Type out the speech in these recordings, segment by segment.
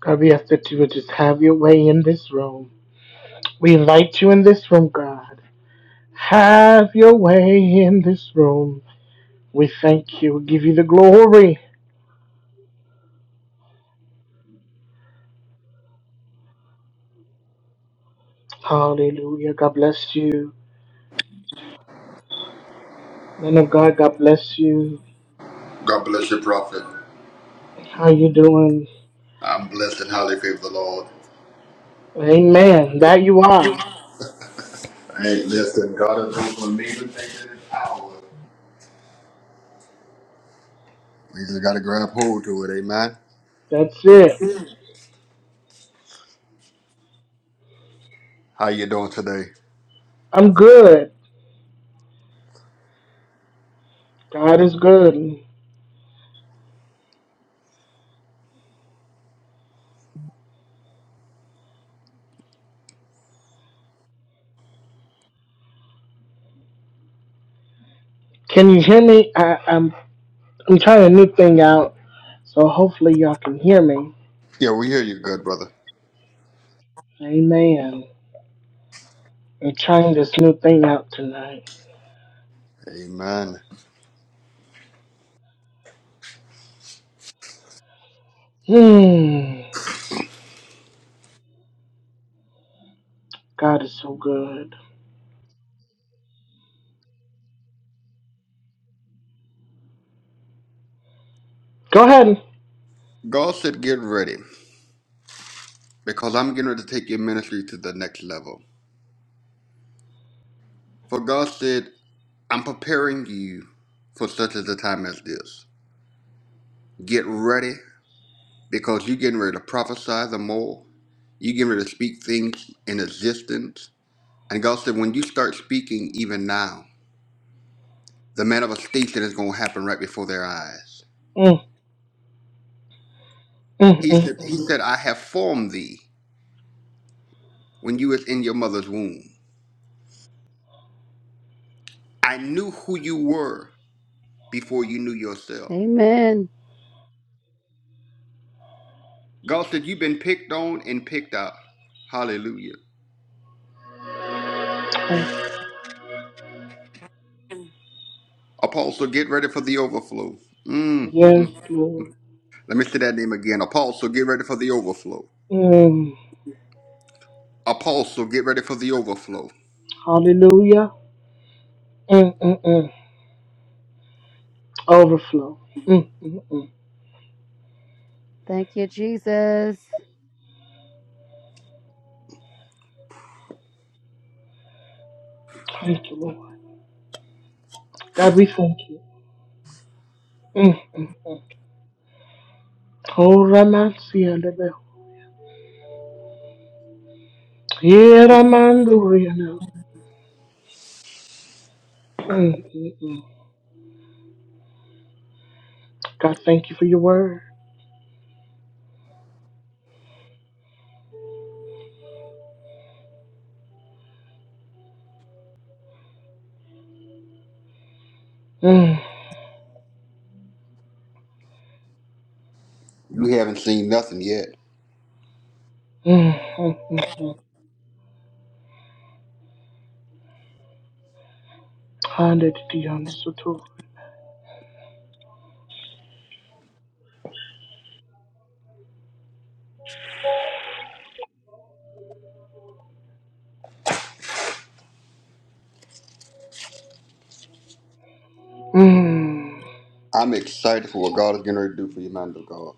God, we ask that you would just have your way in this room. We invite you in this room, God. Have your way in this room. We thank you. We give you the glory. Hallelujah. God bless you. Man of God, God bless you. God bless you, prophet. How you doing? I'm blessed and highly favored the Lord. Amen. That you are. Hey, listen, God has opened amazing things in His hour. We just got to grab hold to it, amen. That's it. How you doing today? I'm good. God is good. Can you hear me? I, I'm I'm trying a new thing out, so hopefully y'all can hear me. Yeah, we hear you good, brother. Amen. I'm trying this new thing out tonight. Amen. Hmm. God is so good. Go ahead. God said, get ready, because I'm getting ready to take your ministry to the next level. For God said, I'm preparing you for such as a time as this. Get ready, because you're getting ready to prophesy the more. You're getting ready to speak things in existence And God said, when you start speaking even now, the manifestation is going to happen right before their eyes. Mm, mm, He mm, said, he mm, said, I have formed thee when you was in your mother's womb. I knew who you were before you knew yourself. Amen. God said, you've been picked on and picked out. Hallelujah. mm. Apostle, get ready for the overflow. Mm, Yes, mm. Lord. Let me say that name again. Apostle, get ready for the overflow. Mm. Apostle, get ready for the overflow. Hallelujah. Mm, mm, mm. Overflow. Mm, mm, mm. Thank you, Jesus. Thank you, Lord. God, we thank you. Mm, mm, mm. Oh, Raman, see Yeah, Raman, do Mm, mm, mm. God, thank you for your word. Mm, You haven't seen nothing yet. mm, mm, mm, mm. Hallelujah. Mm. I'm excited for what God is going to do for you, man of God.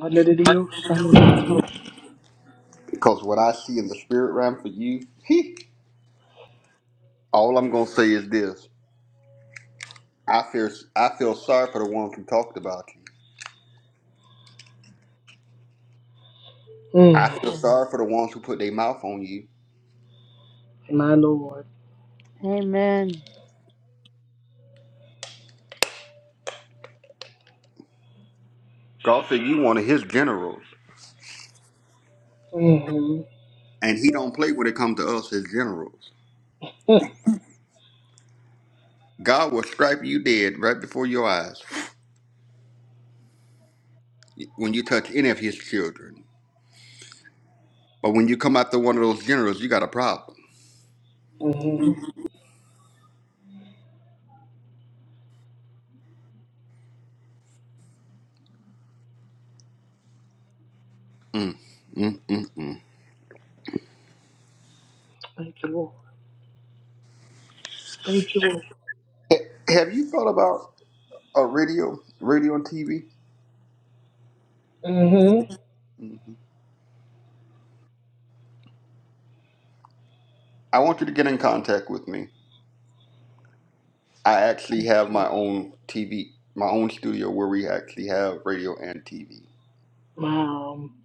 Hallelujah. Hallelujah. Because what I see in the spirit realm for you, all I'm gonna say is this: I fear, I feel sorry for the ones who talked about you. I Mm. feel Mhm. sorry for the ones who put their mouth on you. My Lord. Amen. God said you one of His generals, mm hmm and He don't play when it comes to us as generals. God will strike you dead right before your eyes when you touch any of His children. But when you come after one of those generals, you got a problem. mm hmm Mm-mm-mm. Thank you, Lord. Thank you, Lord. Have you thought about a radio, radio and TV? Mm hmm I want you to get in contact with me. I actually have my own TV, my own studio where we actually have radio and TV. My um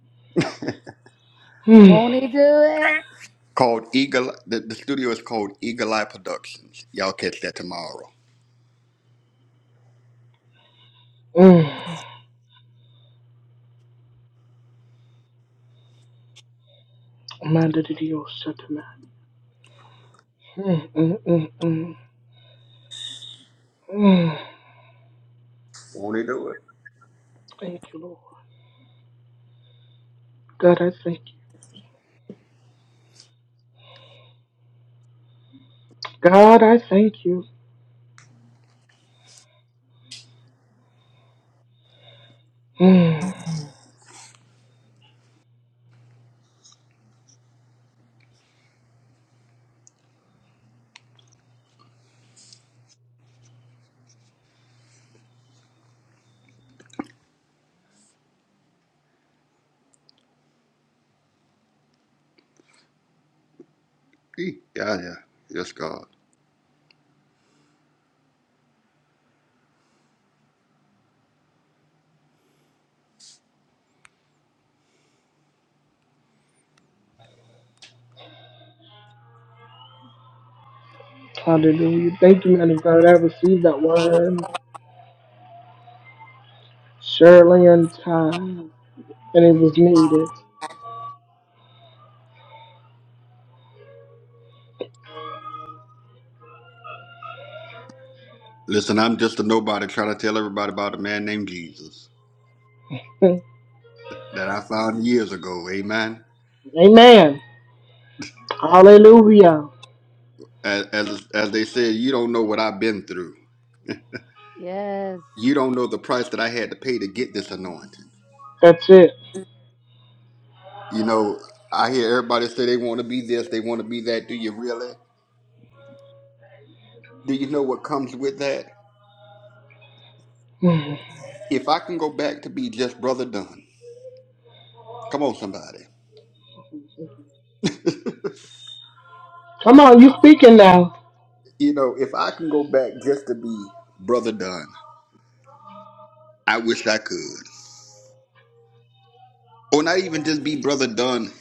mm, Won't he do it? Called Eagle, the, the studio is called Eagle Eye Productions. Y'all catch that tomorrow. mm, my little Dios said to me, mm, mm, mm, mm, mm. Won't he do it? Thank you, Lord. God, I thank you. God, I thank you. Mm. He- Yeah, yeah. Yes, God. Hallelujah. Thank you, man of God. I received that word surely in time. And it was needed. Listen, I'm just a nobody trying to tell everybody about a man named Jesus that I found years ago. Amen. Amen. Hallelujah. As, as, as they said, you don't know what I've been through. Yes. You don't know the price that I had to pay to get this anointing. That's it. You know, I hear everybody say they want to be this, they want to be that. Do you really? Do you know what comes with that? Mm. If I can go back to be just Brother Dunn, come on, somebody. Come on, you speaking now. You know, if I can go back just to be Brother Dunn, I wish I could. Or not even just be Brother Dunn,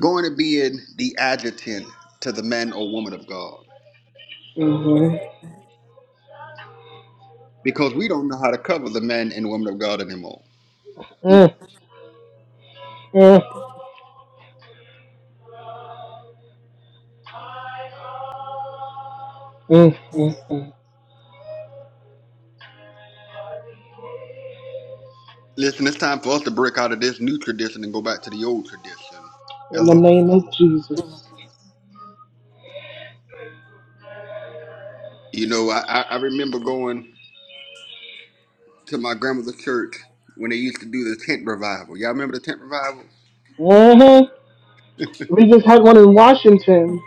going to be in the adjutant to the man or woman of God. Mhm. Because we don't know how to cover the man and woman of God anymore. Mm. Mm, mm, mm, mm, mm. Listen, it's time for us to break out of this new tradition and go back to the old tradition. In the Hello. name of Jesus. You know, I, I I remember going. to my grandmother's church when they used to do the tent revival. Y'all remember the tent revival? hmm We just had one in Washington.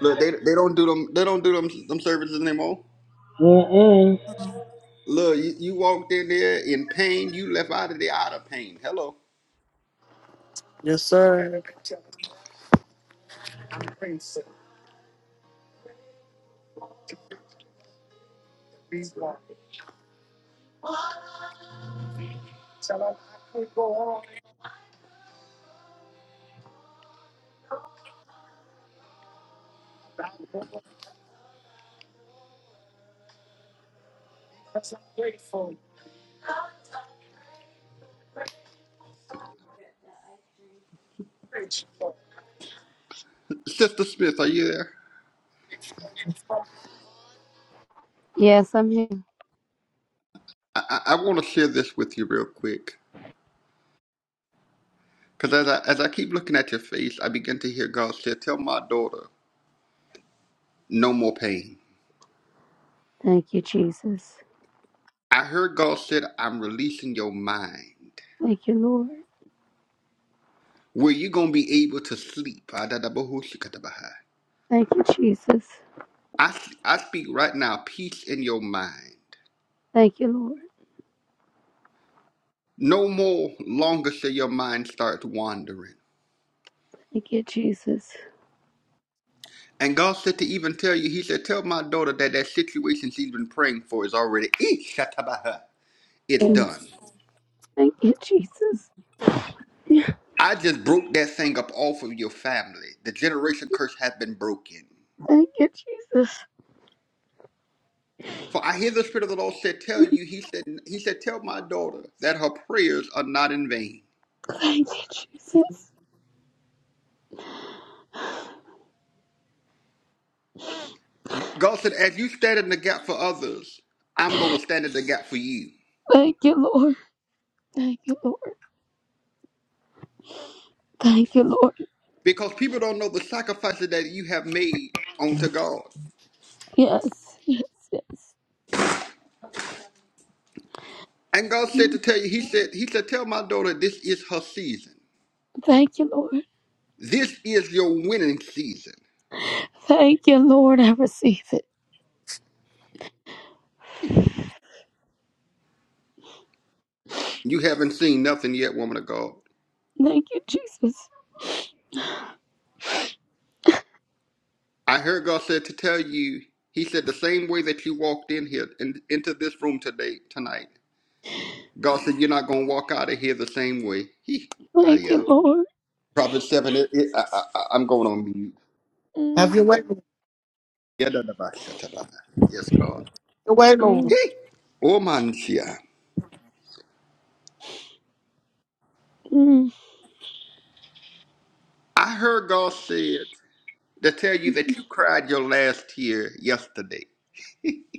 Look, they they don't do them they don't do them them services anymore. Mm-mm. Look, you, you walked in there in pain. You left out of the out of pain. Hello, Yes, sir. Sister Smith, are you there? Yes, I'm here. I I, I want to share this with you real quick because as I as I keep looking at your face, I begin to hear God say, "Tell my daughter, no more pain." Thank you, Jesus. I heard God said, "I'm releasing your mind." Thank you, Lord. Where you gonna be able to sleep? Adadabahushikatabaha. Thank you, Jesus. I, I speak right now peace in your mind. Thank you, Lord. No more longer shall your mind start wandering. Thank you, Jesus. And God said to even tell you, He said, Tell my daughter that that situation she's been praying for is already, Eh, shatabaha. it's Mm. done. Thank you, Jesus. Yeah. I just broke that thing up off of your family. The generation curse has been broken. Thank you, Jesus. For I hear the Spirit of the Lord said, Tell you, He said, He said, Tell my daughter that her prayers are not in vain. Thank you, Jesus. God said, As you stand in the gap for others, I'm going to stand in the gap for you. Thank you, Lord. Thank you, Lord. Thank you, Lord. because people don't know the sacrifices that you have made unto God. Yes, yes, yes. And God said Mm. to tell you, He said, He said, tell my daughter this is her season. Thank you, Lord. This is your winning season. Thank you, Lord. I receive it. You haven't seen nothing yet, woman of God. Thank you, Jesus. I heard God said to tell you, He said, the same way that you walked in here in, into this room today, tonight. God said, you're not going to walk out of here the same way. He, ah, Thank yeah. you, Lord. Prophet 7, it, it, I, I, I- I'm going on mute. Mm, Yeah, da, da, ba, sha, ta, ba. Yes, God. He, mm, oh, man, yeah. mm. I heard God said to tell you that you cried your last tear yesterday.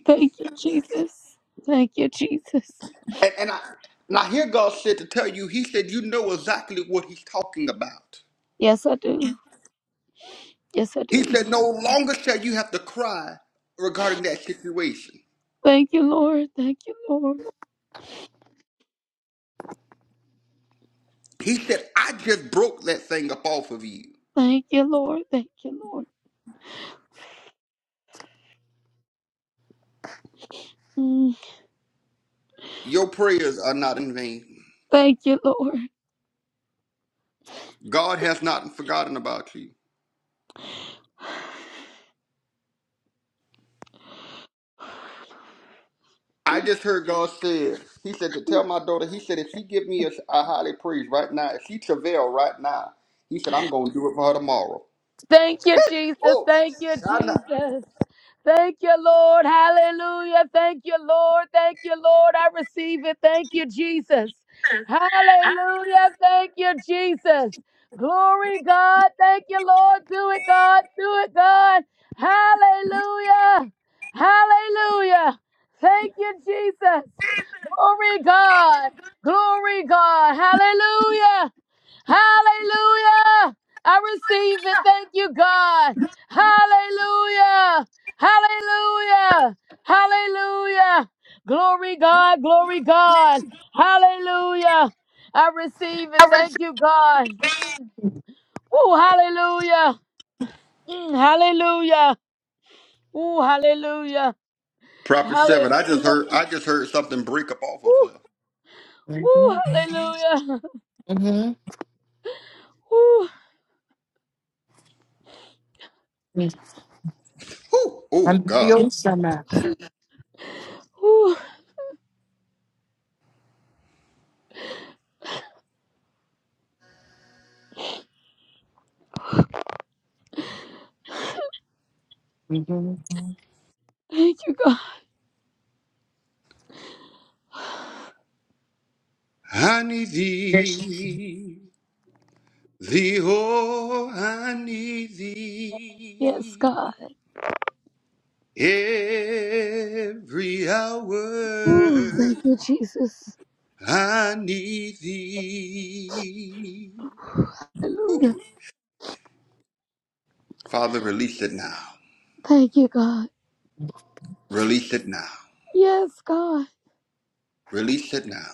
Thank you, Jesus. Thank you, Jesus. And, and I and I hear God said to tell you, He said, you know exactly what He's talking about. Yes, I do. Yes, I He do. said, no longer shall you have to cry regarding that situation. Thank you, Lord. Thank you, Lord. He said, I just broke that thing up off of you. Thank you, Lord. Thank you, Lord. Mm, Your prayers are not in vain. Thank you, Lord. God has not forgotten about you. I just heard God said, He said to Mm, tell my daughter, He said, if she give me a, a highly praise right now, if she travail right now, He said, I'm going to do it for her tomorrow. Thank you, Jesus. Oh, Thank you, Shana. Jesus. Thank you, Lord. Hallelujah. Thank you, Lord. Thank you, Lord. I receive it. Thank you, Jesus. Hallelujah. Thank you, Jesus. Glory, God. Thank you, Lord. Do it, God. Do it, God. Hallelujah. Hallelujah. Thank you, Jesus. Glory, God. Glory, God. Hallelujah. Hallelujah. I receive it. Thank you, God. Hallelujah. Hallelujah. Hallelujah. Glory, God. Glory, God. Hallelujah. I receive it. Thank you, God. Mm. Oh, hallelujah. Mm, hallelujah. Oh, hallelujah. Prophet 7, I just Hallelujah. heard I just heard something break up off of Ooh, her. ooh, Mm-hmm. hallelujah. Mm-hmm. Ooh, Whew. Oh, And God. your stomach. ooh. Mm-hmm. Thank you, God. I need Yes. thee, thee, oh, I need Yes, thee God. every Ooh, hour. thank you, Jesus. I need thee. Hallelujah. Whew. Father, release it now. Thank you, God. Release it now. Yes, God. Release it now.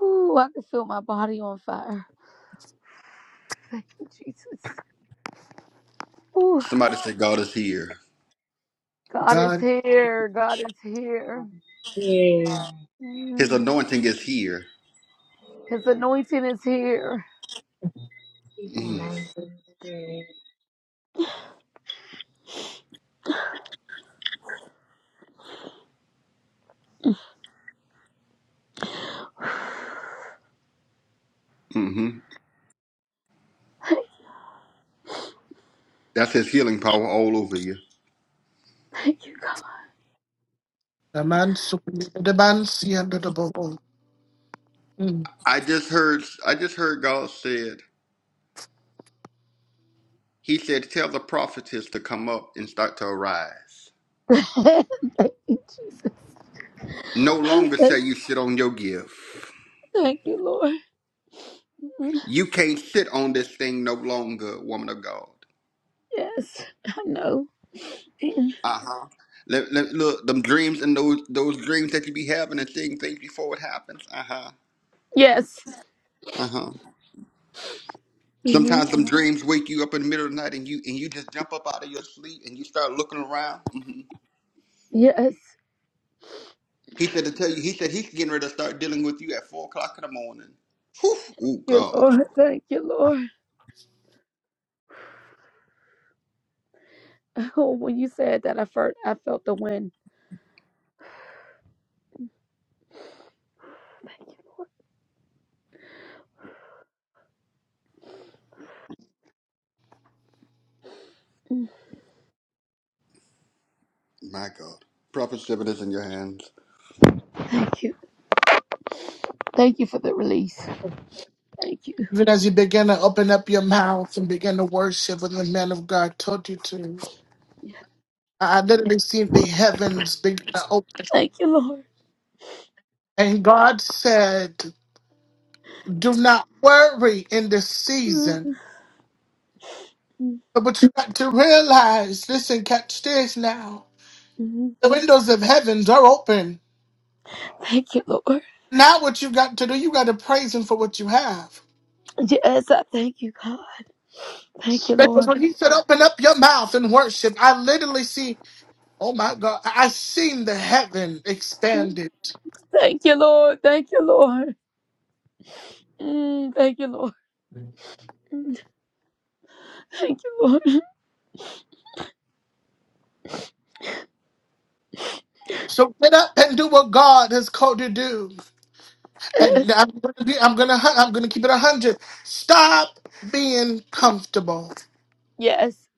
Ooh, I can feel my body on fire. Thank you, Jesus. Ooh, Somebody say, God is here. God is here. God is here. Yeah. His Mm, anointing is here. His anointing is here. Keep my Mm-hmm. mind from the spirit. Mm-hmm. That's his healing power all over you. Thank you, God. Mm. I just heard. I just heard God said. He said, "Tell the prophetess to come up and start to arise. Thank you, Jesus. No longer shall you sit on your gift. Thank you, Lord. Mm, You can't sit on this thing no longer, woman of God. Yes, I know. Mm, Uh-huh. Let, let, look, them dreams and those those dreams that you be having and seeing things before it happens. Uh-huh. Yes. Uh-huh. hmm Sometimes them dreams wake you up in the middle of the night and you and you just jump up out of your sleep and you start looking around. hmm Yes. He said to tell you, he said he's getting ready to start dealing with you at four o'clock in the morning. Whew. Oh You God. Lord, thank you, Lord. Oh, when you said that, I felt I felt the wind. Thank you, Lord. Mm, My God. Prophet Seven is in your hands. Thank you. Thank you for the release. Thank you. Even as you begin to open up your mouth and begin to worship what the man of God told you to, I I literally see the heavens begin to open. Thank you, Lord. And God said, Do not worry in this season. Mhm. But you got to realize, listen, catch this now. Mhm. The windows of heavens are open. Thank you, Lord. Now what you got to do, you got to praise him for what you have. Yes, I thank you, God. Thank you, Because Lord. when he said, open up your mouth and worship, I literally see, oh my God, I I seen the heaven Mm. expanded. Thank you, Lord. Thank you, Lord. Mm, thank you, Lord. Mm, Thank you, Lord. So get up and do what God has called you to do. And Yes. I'm gonna be, I'm gonna, hu- I'm gonna keep it a hundred. Stop being comfortable. Yes.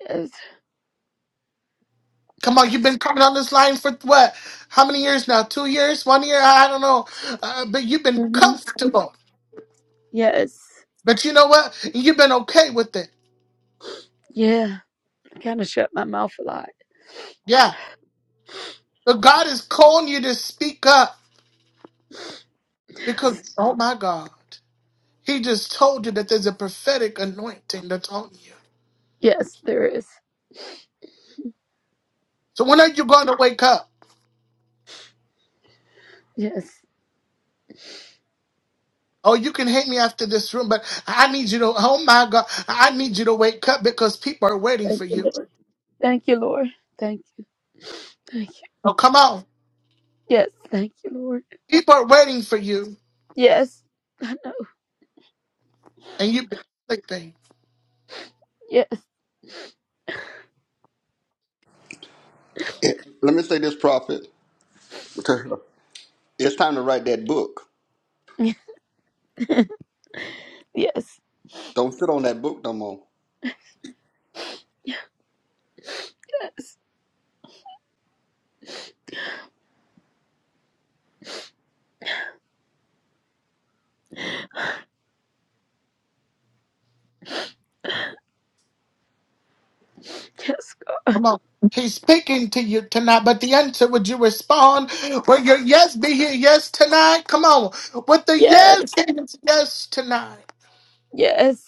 Yes. Come on, you've been coming on this line for what? How many years now? Two years? One year? I don't know. Uh, but you've been hmm comfortable. Yes. But you know what? You've been okay with it. Yeah. I kind of shut my mouth a lot. Yeah. But God is calling you to speak up because, oh my God, He just told you that there's a prophetic anointing that's on you. Yes, there is. So when are you going to wake up? Yes. Oh, you can hate me after this room, but I need you to, oh my God, I need you to wake up because people are waiting Thank for you, you. Lord. Thank you, Lord. Thank you. Thank you. Oh, come on. Yes. Thank you, Lord. People are waiting for you Yes. and you've been sleeping. Yes. Eh, Let me say this, Prophet. to her. It's time to write that book. Yes. Don't sit on that book no more. Yes. Yes, God. Come on. He's speaking to you tonight, but the answer would you respond? Will your yes be here? Yes tonight? Come on. With the Yes. yes, yes, yes tonight. Yes.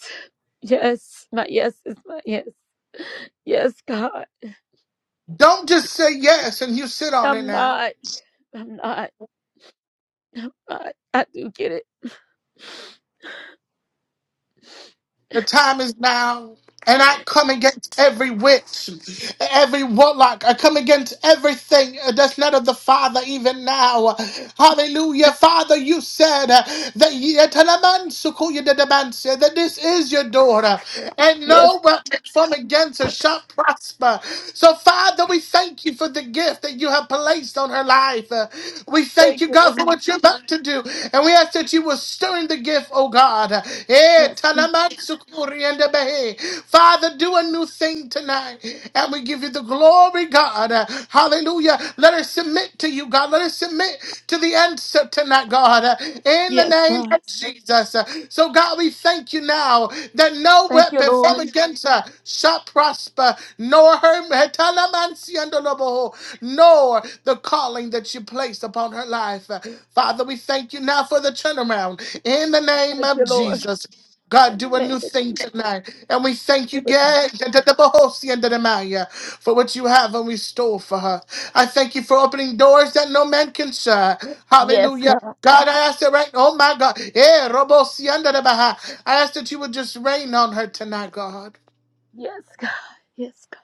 Yes. My yes is my yes. Yes, God. Don't just say yes and you sit on it I'm now. not. I'm not. I, I do get it. The time is now. And I come against every witch, every warlock. I come against everything that's not of the Father even now. Hallelujah. Father, you said uh, that ye- that this is your daughter. And Yes. no weapon from against her shall prosper. So, Father, we thank you for the gift that you have placed on her life. Uh, We thank Thank you, you, God, for Lord. what you're about to do. And we ask that that you will stir in the gift, oh God. Eh, Yes. God. talamatsukuri and abehe. Father, do a new thing tonight. And we give you the glory, God. Hallelujah. Let us submit to you, God. Let us submit to the answer tonight, God. In the Yes, name God. of Jesus. So, God, we thank you now that no Thank you, weapon Lord. formed against us shall prosper, nor her, no for the calling that you placed upon her life. Father, we thank you now for the turnaround in the name Thank of you, Lord. Jesus. In God, do the a name new of Jesus. thing tonight. And we thank do you, it. God, for what you have and restore for her. I thank you for opening doors that no man can shut. Yes, Hallelujah. God. God, I ask that right Oh, my God. Eh, robo si anda de baja. I ask that you would just rain on her tonight, God. Yes, God. Yes, God.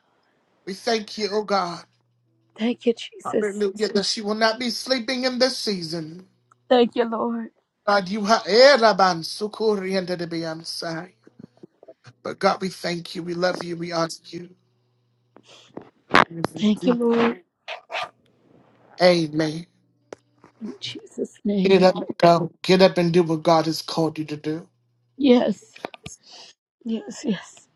We thank you, oh God. Thank you, Jesus. Hallelujah. That she will not be sleeping in this season. Thank you, Lord. God, you have Sukuri and the Beyonce. But God, we thank you. We love you. We honor you. Thank you, Lord. Amen. In Jesus' name, Get amen. up, go. Get up and do what God has called you to do. Yes. Yes, yes.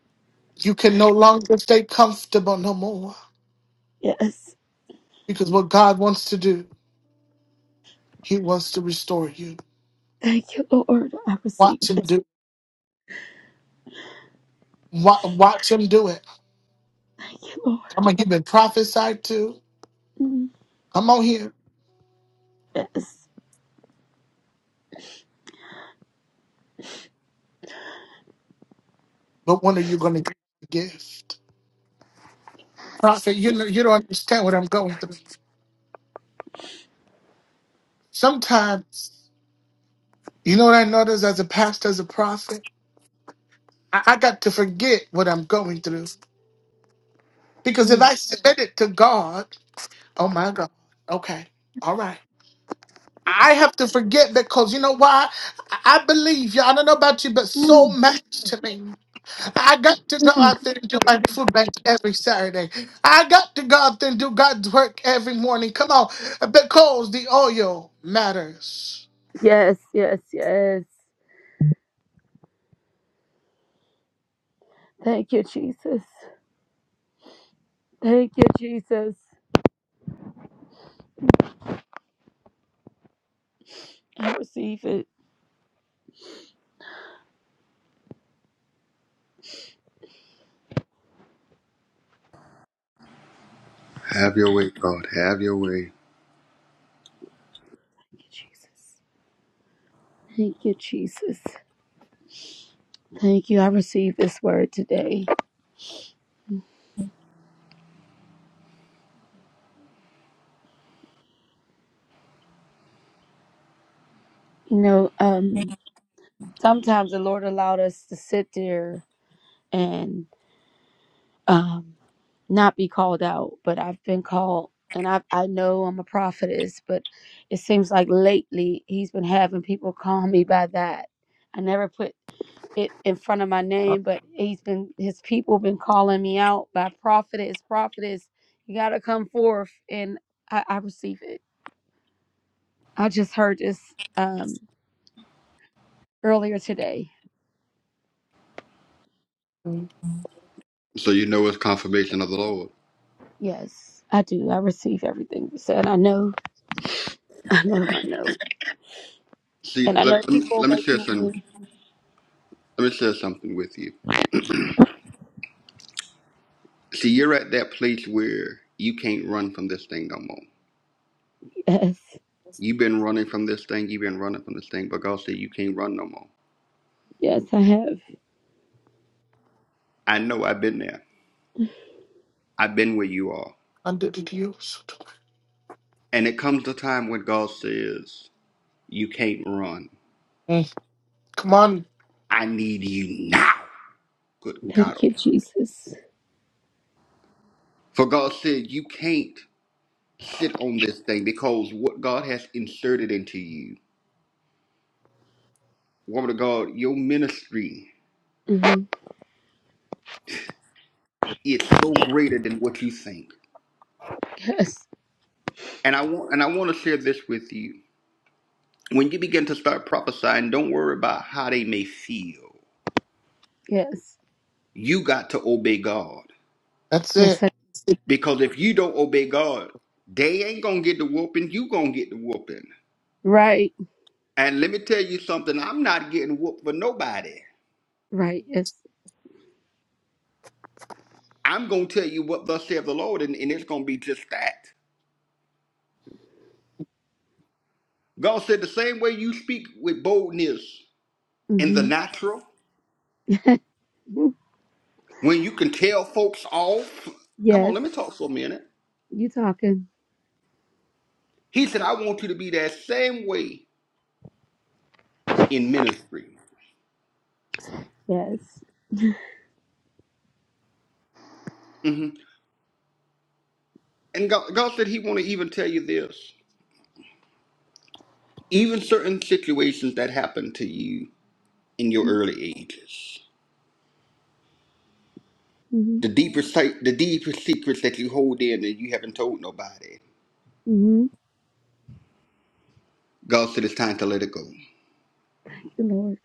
You can no longer stay comfortable no more. Yes. Because what God wants to do, He wants to restore you. Thank you, Lord. I Watch receive Him it. do wa- Watch Him do it. Thank you, Lord. Come on, you've been prophesied to. Mm, Come on here. Yes. But when are you going to get the gift? Prophet, you, know, you don't understand what I'm going through. Sometimes. You know what I noticed as a pastor, as a prophet? I, I got to forget what I'm going through. Because if Mm, I submit it to God, oh my God, okay, all right. I Yes. have to forget because you know why? I I believe you. I don't know about you, but so Mm, much to me. I got to go mm. out there and do my food bank every Saturday. I got to go out there and do God's work every morning. Come on, because the oil matters. Yes, yes, yes. Thank you, Jesus. Thank you, Jesus. I receive it. Have your way, God. Have your way. Thank you, Jesus. Thank you, Jesus. Thank you. I receive this word today. You know, um, sometimes the Lord allowed us to sit there and um not be called out, but I've been called and I I know I'm a prophetess, but it seems like lately he's been having people call me by that. I never put it in front of my name, but he's been his people been calling me out by prophetess, prophetess. You gotta come forth and I, I receive it. I just heard this um earlier today. Mm, So you know it's confirmation of the Lord. Yes, I do. I receive everything you said. I know, I know, I know. See, And I know let, let, me, people are let me waiting share on something. me. With, Let me share something with you. See, you're at that place where you can't run from this thing no more. Yes. You've been running from this thing. You've been running from this thing, but God said you can't run no more. Yes, I have. I know. I've been there. I've been where you are. Under the use. And it comes the time when God says you can't run. Come on, I need you now. Good God. Thank you, Almighty. Jesus. For God said you can't sit on this thing because what God has inserted into you, woman of God, your ministry. Mhm. is so greater than what you think. Yes, And I want and I want to share this with you. When you begin to start prophesying, don't worry about how they may feel. yes, You got to obey God. that's yes. it. sir. Because if you don't obey God, they ain't gonna get the whooping, you gonna get the whooping. Right, And let me tell you something, I'm not getting whooped for nobody. right. Yes. I'm gonna tell you what thus saith the Lord, and, and it's gonna be just that. God said the same way you speak with boldness in the hmm natural, when you can tell folks off. Come on, Yes, let me talk for a minute you talking? He said, I want you to be that same way in ministry. Yes. hmm And God, God said He want to even tell you this. Even certain situations that happen to you in your early ages, Mm-hmm. the deeper, se- the deeper secrets that you hold in that you haven't told nobody, Mm-hmm. God said it's time to let it go. Thank you, Lord.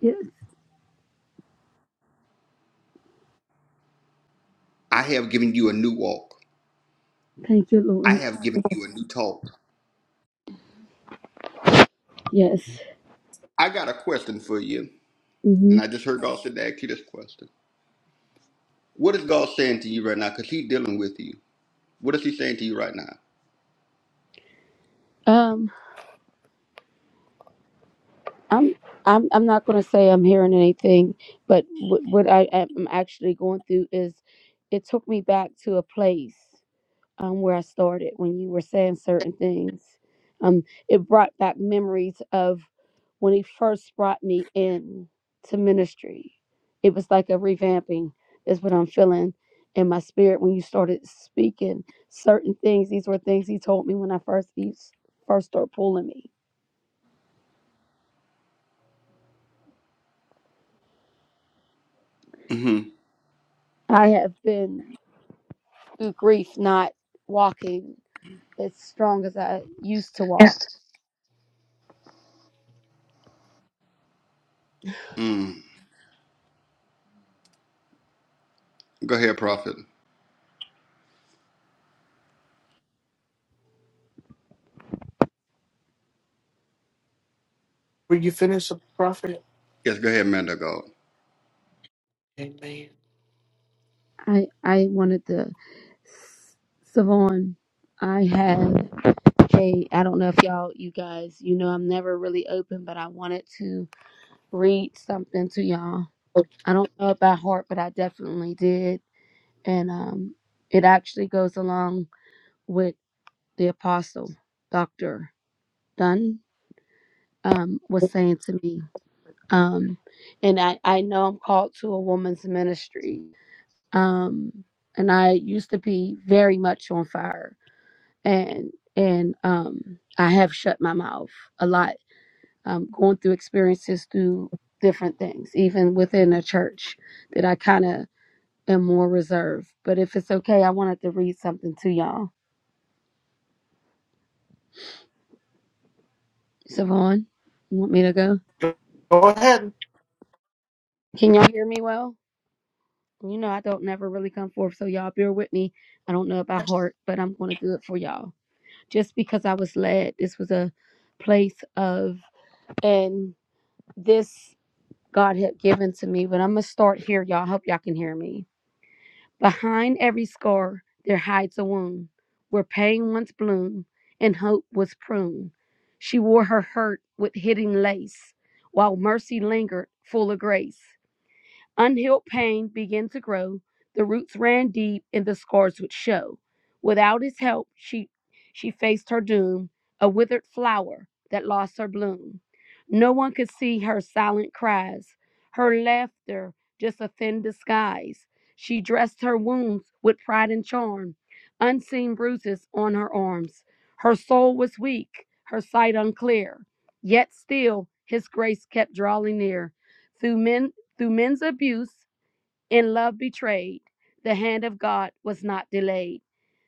Yes. I have given you a new walk. Thank you, I Lord. have given you a new talk. Yes. I got a question for you, hmm and I just heard God said to ask you this question. What is God saying to you right now? Because He's dealing with you. What is He saying to you right now? Um, I'm, I'm, I'm not gonna say I'm hearing anything, but what, what I am actually going through is, it took me back to a place. um, where I started when you were saying certain things. Um, it brought back memories of when he first brought me in to ministry. It was like a revamping, is what I'm feeling in my spirit when you started speaking certain things. These were things he told me when I first he s- first started pulling me. I have been through grief, not walking as strong as I used to walk. Mm-hmm. Go ahead, Prophet. you. Yes, go ahead, man of God. Amen. I I wanted to, s- Savon. I have. Hey, I don't know if y'all, you guys, you know, I'm never really open, but I wanted to read something to y'all. I don't know it by heart, but I definitely did. And um, it actually goes along with the apostle, Dr. Dunn, um, was saying to me. Um, and I, I know I'm called to a woman's ministry. Um, and I used to be very much on fire and, and, um, I have shut my mouth a lot um, going through experiences through different things, even within a church, that I kind of am more reserved. But if it's okay, I wanted to read something to y'all. Savon, you want me to go? Can y'all hear me well? You know, I don't never really come forth, so y'all bear with me. I don't know about heart, but I'm going to do it for y'all. Just because I was led, this was a place of, and this God had given to me. But I'm going to start here, y'all. I hope y'all can hear me Behind every scar there hides a wound where pain once bloomed and hope was pruned. She wore her hurt with hidden lace while mercy lingered full of grace. Unhealed pain began to grow. The roots ran deep, and the scars would show. Without his help, she she faced her doom, a withered flower that lost her bloom. No one could see her silent cries, her laughter just a thin disguise. She dressed her wounds with pride and charm, unseen bruises on her arms. Her soul was weak, her sight unclear, yet still his grace kept drawing near. Through men through men's abuse and love betrayed, the hand of God was not delayed.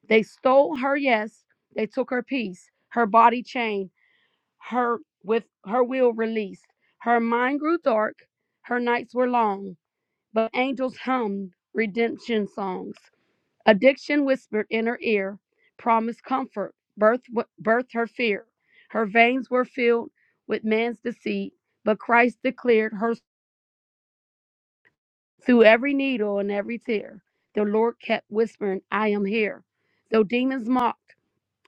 They stole her yes, they took her peace, her body chained, her with her will released. Her mind grew dark, her nights were long, but angels hummed redemption songs. Addiction whispered in her ear, promised comfort, birth birthed her fear. Her veins were filled with man's deceit, but Christ declared her Through every needle and every tear, the Lord kept whispering, I am here. Though demons mocked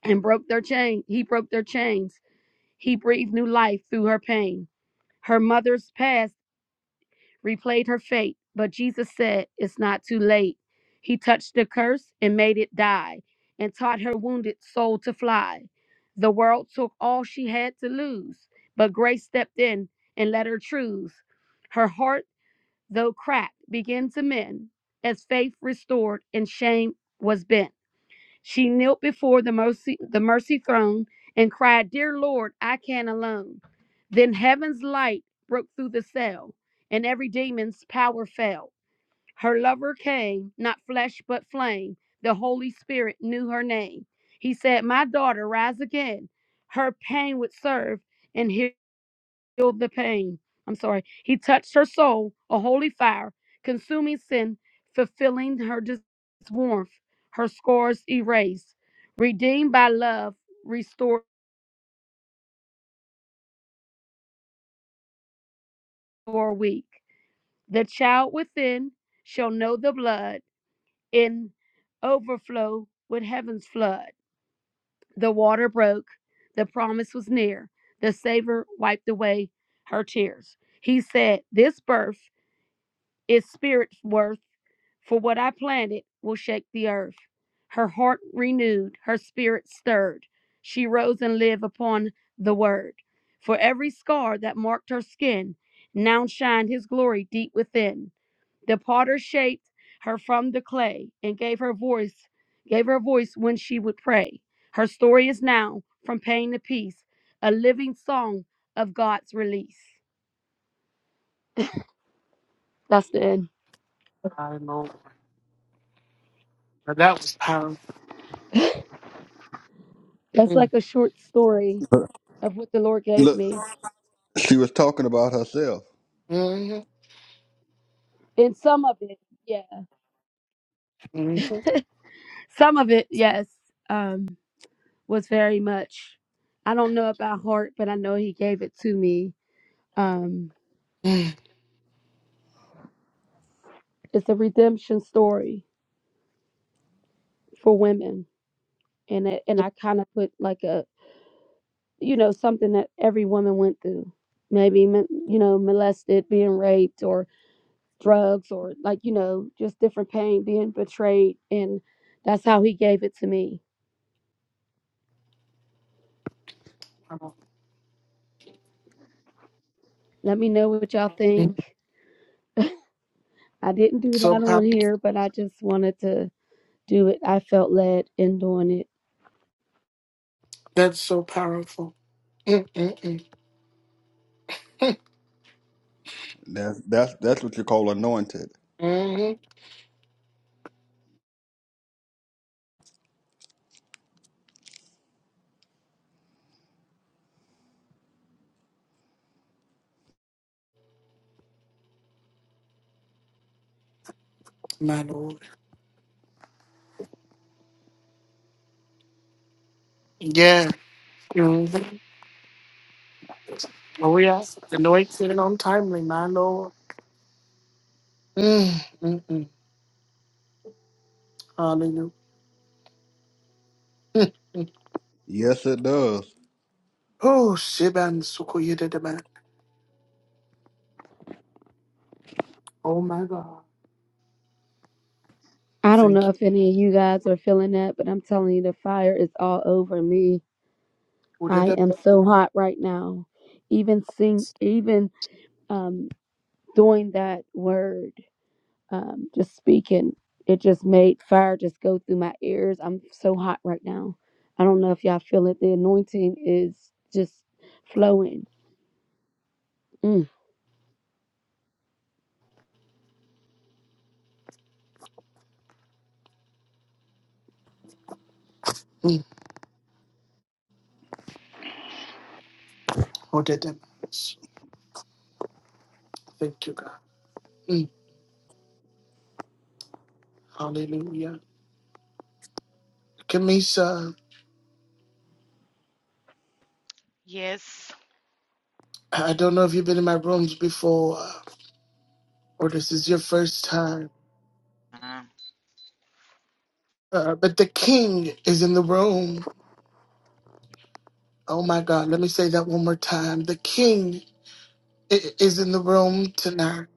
and broke their chain, he broke their chains. He breathed new life through her pain. Her mother's past replayed her fate, but Jesus said, It's not too late. He touched the curse and made it die, and taught her wounded soul to fly. The world took all she had to lose, but grace stepped in and let her choose. Her heart though cracked, began to mend as faith restored and shame was bent. She knelt before the mercy, the mercy throne and cried, Dear Lord, I can alone. Then heaven's light broke through the cell, and every demon's power fell. Her lover came, not flesh but flame. The Holy Spirit knew her name. He said, My daughter, rise again. Her pain would serve and heal feel the pain. I'm sorry. He touched her soul, a holy fire, consuming sin, fulfilling her dis- warmth, her scars erased. Redeemed by love, restored or weak. The child within shall know the blood in overflow with heaven's flood. The water broke, the promise was near. The Savior wiped away her tears. He said, This birth is spirit worth For what I planted will shake the earth. Her heart renewed, her spirit stirred. She rose and lived upon the word. For every scar that marked her skin now shined his glory deep within. The potter shaped her from the clay and gave her voice, gave her voice when she would pray. Her story is now from pain to peace, a living song of God's release. That's the end. That's like a short story of what the Lord gave Look, me. she was talking about herself. hmm And some of it, yeah. Some of it, yes, um, was very much. I don't know about heart, but I know he gave it to me. Um, it's a redemption story for women, and it, and I kind of put like a you know something that every woman went through, maybe mo- you know molested, being raped, or drugs, or like you know just different pain, being betrayed, and that's how he gave it to me. Let me know what y'all think. I didn't do So that on here, but I just wanted to do it. I felt led in doing it. thankful. That's that's that's what you call anointed. Mm-hmm. Mm-hmm. Yes, it does. I don't know if any of you guys are feeling that, but I'm telling you, the fire is all over me. I am so hot right now. Even sing, even um, doing that word. um, just speaking, it just made fire just go through my ears. I'm so hot right now. I don't know if y'all feel it. The anointing is just flowing. Mm. Oh, that that matters. Mm. Hallelujah. Kamisa, Yes. I don't know if you've been in my rooms before uh, or this is your first time, Uh, uh, but the king is in the room. Oh my God, let me say that one more time. The king i- is in the room tonight.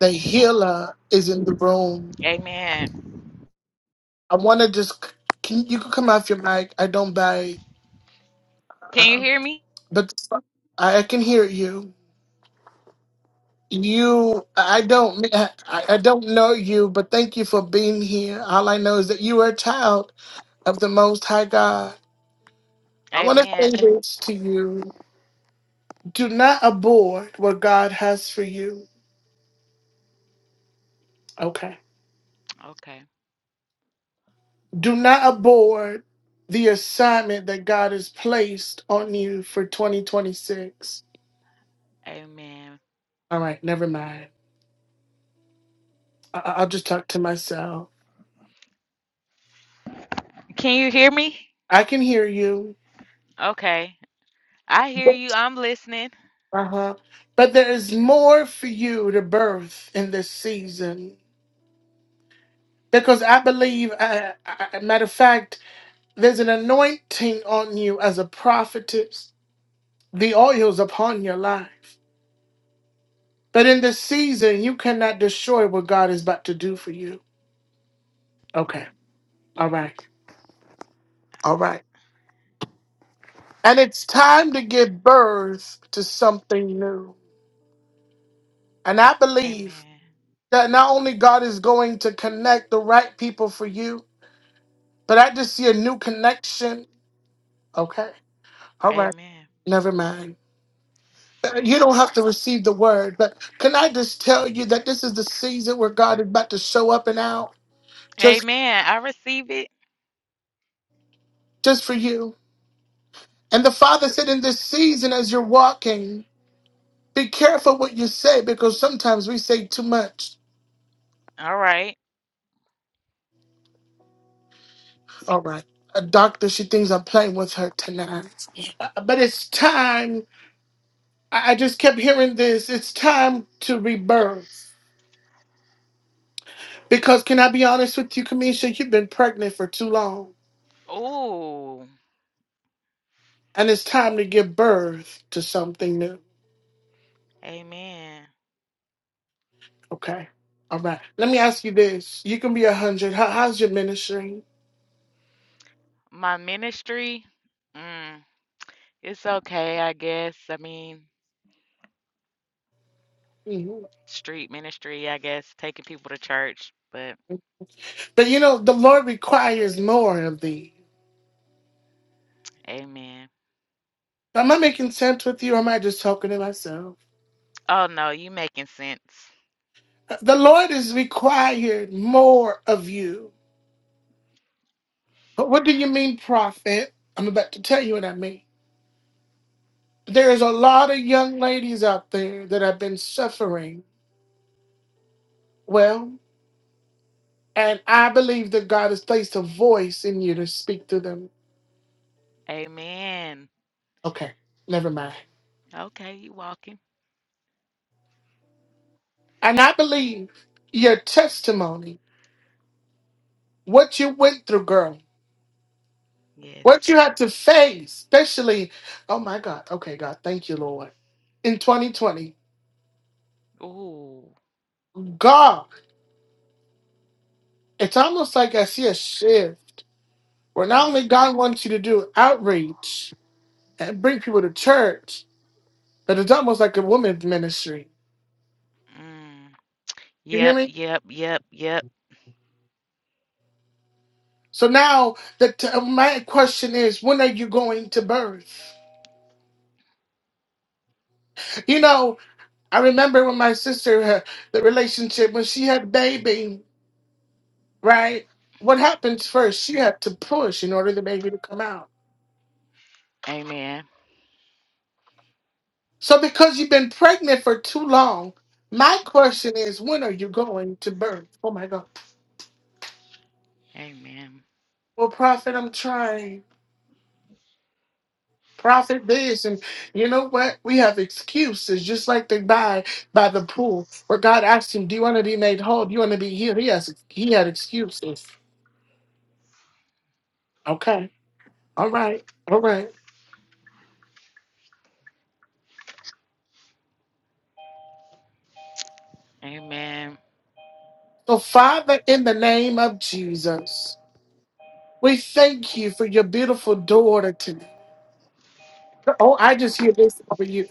The healer is in the room. amen. I want to just, can you can come off your mic? I don't buy, Can you uh, hear me? but I, I can hear you. You, I don't, I, I don't know you, but thank you for being here. All I know is that you are a child of the Most High God. I want to say Amen. this to you: Do not abort what God has for you. Okay. Okay. Do not abort the assignment that God has placed on you for 2026. Amen. All right, never mind. I, I- I'll just talk to myself. Can you hear me? I can hear you. Okay. I hear you. I'm listening. Uh huh. But there is more for you to birth in this season. Because I believe, uh, I, matter of fact, there's an anointing on you as a prophetess. The oil's upon your life. But in this season, you cannot destroy what God is about to do for you. All right. All right. And it's time to give birth to something new. And I believe Amen. that not only God is going to connect the right people for you, but I just see a new connection. Okay. All right. Amen. Never mind. You don't have to receive the word, but can I just tell you that this is the season where God is about to show up and out just Amen. I receive it. just for you. And the Father said in this season as you're walking, be careful what you say because sometimes we say too much. All right. All right. A doctor, she thinks I'm playing with her tonight. Uh, But it's time. I I just kept hearing this. It's time to rebirth. Because can I be honest with you, Kamisha? You've been pregnant for too long. Ooh. And it's time to give birth to something new. Amen. Okay. All right. Let me ask you this. You can be a hundred. How, how's your ministry? My ministry. Mm, it's okay, I guess. I mean, hmm street ministry, I guess, taking people to church. But But you know, the Lord requires more of thee. amen. Am I making sense with you? Or am I just talking to myself? Oh no, you making sense. The Lord is required more of you. But what do you mean, prophet? I'm about to tell you what I mean. There is a lot of young ladies out there that have been suffering. Well, and I believe that God has placed a voice in you to speak to them. Amen. Okay, never mind. Okay, you walking. And I believe your testimony, what you went through, girl, Yes. what you had to face, especially, oh my God, okay, God, thank you, Lord. In 2020, Ooh. God, it's almost like I see a shift where not only Mm, God wants you to do outreach and bring people to church, but it's almost like a women's ministry. mm. You hear Yep, me? yep, yep, yep. So now, the t- my question is, when are you going to birth? You know, I remember when my sister, had the relationship, when she had a baby, right? What happens first? She had to push in order the baby to come out. Amen. So, because you've been pregnant for too long, my question is, when are you going to birth? Oh my God. Amen. Well, prophet, I'm trying. Prophet, this. And you know what? We have excuses, just like the guy by the pool where God asked him, Do you want to be made whole? Do you want to be healed? He, has, he had excuses. Okay. All right. All right. Amen. So, Father, in the name of Jesus, we thank you for your beautiful daughter today. Oh, I just hear this over you.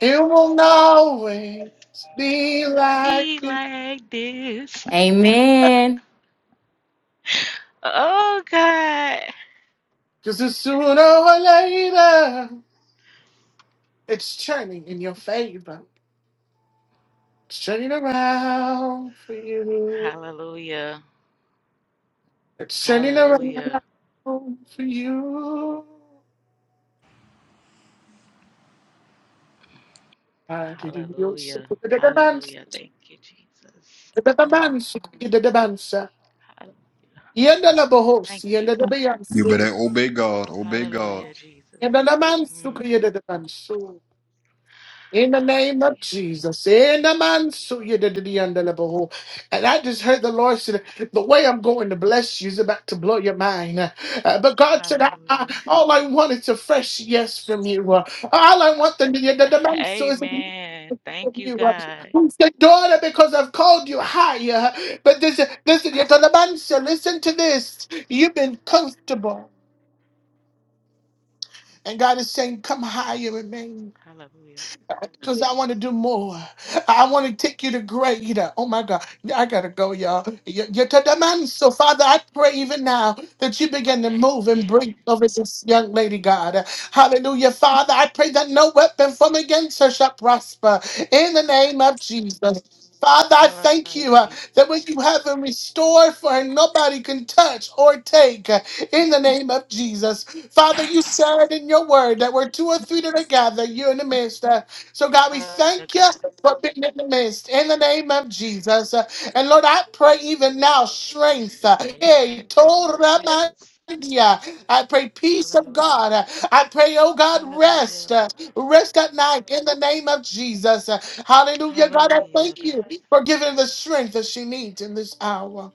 It will always be like Eat me. like this. Amen. Oh God. Because sooner or later, it's turning in your favor. It's turning around for you. Hallelujah. It's turning Hallelujah. around for you. Ah, did Hallelujah. Hallelujah. Thank you, Jesus. Mm. you- hall- Yenda la bohos, Thank you, yenda de God. You beyansu, better obey God. Obey God. Hallelujah, Jesus. yenda la mansu, Mm. yenda de mansu. In the name of Jesus, in the mansu, yenda de yenda la boho. And I just heard the Lord said, the way I'm going to bless you is about to blow your mind. Uh, but God said, I, I, Hallelujah. all I want is a fresh yes from you. Uh, all I want the yenda de mansu is a yes Amen. from Thank you, you. Uh, God. Who said, daughter, because I've called you higher. But this, this, yenda de mansu, listen to this. You've been comfortable. And God is saying, Come higher in me Hallelujah. because I want to do more. I want to take you to greater. Oh my God, I gotta go, y'all. You- all you you to the man. So, Father, I pray even now that you begin to move and bring Amen. over this young lady, God. Hallelujah, Father. I pray that no weapon from against her shall prosper in the name of Jesus. Father, I thank Hallelujah, you uh, Jesus. that what you have in restore for her, nobody can touch or take uh, in the name of Jesus. Father, you said in your word that where two or three that are gathered, you're in the midst. So, God, we Hallelujah, thank you God. for being in the midst in the name of Jesus. Uh, And Lord, I pray even now strength. uh, Amen. hey, Thank you, Toramandia. Jesus. I pray peace of Hallelujah. God. Uh, I pray, oh God, Hallelujah. rest. uh, Rest at night in the name of Jesus. Uh, Hallelujah. God, I Hallelujah, thank you God. for giving her the strength that she needs in this hour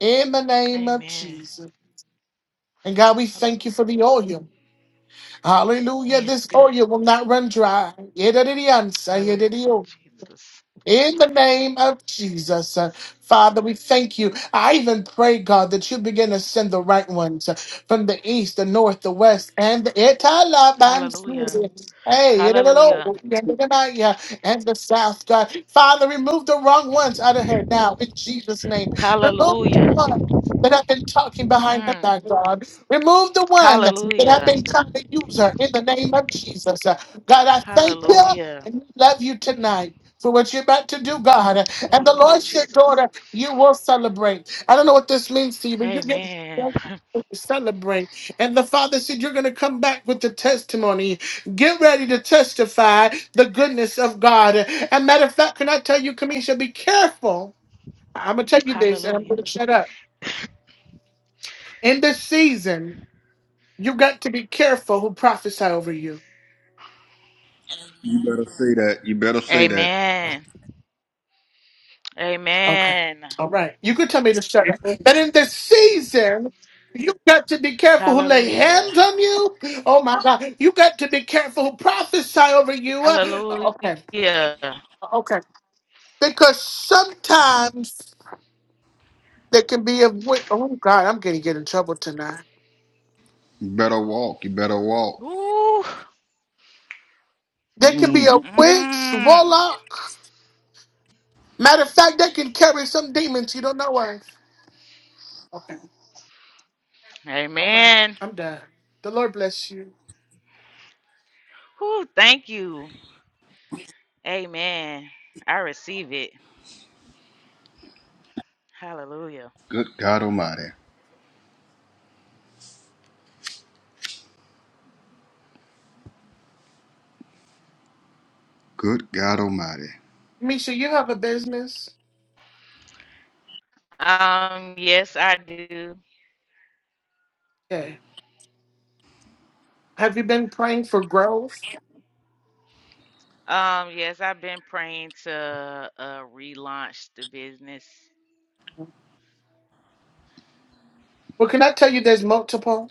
in the name of Amen. Jesus. And God, we thank you Hallelujah. for the oil. Hallelujah. Yes, This God. oil will not run dry. Hallelujah, Jesus. In the name of Jesus, uh, Father, we thank you. I even pray, God, that you begin to send the right ones uh, from the east, the north, the west, and the Hallelujah. Italabansi. Hey, yadadado, Hallelujah. yadadadaya, and the south, God. Father, remove the wrong ones out of her now in Jesus' name. Remove the Hallelujah. one that have been talking behind her Mm. back, God. Remove the one that have Hallelujah. been trying to use her in the name of Jesus. Uh, God, I thank you Hallelujah. and we love you tonight. So what you're about to do, God, and the Hallelujah, Lord said, Jesus. daughter, you will celebrate. I don't know what this means to you, but you get Amen. to celebrate. And the Father said, you're going to come back with the testimony. Get ready to testify the goodness of God. And matter of fact, can I tell you, Kamisha, be careful. I'm going to tell you this, and I'm going Hallelujah. to shut up. In this season, you got to be careful who prophesy over you. You better say that. You better say that. Amen. Okay. Amen. All right. You could tell me to shut But in this season, you got to be careful who lay Hallelujah. hands on you. Oh my God. You got to be careful who prophesy over you. Uh, Hallelujah. okay. Okay. Because sometimes there can be a witch. Oh God, I'm going to get in trouble tonight. You better walk. You better walk. Ooh. There can be Mm, a witch, Mm. warlock. Matter of fact, they can carry some demons you don't know of. Okay. All right. Amen. I'm done. The Lord bless you. Ooh, thank you. Amen. I receive it. Hallelujah. good God Almighty. Good God Almighty. Misha, you have a business? Um, yes, I do. Yeah. Have you been praying for growth? Um, yes, I've been praying to uh relaunch the business. Well, can I tell you there's multiple?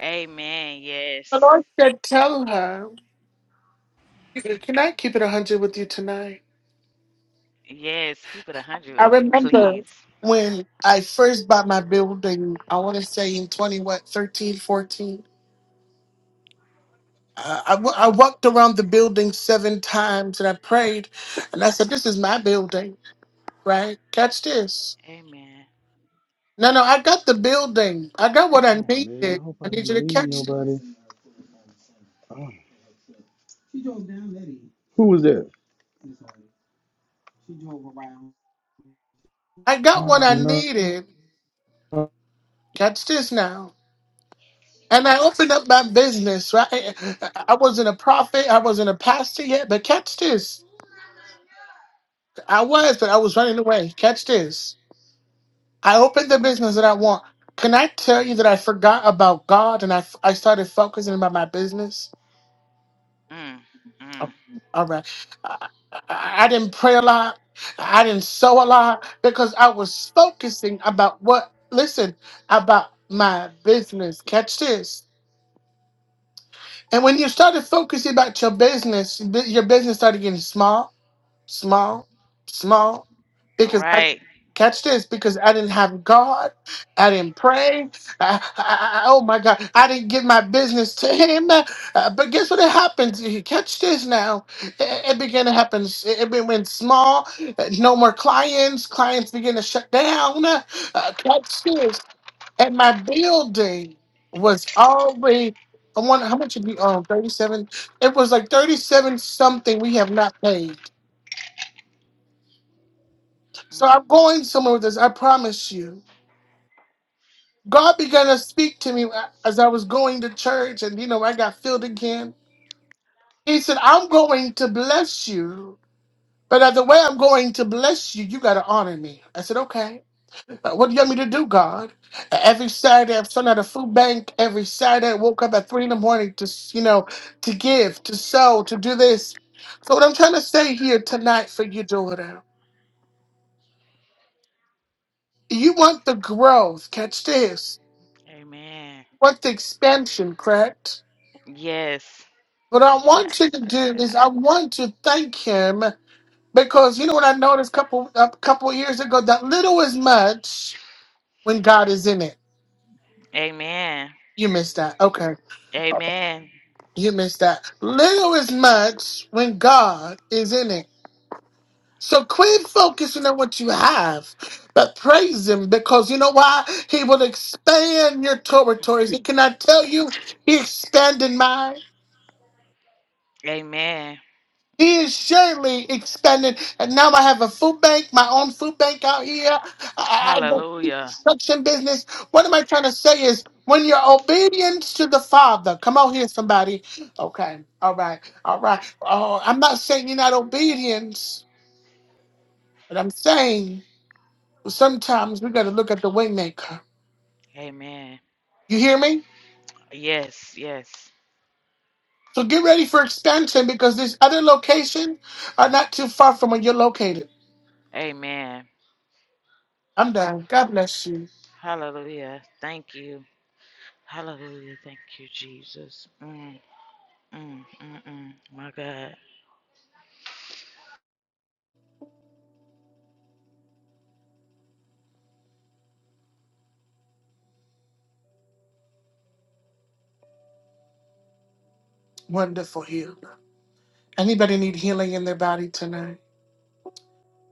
Amen. Yes. The Lord said, Tell her. Can I keep it 100 with you tonight? Yes, keep it a hundred I with me, remember please. when I first bought my building, I want to say in 20, what, 13, 14. Uh, I, wa- I walked around the building seven times and I prayed and I said, This is my building, right? Catch this. Amen. No, no, I got the building. I got what I Oh man, needed. I hope I I need you didn't to leave catch it. nobody. Oh, who was that? I got what Oh I no. needed. Catch this now. And I opened up my business, right? I wasn't a prophet, I wasn't a pastor yet, but catch this. I was, but I was running away. Catch this. I opened the business that I want. Can I tell you that I forgot about God and I, I started focusing about my business? Mm, Oh, mm. All right. I, I I didn't pray a lot, I didn't sow a lot because I was focusing about what, listen, about my business. Catch this. And when you started focusing about your business, bu- your business started getting small small, small, All because I right. catch this because I didn't have God, I didn't pray. I, I- I- oh my God, I didn't give my business to Him. Uh, but guess what? It happens. You Catch this now. It, it began to happen. s- It, it went went small. uh, No more clients. Clients begin to shut down. Uh, catch this. And my building was already. I wonder how much did we own? Thirty-seven. It was like thirty-seven something. We have not paid. So Mm, I'm going somewhere with this. I promise you. God began to speak to me as I was going to church, and you know, I got filled again. He said, I'm going to bless you, but as the way I'm going to bless you, you got to honor me. I said, Okay. Uh, What do you want me to do, God? Uh, Every Saturday, I've sung at a food bank. Every Saturday, I woke up at three in the morning to, s- you know, to give, to sow, to do this. So, what I'm trying to say here tonight for you, daughter, you want the growth. Catch this. amen. What's the expansion, correct? Yes. What I but you want gotta you to serve do is I God. want to thank him because you know what I noticed couple a couple years ago that little is much when God is in it. Amen. You missed that. Okay. Amen. You missed that. Little is much when God is in it. So quit focusing on what you have, but praise him because you know why? He will expand your territories. He cannot tell you he expanded mine. Amen. He is surely expanding, and now I have a food bank, my own food bank out here. I, I I got Hallelujah. construction business. What am I trying to say is, when you're obedient to the Father, come out here, somebody. Okay, all right, all right. Oh, I'm not saying you're not obedient, but I'm saying sometimes we got to look at the waymaker. Amen. You hear me? Yes, yes. So get ready for expansion because these other locations are not too far from where you're located. Amen. I'm done. God bless you. Hallelujah. Thank you. Hallelujah. Thank you, Jesus. Mm, mm, mm, mm. My God. Wonderful healer. Anybody need healing in their body tonight?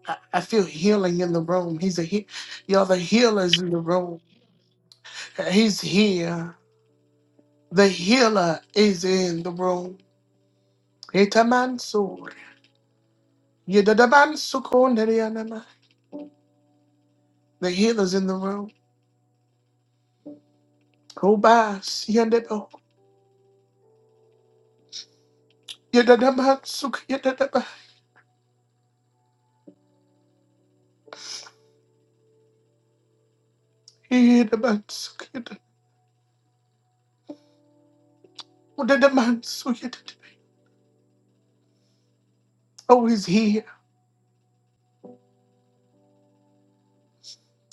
I, I feel healing in the room. He's a he- y'all the healers in the room. He's here. The healer is in the room. Itamansur. Yedadabansukonerianama. The healer's in the room. Kobas yandebo. Yedadamansuk yedadaba. Yedadamansuk yedad- Yedadamansuk yedad- Oh, he's here.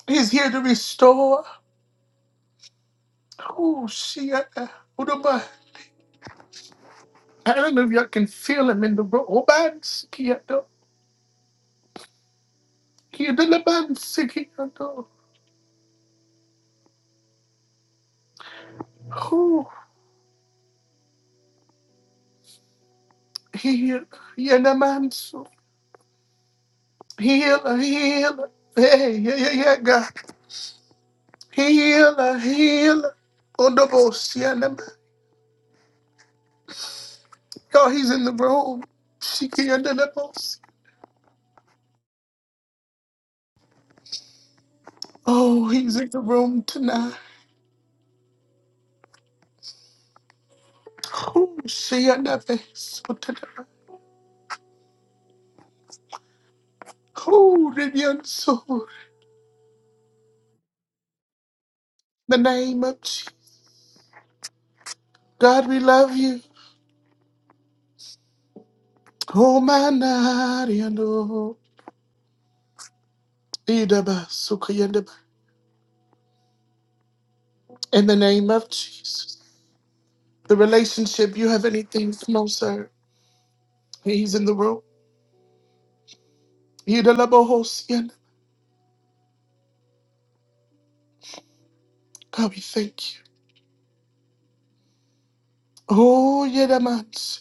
He's here to restore. Oh, she. Hallelujah. I can feel him in the room. Oh, man, Sikiato. he, Obanskiyato. Yidalabansikiyato. Who? Heal. Yanamansu. Healer, healer. Hey, yeah, yeah, yeah, God. Healer, healer. Odobos, Yanaman. Oh, he's in the room. Shikiyadalabos. Oh, he's in the room tonight. Who? Shiyanabes. Who? Rinyansu. The name of Jesus. God, we love you. Komanariano, idaba, sukayandaba. In the name of Jesus. The relationship, you have anything from no, sir. He's in the room. Idalabahosian. God, we thank you. Oh, Yedamans.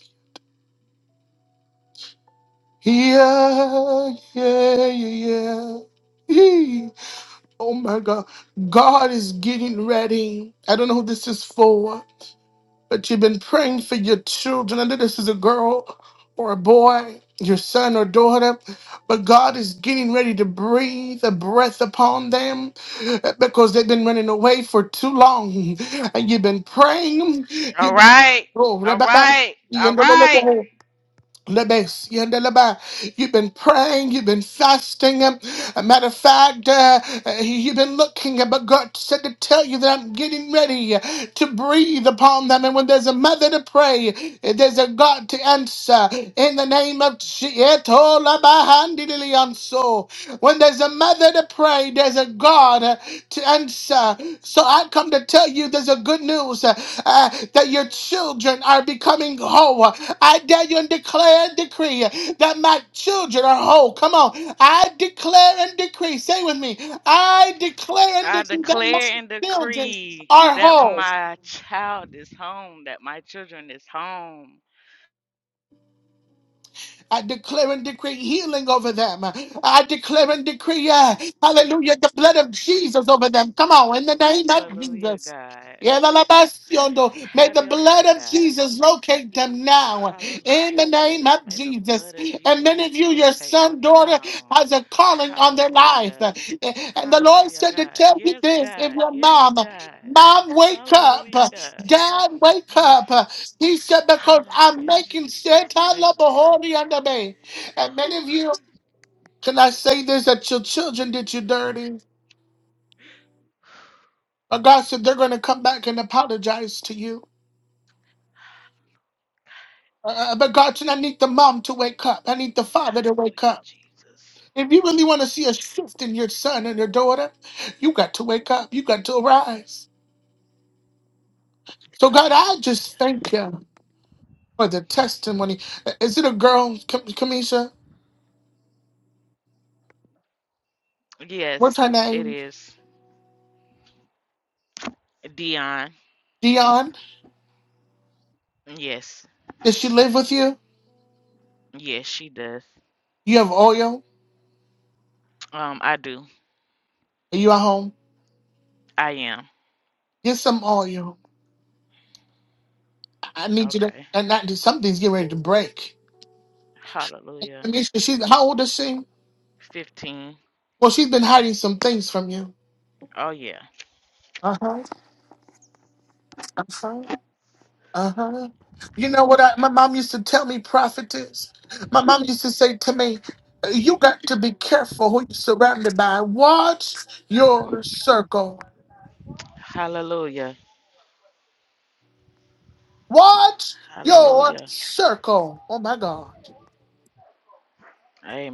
Yeah, yeah, yeah, yeah. Eee. Oh my God. God is getting ready. I don't know who this is for. but you've been praying for your children. I know this is a girl or a boy, your son or daughter, but God is getting ready to breathe a breath upon them uh, because they've been running away for too long. And you've been praying. All You've been, right. All right. All right. oh, Lebes, yende leba. You've been praying, you've been fasting. um, A matter of fact, uh, uh, you've been looking, uh, but God said to tell you that I'm getting ready uh, to breathe upon them. And when there's a mother to pray, uh, there's a God to answer. In the name of Jesus. When there's a mother here to pray. There's a God uh, to answer. So I come to tell you there's a good news uh, uh, that your children are becoming whole. I dare you and declare and decree that my children are whole. Come on. I declare and decree. Say with me. I declare and I decree that my declare and children decree are that whole. my child is home, that my children is home. I declare and decree healing over them. I declare and decree, uh, hallelujah, the blood of Jesus over them. Come on, in the name of Hallelujah, Jesus. God. Yeah, la, la, basiondo. May the Have your blood way, of God. Jesus locate them now in Hallelujah, the name Jesus. of May the blood Jesus. of And Jesus many of you, your rotate son, them daughter, now. has a calling on their life. Hallelujah. And the Lord Hallelujah, said to God. tell you Yes, this if God. your Yes, mom God. Mom, wake up. Hallelujah, God. Dad, wake Mm. up. He said, because I'm Hallelujah, making Jesus. Santana Thank you. Bahori under me. And many of Whew. you, can I say this, that your children did you dirty? But God said they're going to come back and apologize to you. Uh, uh, but God said, I need the mom to wake up. I need the father to wake Hallelujah, up. Jesus. If you really want to see a shift in your son and your daughter, you got to wake up. You got to arise. So, God, Hallelujah. I just thank you for the testimony. Uh, Is it a girl, Kamisha? What's Yes, her it name? is. Dion. Dion? Yes. Does she live with you? Yes, she does. You have oil? Um, I do. Are you at home? I am. Get some oil. I I need you to Okay. and not do something's getting ready to break. I Hallelujah. mean, she- she's how old is she? 15. Well, she's been hiding some things from you. Oh, yeah. Uh huh. Uh huh. Uh huh. You know what? I, my mom used to tell me, prophetess. My mom used to say to me, "You got to be careful who you're surrounded by. Watch your circle. Hallelujah. Watch your Hallelujah. circle." Oh my God.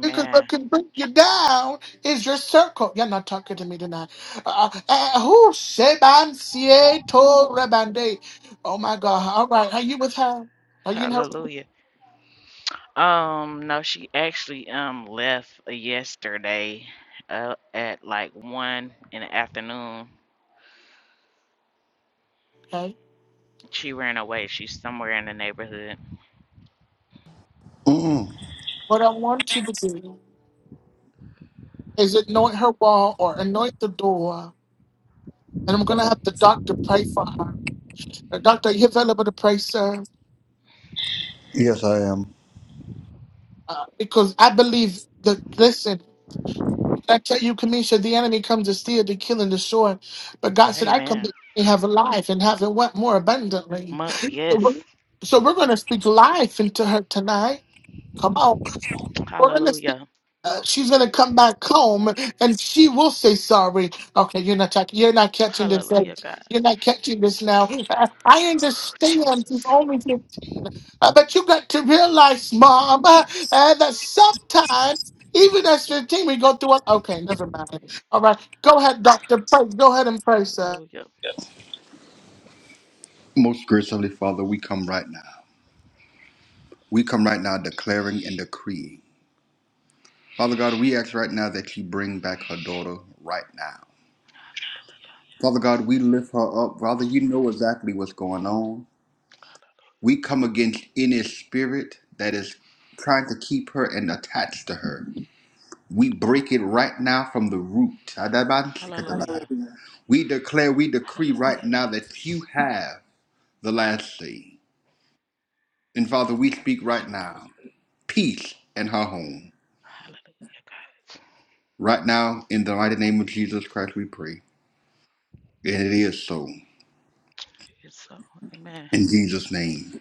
Because what can bring you down is your circle. You're not talking to me tonight. Uh, uh, uh, who? Sheban Sieto Rebande. Oh my God. All right. Are you with her? Are you in her? Hallelujah. Um, no, she actually um left yesterday uh, at like one in the afternoon. Okay. She ran away. She's somewhere in the neighborhood. Mm, What I want you to do is anoint her wall or anoint the door. And I'm going to have the doctor pray for her. Uh, doctor, are you available to pray, sir? yes, I am. Uh, because I believe that. listen. I tell you, Kamisha, the enemy comes to steal, to kill, and destroy. But God said, I come Amen. that they have a life and have it what more abundantly. Mu- So yes. we're, so we're going to speak life into her tonight. Come on. We're going to speak. Hallelujah. Uh, she's gonna come back home and she will say sorry. Okay, you're not talking. You're not catching this. Hallelujah, God. You're not catching this now. I I Oh, understand. She's Jesus. only 15. Uh, But you got to realize, Mom, uh, uh, that sometimes, even as 15, we go through. A- okay, never mind. All right, go ahead, Doctor. Pray. Go ahead and pray, sir. Hallelujah. Most graciously, Father, we come right now. We come right now declaring and decreeing. Father God, we ask right now that you bring back her daughter right now. Father God, we lift her up. Father, you know exactly what's going on. We come against any spirit that is trying to keep her and attached to her. We break it right now from the root. Hallelujah. We declare, we decree right Hallelujah, now that Jesus. you have the last say. And Father, we speak Hallelujah, right Jesus. now peace in her home. Hallelujah, God. Right now, in the mighty name of Jesus Christ, we pray. And it is so. It's so, amen. In Jesus' name.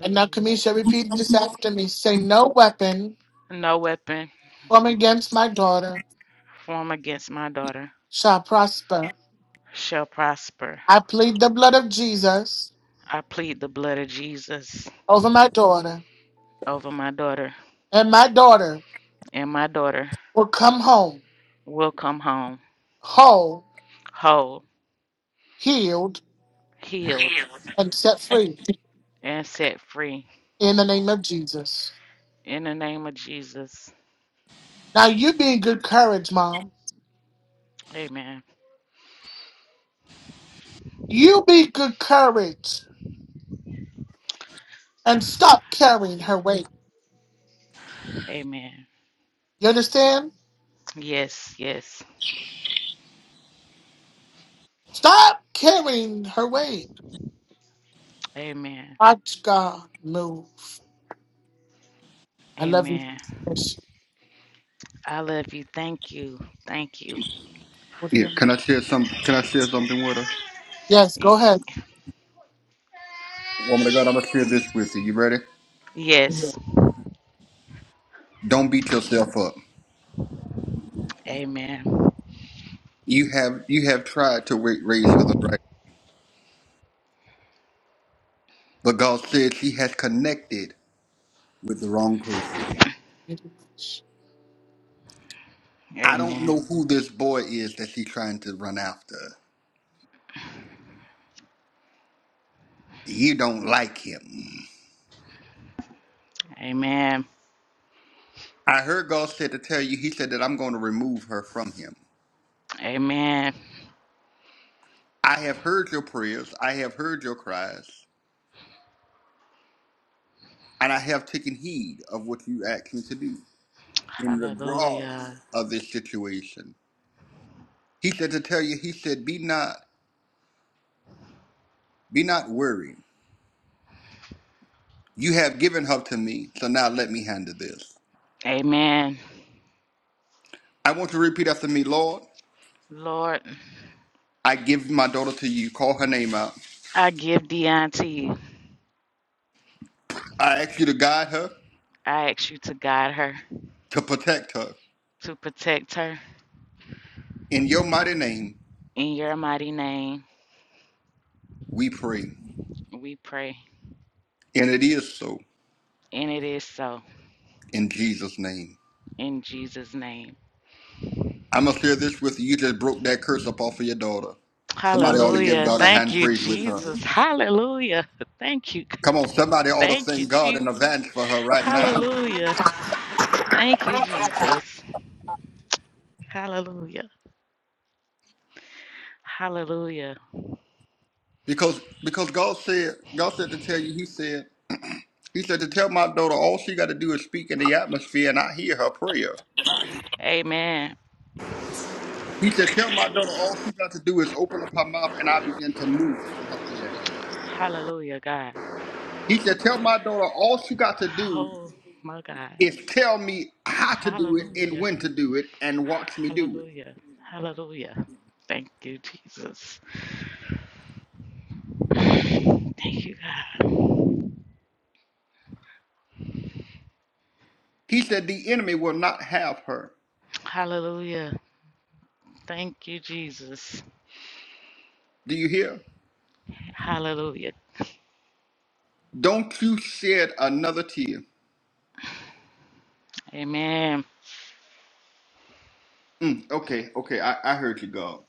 And now, Kamisha, repeat this after me. Say, "No weapon No weapon formed against my daughter formed against my daughter shall prosper." shall prosper. I plead the blood of Jesus I plead the blood of Jesus over my daughter, over my daughter, and my daughter and my daughter will come home will come home whole, whole, healed, healed, and set free and set free. in the name of Jesus. In the name of Jesus. Now, you be in good courage, Mom. Amen. You be good courage and stop carrying her weight. Amen. You understand? Yes, yes. Stop carrying her weight. Amen. Watch God move. I love you. Amen. Yes, I love you. Thank you. Thank you. Lord, I Yeah, love you. can I share some? Can I share something with her? Yes, go ahead. Woman of God, I'm gonna share this with you. You ready? Yes. Don't beat yourself up. Amen. You have you have tried to ra- raise her the right, but God said she has connected with the wrong person. I don't Amen. know who this boy is that she's trying to run after. You don't like him. Amen. I heard God said to tell you. He said that I'm going to remove her from him. Amen. I have heard your prayers. I have heard your cries, and I have taken heed of what you asked me to do in regards Hallelujah. of this situation. He said to tell you. He said, "Be not." Be not weary. You have given her to me, so now let me handle this. Amen. I want you to repeat after me, Lord. Lord, I give my daughter to you. Call her name out. I give Dion to you. I ask you to guide her, I ask you to guide her, to protect her. to protect her. In your mighty name, In your mighty name, we pray. we pray. And it is so And it is so. in Jesus' name. In Jesus' name. I'm going to share this with you. You just broke that curse up off of your daughter. Somebody ought to give Hallelujah. God a Thank hand you, praise with her. Jesus. Hallelujah. Thank you. Come on, somebody ought to Thank you, thank God in advance Jesus. for her right now. Hallelujah. Thank you, Jesus. Hallelujah. Hallelujah. Because because God said, God said to tell you, He said, He said to tell my daughter all she got to do is speak in the atmosphere and I hear her prayer. Amen. He said, Tell my daughter all she got to do is open up her mouth and I begin to move on her behalf. Hallelujah, God. He said, Tell my daughter all she got to do Oh, my God. is tell me how to do it and Hallelujah. when to do it and watch me do it. Hallelujah. Hallelujah. Thank you, Jesus. Thank you, God. He said, The enemy will not have her. Hallelujah. Thank you, Jesus. Do you hear? Hallelujah. Don't you shed another tear. Amen. Mm, okay, okay, I, I heard you, God.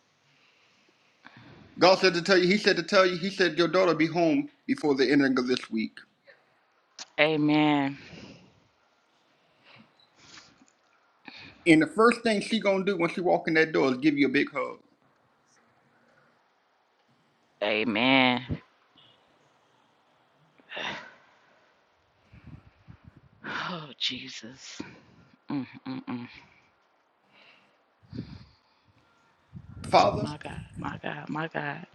God said to tell you, He said to tell you, He said, Your daughter be home before the ending of this week. Amen. And the first thing she gonna do when she walk in that door is give you a big hug. Amen. Oh, Jesus. Mm, mm, mm. Father, My God, my God, my God.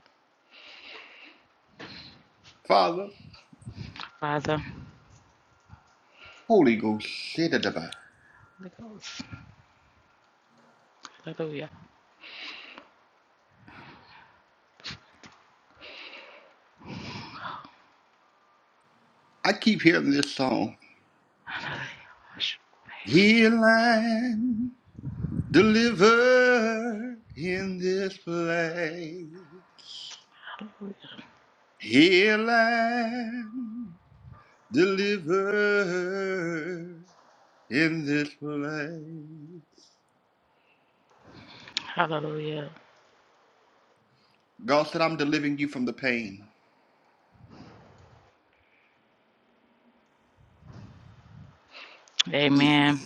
Father, Father, Holy Ghost, shit it about. Holy Ghost. Hallelujah. Hallelujah. I keep hearing this song. Heal and deliver in this place. Hallelujah. Heal and deliver in this place. Hallelujah. God said, I'm delivering you from the pain. Yes. Amen.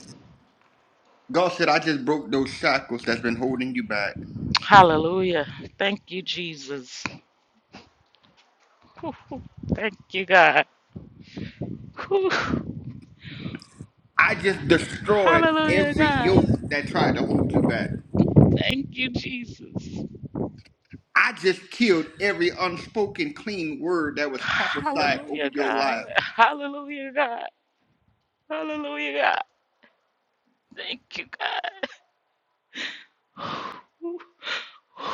God said, I just broke those shackles that's been holding you back. Hallelujah. Thank you, Jesus. Whew, whew. Thank you, God. Whew. I just destroyed Hallelujah, every yoke God. that tried to hold you back. Thank you, Jesus. I just killed every unspoken clean word that was prophesied over Hallelujah, your God. life. Hallelujah, God. Hallelujah, God. Thank you, God. Whew, whew.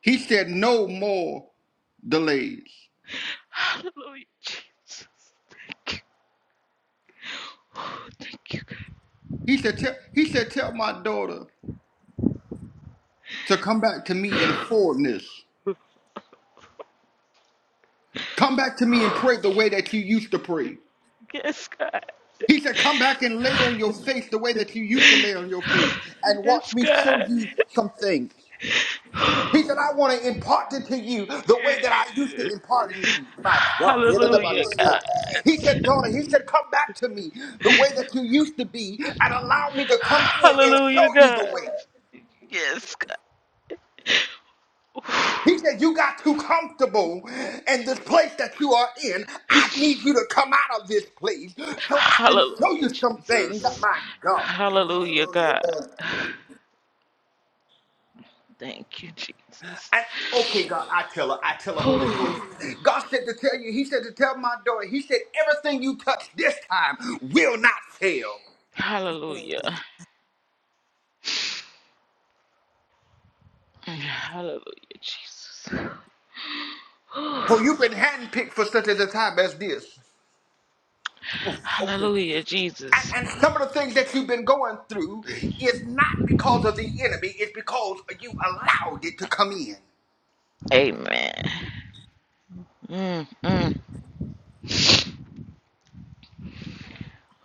He said, No more delays. Hallelujah, Jesus. Thank you. Thank you, God. He said, tell, he said, Tell my daughter to come back to me in fullness. Come back to me and pray the way that you used to pray. Yes, God. He said, Come back and lay on your face the way that you used to lay on your face and watch Yes, me show God. you something He said, I want to impart it to you the way that I used to impart it to you. My God. Hallelujah, He said, God. daughter, he said, come back to me the way that you used to be and allow me to come in and Hallelujah, show you God. the way. Yes, God. He said, you got too comfortable in this place that you are in. I need you to come out of this place so I can show Hallelujah, you some things. Jesus. My Hallelujah, God. God. Thank you, Jesus. I, okay, God, I tell her, I tell her, Holy Whew. Ghost. God said to tell you, He said to tell my daughter, He said, everything you touch this time will not fail. Hallelujah. Hallelujah, Jesus. Whew. For you've been handpicked for such a time as this. Oh, okay. And, Hallelujah, Jesus. and some of the things that you've been going through is not because of the enemy, it's because you allowed it to come in. Amen. Mm, mm.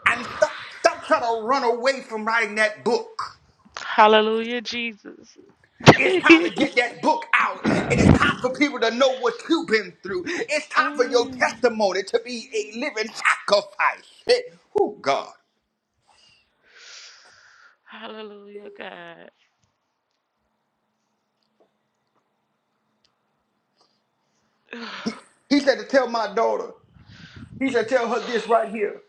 And stop, stop trying to run away from writing that book. Hallelujah, Jesus. It's time to get that book out, and it's time for people to know what you've been through. It's time for your Mm. testimony to be a living sacrifice. Shit. Oh, God. Hallelujah, God. He said to tell my daughter, he said, tell her this right here.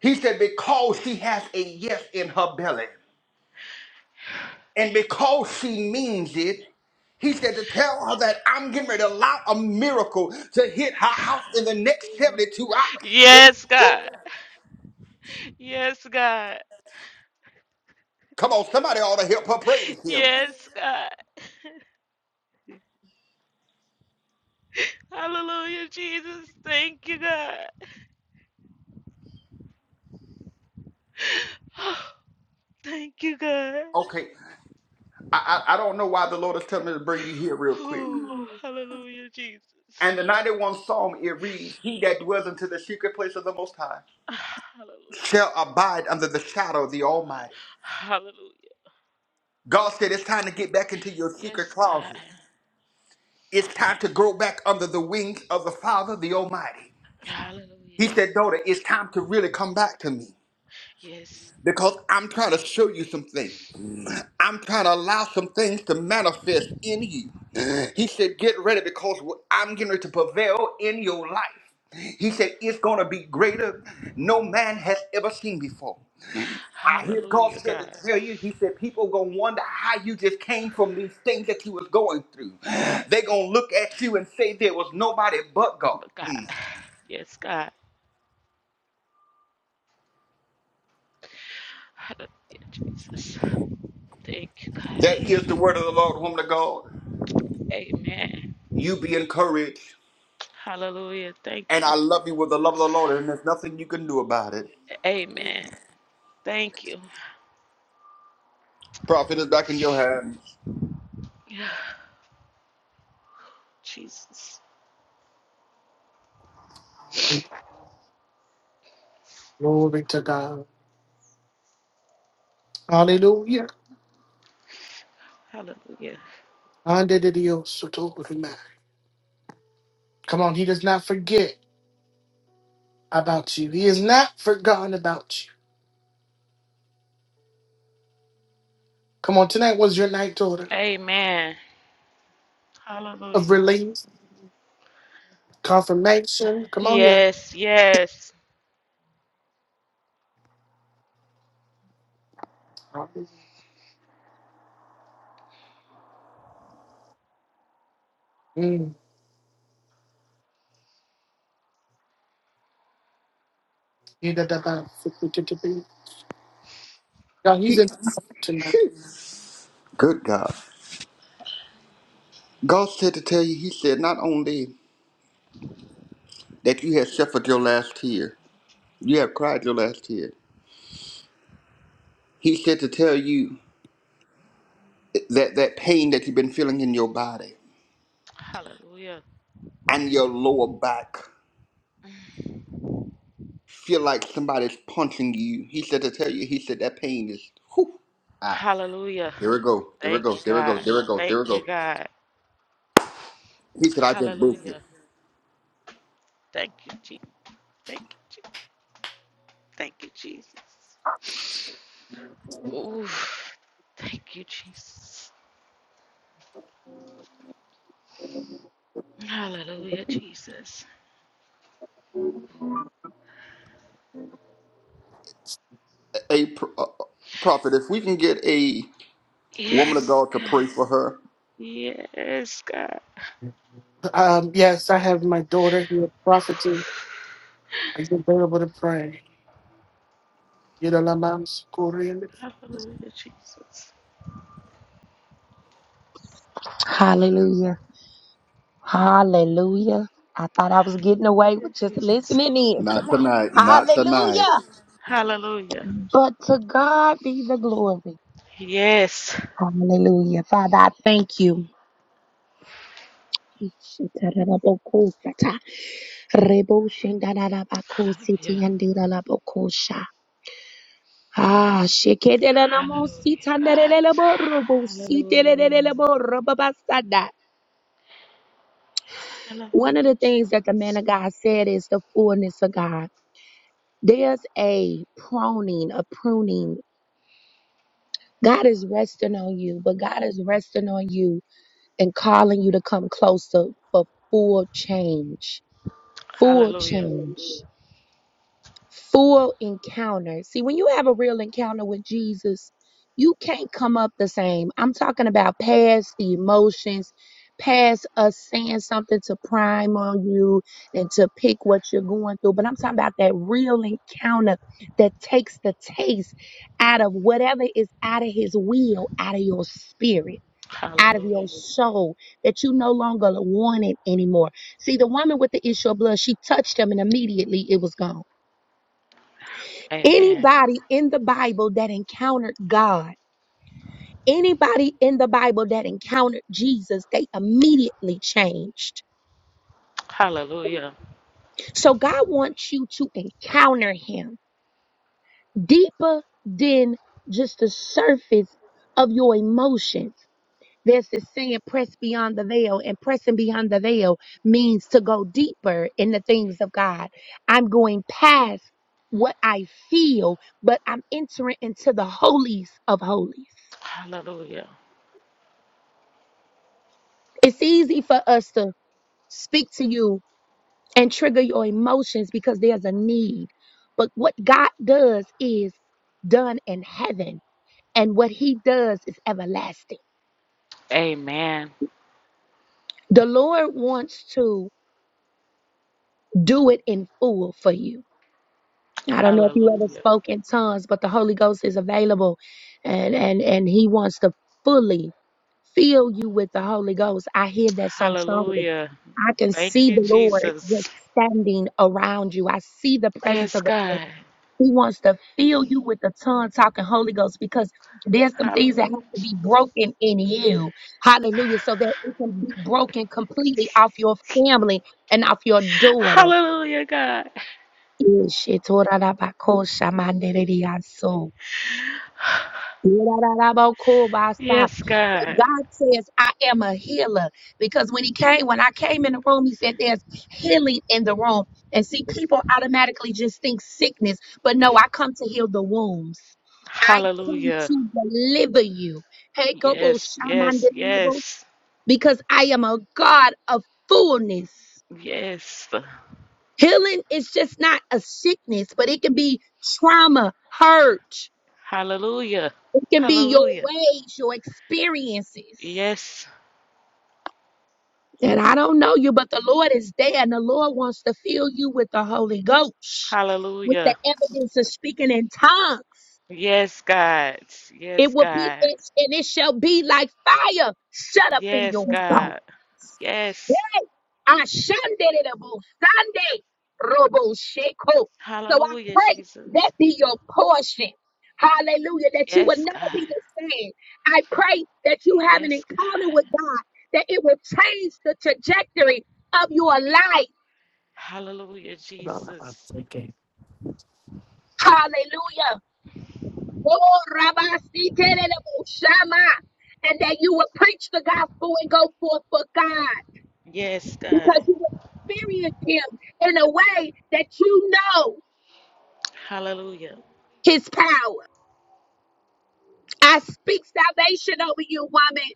He said, because she has a yes in her belly, and because she means it, he said to tell her that I'm getting ready to allow a miracle to hit her house in the next 72 hours. Shit. Yes, Woo. God. Yes, God. Come on, somebody ought to help her praise him. Yes, God. Hallelujah, Jesus. Thank you, God. Thank you, God. Okay, I, I I don't know why the Lord is telling me to bring you here real quick. Whew. Hallelujah, Jesus. And the 91 Psalm, it reads, He that dwells into the secret place of the Most High Hallelujah. shall abide under the shadow of the Almighty. Hallelujah. God said, It's time to get back into your secret Yes, God. closet. It's time to grow back under the wings of the Father, the Almighty. Hallelujah, He said, Daughter, it's Jesus. time to really come back to me Yes. because I'm trying to show you some things. I'm trying to allow some things to manifest in you. He said, Get ready because I'm getting ready to prevail in your life. He said, It's going to be greater no man has ever seen before. I hear God Hallelujah, said to God. tell you, He said, People going to wonder how you just came from these things that you was going through. they going to look at you and say, There was nobody but God. But God, yes, God. Hallelujah, Jesus. Thank you, God. That is the word of the Lord, woman of God. Amen. You be encouraged. Hallelujah. And Thank you. I love you with the love of the Lord, and there's nothing you can do about it. Amen. Thank you. Prophet is back in your hands. Yeah, Jesus. Hallelujah. Hallelujah. Andedidiosotogorima. Come on, he does not forget about you. He is not forgotten about you. Come on, Lord, Amen. of Hallelujah. release. Come here. Yes, yes. Mm. Ida da ba, fukututubi. God, he's He, in tonight. good God. God said to tell you, He said, not only that you have suffered your last tear, you have cried your last tear. He said to tell you that that pain that you've been feeling in your body Hallelujah. and your lower back feel like somebody's punching you. He said to tell you, He said that pain is, whew, ah, Hallelujah. there it go, there it Thank you, goes. there it goes. God. there it goes. there Thank it you, goes. God. He said, I just broke it. Hallelujah. Thank you, Jesus. Thank you, Jesus. Thank you, Jesus. Ooh, thank you, Jesus. Hallelujah, Jesus. A, pro- a prophet, if we can get a woman of Yes, God to God. pray for her, Yes, God. Um, yes, I have my daughter here, prophetess. Are you available Hallelujah, Jesus. Hallelujah. Hallelujah. I thought I was getting away Hallelujah, with just Jesus. listening in Not tonight. tonight. Not tonight. Hallelujah. Hallelujah. But to God be the glory. Yes. Hallelujah. Father, I thank you. Hallelujah. Ah, Hallelujah, God. Hallelujah. one Hallelujah, of the things that the man Jesus. of God said is the fullness of God. There's a proning, a pruning. God is resting on you, but God is resting on you and calling you to come closer for full change. Full Hallelujah. change. full encounter. See, when you have a real encounter with Jesus, you can't come up the same. I'm talking about past the emotions, past us saying something to prime on you and to pick what you're going through. But I'm talking about that real encounter that takes the taste out of whatever is out of his will, out of your spirit. Out of your Hallelujah. soul, that you no longer want it anymore. See, the woman with the issue of blood, she touched him and immediately it was gone. Amen. Anybody in the Bible that encountered God, anybody in the Bible that encountered Jesus, they immediately changed. Hallelujah. So God wants you to encounter Him deeper than just the surface of your emotions. There's this saying, press beyond the veil, and pressing beyond the veil means to go deeper in the things of God. I'm going past what I feel, but I'm entering into the holies of holies. Hallelujah. It's easy for us to speak to you and trigger your emotions because there's a need. But what God does is done in heaven, and what He does is everlasting. Amen. The Lord wants to do it in full for you. I don't know if you ever Hallelujah. spoke in tongues, but the Holy Ghost is available and, and, and He wants to fully fill you with the Holy Ghost. I hear that so strongly. Hallelujah. I can Thank see you, the Lord just Jesus. standing around you. I see the presence Yes, of the Lord. God. He wants to fill you with the tongue talking Holy Ghost because there's some things that have Hallelujah. to be broken in you. Hallelujah. So that it can be broken completely off your family and off your daughter. Hallelujah, God. Ishitoradabakoshamanderediaso. Ra-ra-ra-ra-bo-ko-ba-sa. Yes, But God. God says, I am a healer. Because when he came, when I came in the room, he said, There's healing in the room. And see, people automatically just think sickness. But no, I come to heal the wounds. I come Hallelujah. to deliver you. Hey, Kobo Yes, Shaman yes, Deliverable, yes, Because I am a God of fullness. yes. Healing is just not a sickness, but it can be trauma, hurt. Hallelujah. It can be your Hallelujah. ways, your experiences Yes. that I don't know you, but the Lord is there and the Lord wants to fill you with the Holy Ghost, with the Hallelujah. evidence of speaking in tongues. Yes, God. It Yes, will be, God. it's, and it shall be like fire shut up in Yes, your bones. God. Yes. Ashandelebo Sunday Robo Sheko. So I Hallelujah, pray Jesus. that be your portion. Hallelujah. That you will Yes, never God. be the same. I pray that you have an Yes, encounter God. with God, that it will change the trajectory of your life. Hallelujah, About what I'm Jesus. thinking. Hallelujah. Oh, Rabba Sitelebo Shama. And that you will preach the gospel and go forth for God Yes, God. because you will experience Him in a way that you know Hallelujah. His power. I speak salvation over you, woman.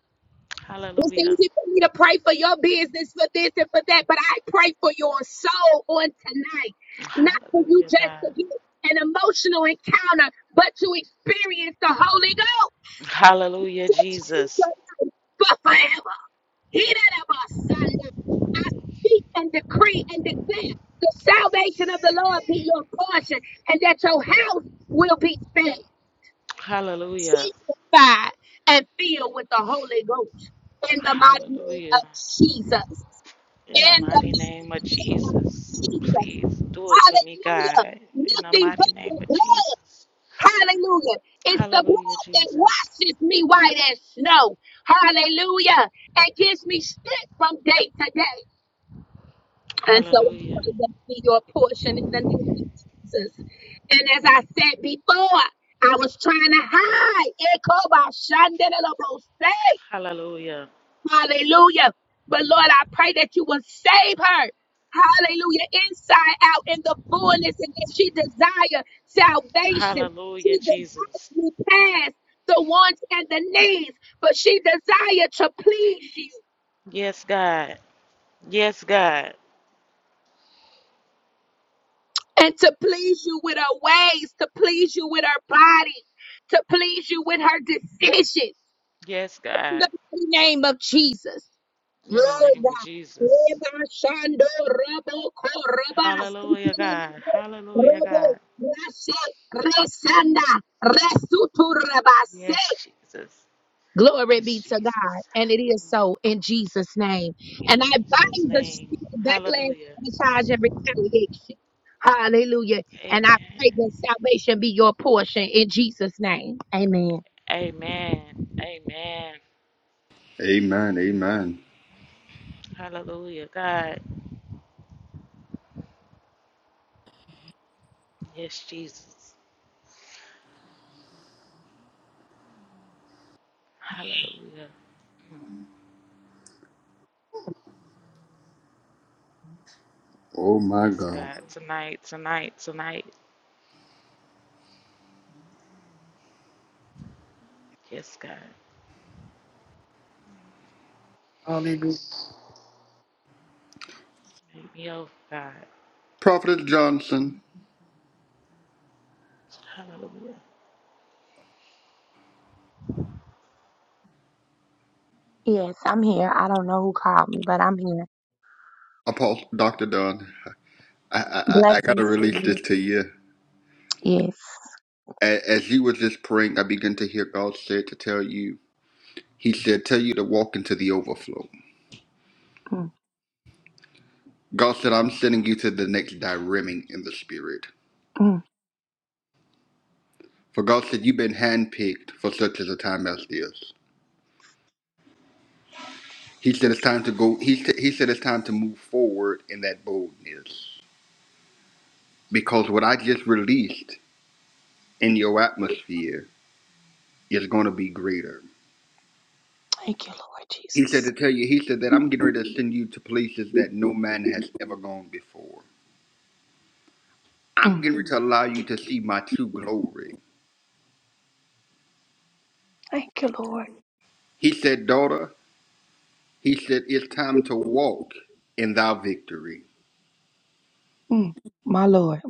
It's Hallelujah. easy for me to pray for your business, for this and for that, but I pray for your soul on tonight. Not for you Hallelujah, just God. to get an emotional encounter, but to experience the Holy Ghost Hallelujah, to change Jesus. your life for forever. Hear that about Sunday. I speak and decree and declare the salvation of the Lord be your portion and that your house will be fed. Hallelujah. sanctified, and filled with the Holy Ghost in the mighty name Hallelujah. of Jesus. In the In the mighty name of name of Jesus. Jesus. Please do it for me, Hallelujah. God. In the Nothing mighty but the name of blood. Jesus. Hallelujah. It's the Hallelujah, blood that Jesus. washes me white as snow. Hallelujah. And gives me strength from day to day. And so I Hallelujah. pray that be your portion in the name of Jesus. And as I said before, I was trying to hide. Hallelujah. Hallelujah. But Lord, I pray that you will save her. Hallelujah. Inside out in the fullness and that she desire salvation. She Hallelujah, Jesus. desires to pass the wants and the needs, but she desire to please you Yes, God. Yes, God. and to please you with her ways, to please you with her body, to please you with her decisions. Yes, In the God. name of Jesus. Yoga, In the name of Jesus. Eva Shando, Robo, Koroba, Hallelujah, God. Hallelujah, Robo, God. Rashe, Resanda, Resuturabase. Yes, Jesus. Glory be Yes, to God. Jesus. And it is so in Jesus' name. Hallelujah. In And I Jesus' bind the name. spirit of Hallelujah. backlash, charge, and retaliation. Hallelujah. And I pray Amen. that salvation be your portion in Jesus' name. Amen. Amen. Amen. Amen. Amen. Hallelujah, God. Yes, Jesus. Hallelujah. Oh my Yes, God. God. Tonight, tonight, tonight. Yes, God. Make me over, God. Prophet Johnson, Hallelujah. Yes, I'm here. I don't know who called me, but I'm here. Apostle Doctor Dunn, I, I I I gotta Blessings to release you. this to you. Yes. A- As you were just praying, I began to hear God said to tell you. He said, "Tell you to walk into the overflow." God said, "I'm sending you to the next direming in the spirit." Mm. For God said, "You've been handpicked for such as a time as this." He said, "It's Jesus. time to go." He said, "He said it's time to move forward in that boldness." Because what I just released in your atmosphere is going to be greater. Thank you, Lord He said to Jesus. tell you, he said that I'm getting ready to send you to places that no man has ever gone before. I'm Mm. getting ready to allow you to see my true glory. Thank you, Lord. He said, daughter, he said, it's time to walk in thy victory. Mm. My Lord.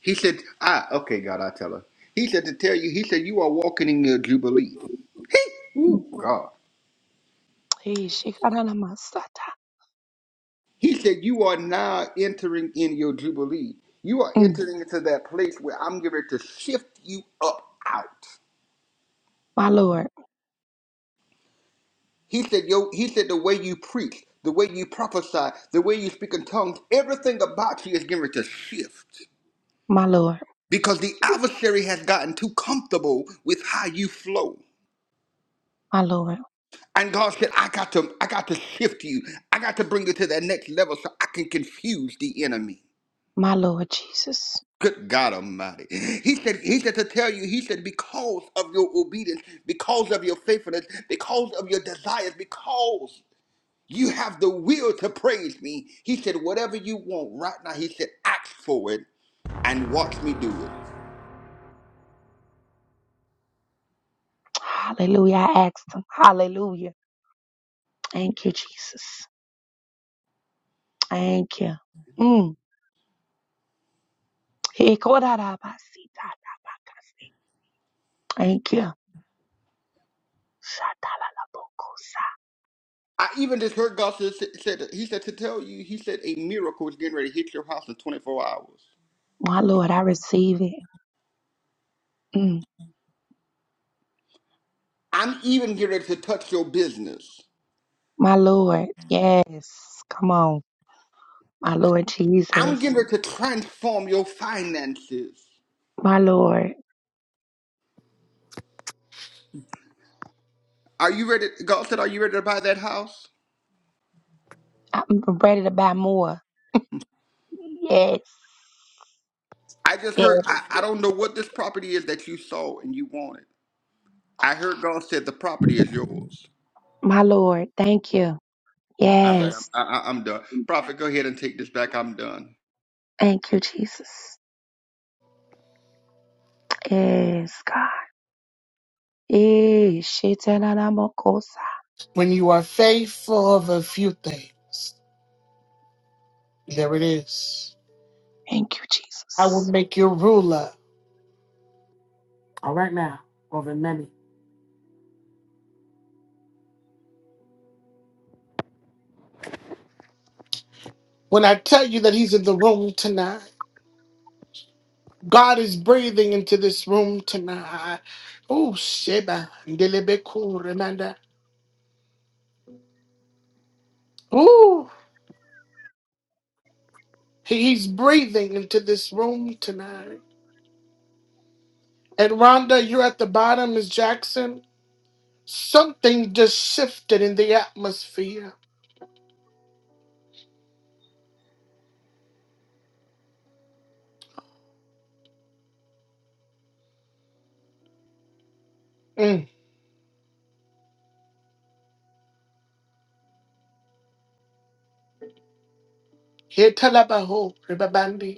He said, ah, okay, God, I tell her. He said to tell you, he said, you are walking in your jubilee. Hey, Mm. Ooh, God. Hey, shikadalamasata. He said, You are now entering in your Jubilee. You are Mm. entering into that place where I'm going to shift you up out. My Lord. He said, Yo, he said, the way you preach, the way you prophesy, the way you speak in tongues, everything about you is going to shift. My Lord. Because the adversary has gotten too comfortable with how you flow. My Lord. And God said, I got to, I got to shift you. I got to bring you to that next level so I can confuse the enemy. My Lord Jesus. Good God Almighty. He said, He said to tell you, He said, because of your obedience, because of your faithfulness, because of your desires, because you have the will to praise me. He said, whatever you want right now, He said, ask for it and watch me do it. Hallelujah. I asked him. Hallelujah. Thank you, Jesus. Thank you. Mm. Hey, kodadabasita. Thank you. Shatabokos. I even just heard God said, said He said to tell you, He said, a miracle is getting ready to hit your house in 24 hours. My Lord, I receive it. Mm. I'm even getting ready to touch your business. My Lord. Yes. Come on. My Lord I'm Jesus. getting ready to transform your finances. My Lord. Are you ready, Galton? Are you ready to buy that house? I'm ready to buy more. Yes. I just Yes. heard. I, I don't know what this property is that you sold and you wanted. I heard God said the property is yours. My Lord, thank you. All right, I'm, Yes. I, I- I'm done. Prophet, go ahead and take this back. I'm done. Thank you, Jesus. Yes, God. Eh, shetalalamakosa. When you are faithful of a few things, there it is. Thank you, I will Jesus. make you ruler. When I tell you that he's in the room tonight, God is breathing into this room tonight. Oh, Sheba, Ndelebeku, Remanda. Ooh, he's breathing into this room tonight. And Rhonda, you're at the bottom, Miss Jackson. Something just shifted in the atmosphere. Mm. Here, Talabaho, Rebabandi.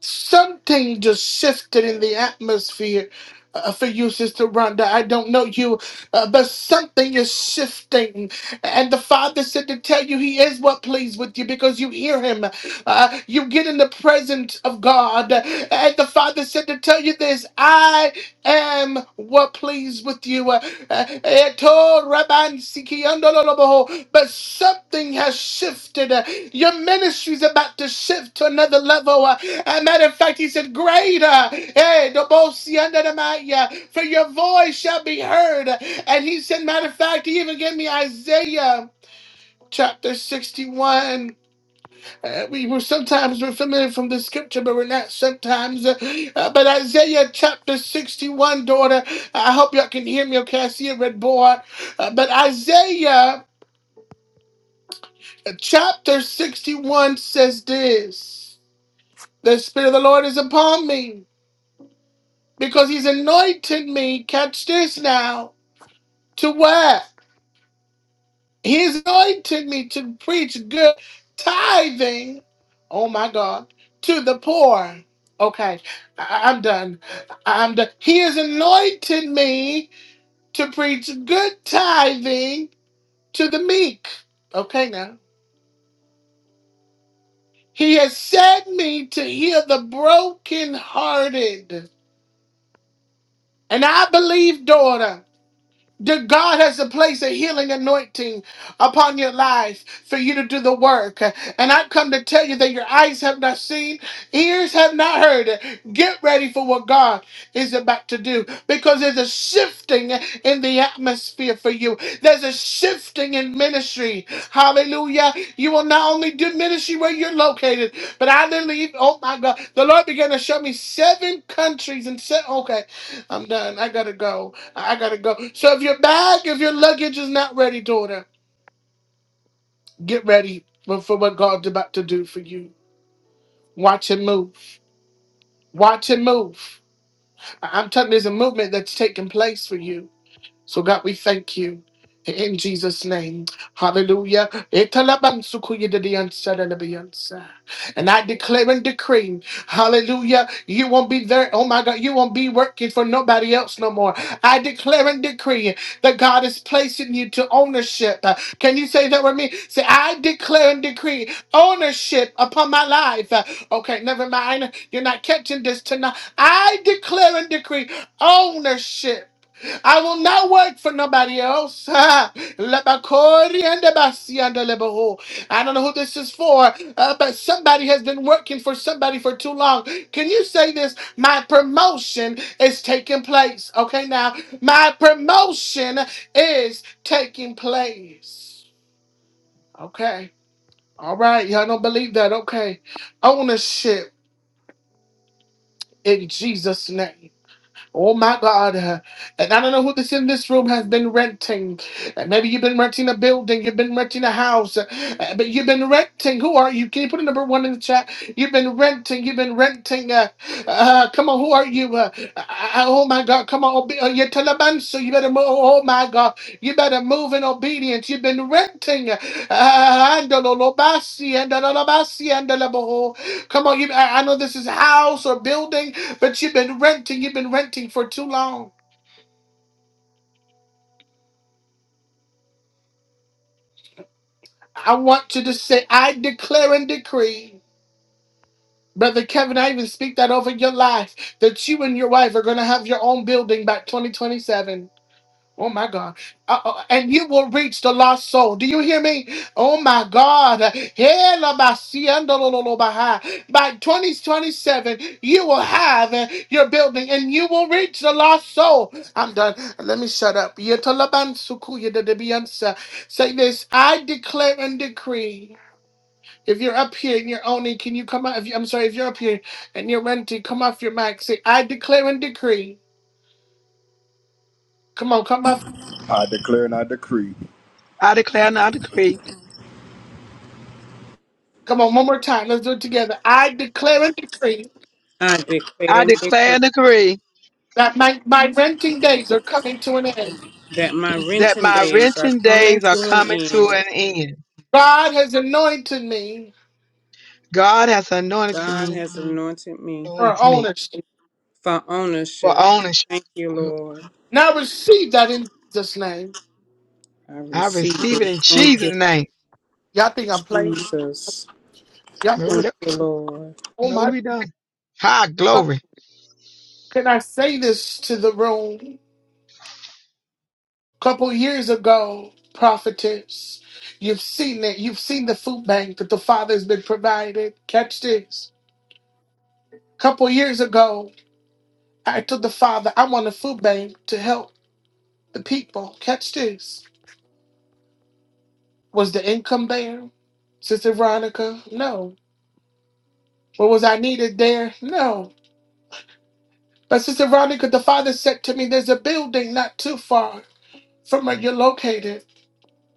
something just shifted in the atmosphere uh, for you, Sister Rhonda. I don't know you, uh, but something is shifting. And the Father said to tell you He is what pleased with you because you hear Him. Uh, you get in the presence of God. And the Father said to tell you this I am were pleased with you. Uh, uh, Eto Rabban Siki Andololoboho. But something has shifted. Uh, Your ministry is about to shift to another level. Uh, a matter of fact, he said, Greater. eh, Dobosi Andadamaya, For your voice shall be heard. And he said, Matter of fact, he even gave me Isaiah chapter 61. Uh, we will sometimes we're familiar from the scripture, but we're not sometimes. Uh, uh, but Isaiah chapter 61, daughter, I hope y'all can hear me okay. I see a red board. Uh, but Isaiah uh, chapter 61 says this The Spirit of the Lord is upon me because he's anointed me. Catch this now. To what? His anointed me to preach good tithing. Oh my God. To the poor. Okay. I- I'm done. I'm done. He has anointed me to preach good tithing to the meek. Okay now. He has set me to heal the brokenhearted. And I believe, daughter. That God has to place a healing anointing upon your life for you to do the work. And I've come to tell you that your eyes have not seen, ears have not heard. Get ready for what God is about to do because there's a shifting in the atmosphere for you. There's a shifting in ministry. Hallelujah. You will not only do ministry where you're located, but I believe, oh my God, the Lord began to show me seven countries and said, okay, I'm done. I got to go. I gotta go. So if your bag, if your luggage is not ready, daughter, get ready for for what God's about to do for you. Watch him move. Watch him move. I- I'm telling you, there's a movement that's taking place for you. So, God, we thank you in Jesus' name. Hallelujah. Italabansukuyididiyansadabiyansa. And I declare and decree, hallelujah, you won't be there. Oh my God, you won't be working for nobody else no more. I declare and decree that God is placing you to ownership. Uh, Can you say that with me? Say, I declare and decree ownership upon my life. Uh, Okay, never mind. You're not catching this tonight. I declare and decree ownership. I will not work for nobody else. Labakori and the Basi and the Lebaho. I don't know who this is for, uh, but somebody has been working for somebody for too long. Can you say this? My promotion is taking place. Okay, now, my promotion is taking place. Okay. All right. Y'all don't believe that. Okay. Ownership in Jesus' name. Oh my God. uh, And I don't know who this in this room has been renting. Uh, Maybe you've been renting a building, you've been renting a house, uh, but you've been renting. Who are you? Can you put a number one in the chat? You've been renting, you've been renting. Uh, uh, come on, who are you? Uh, uh, uh, oh my God, come on. Obe- uh, you're Taliban, so you better move. Oh my God, you better move in obedience. You've been renting. Uh, Come on, you. I, I know this is a house or building, but you've been renting. You've been renting for too long. I want you to say, I declare and decree. Brother Kevin, I even speak that over your life that you and your wife are going to have your own building by 2027. Oh my God. Uh, uh, and you will reach the lost soul. Do you hear me? Oh my God. Hela basiendo lo lo lo baha. By 2027, you will have uh, your building and you will reach the lost soul. I'm done. Let me shut up. Yetalaban sukuya de debiansa. Say this I declare and decree. If you're up here and you're owning, can you come out? If you, I'm sorry, if you're up here and you're renting, come off your mic. Say, I declare and decree. Come on, come off. I declare and I decree. Come on, one more time. Let's do it together. I declare and decree I declare I and declare decree and decree that my, my renting days are coming to an end. that my that renting my days are renting coming days are to an coming to end. an end. God has anointed me God has anointed God me, has anointed me for anointed me ownership. for for ownership. ownership. Thank you, Lord. Now receive that in Jesus' name. I I receive receive it it. in Thank Jesus' you, name. Y'all think I'm playing? Jesus. Y'all No, think, we Thank don't. you, Lord. oh No, my we don't. High God. glory. Can I say this to the room? couple years ago, prophetess, you've seen it. You've seen the food bank that the Father has been provided. Catch this. couple years ago, I told the Father, I want a food bank to help The people, catch this, was the income there? Sister Veronica, no. What was I needed there? No. But Sister Veronica, the father said to me, there's a building not too far from where you're located.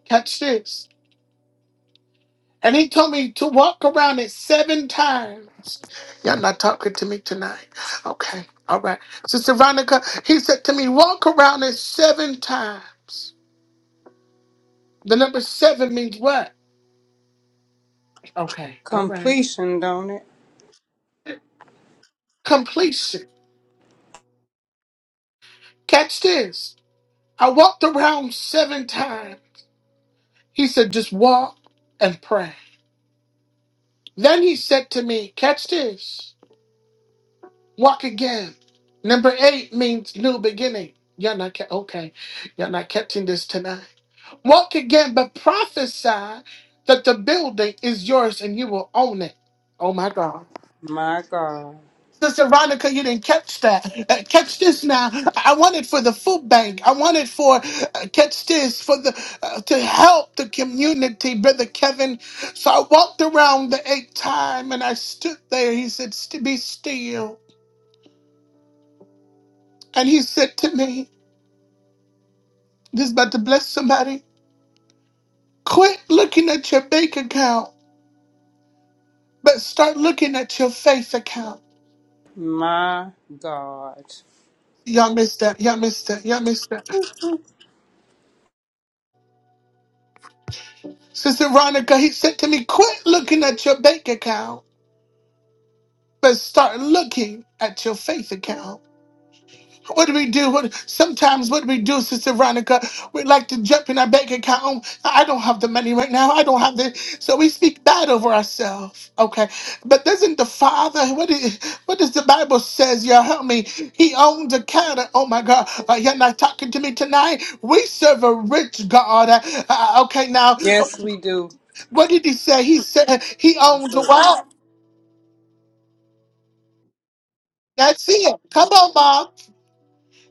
Catch this. And he told me to walk around it seven times. Y'all not talking to me tonight. Okay. All right. Sister Veronica, he said to me, walk around it seven times. The number seven means what? Okay. All right. Completion, don't it? Completion. Catch this. I walked around seven times. He said, just walk and pray. Then he said to me, catch this, walk again. Number eight means new beginning. You're not, ca- okay, you're not catching this tonight. Walk again, but prophesy that the building is yours and you will own it. Oh my God. My God. Sister Veronica, you didn't catch that. Uh, catch this now. I want it for the food bank. I want it for uh, catch this for the uh, to help the community, brother Kevin. So I walked around the eighth time and I stood there. He said, "St- "Be still," and he said to me, "This is about to bless somebody. Quit looking at your bank account, but start looking at your faith account." My God. Y'all missed that. Y'all missed that. Y'all missed that. Sister Veronica, he said to me, "Quit looking at your bank account." but start looking at your faith account. What do we do? What sometimes what do we do, Sister Veronica? We like to jump in our bank account. Oh, I don't have the money right now. I don't have the so we speak bad over ourselves. Okay. But doesn't the Father what is what does the Bible says, y'all help me? He owns a counter. Oh my god, uh, you're not talking to me tonight. We serve a rich God. Uh, uh, okay, now Yes, we do. what did he say? He said he owns a Jesus. that's it. Come on, mom.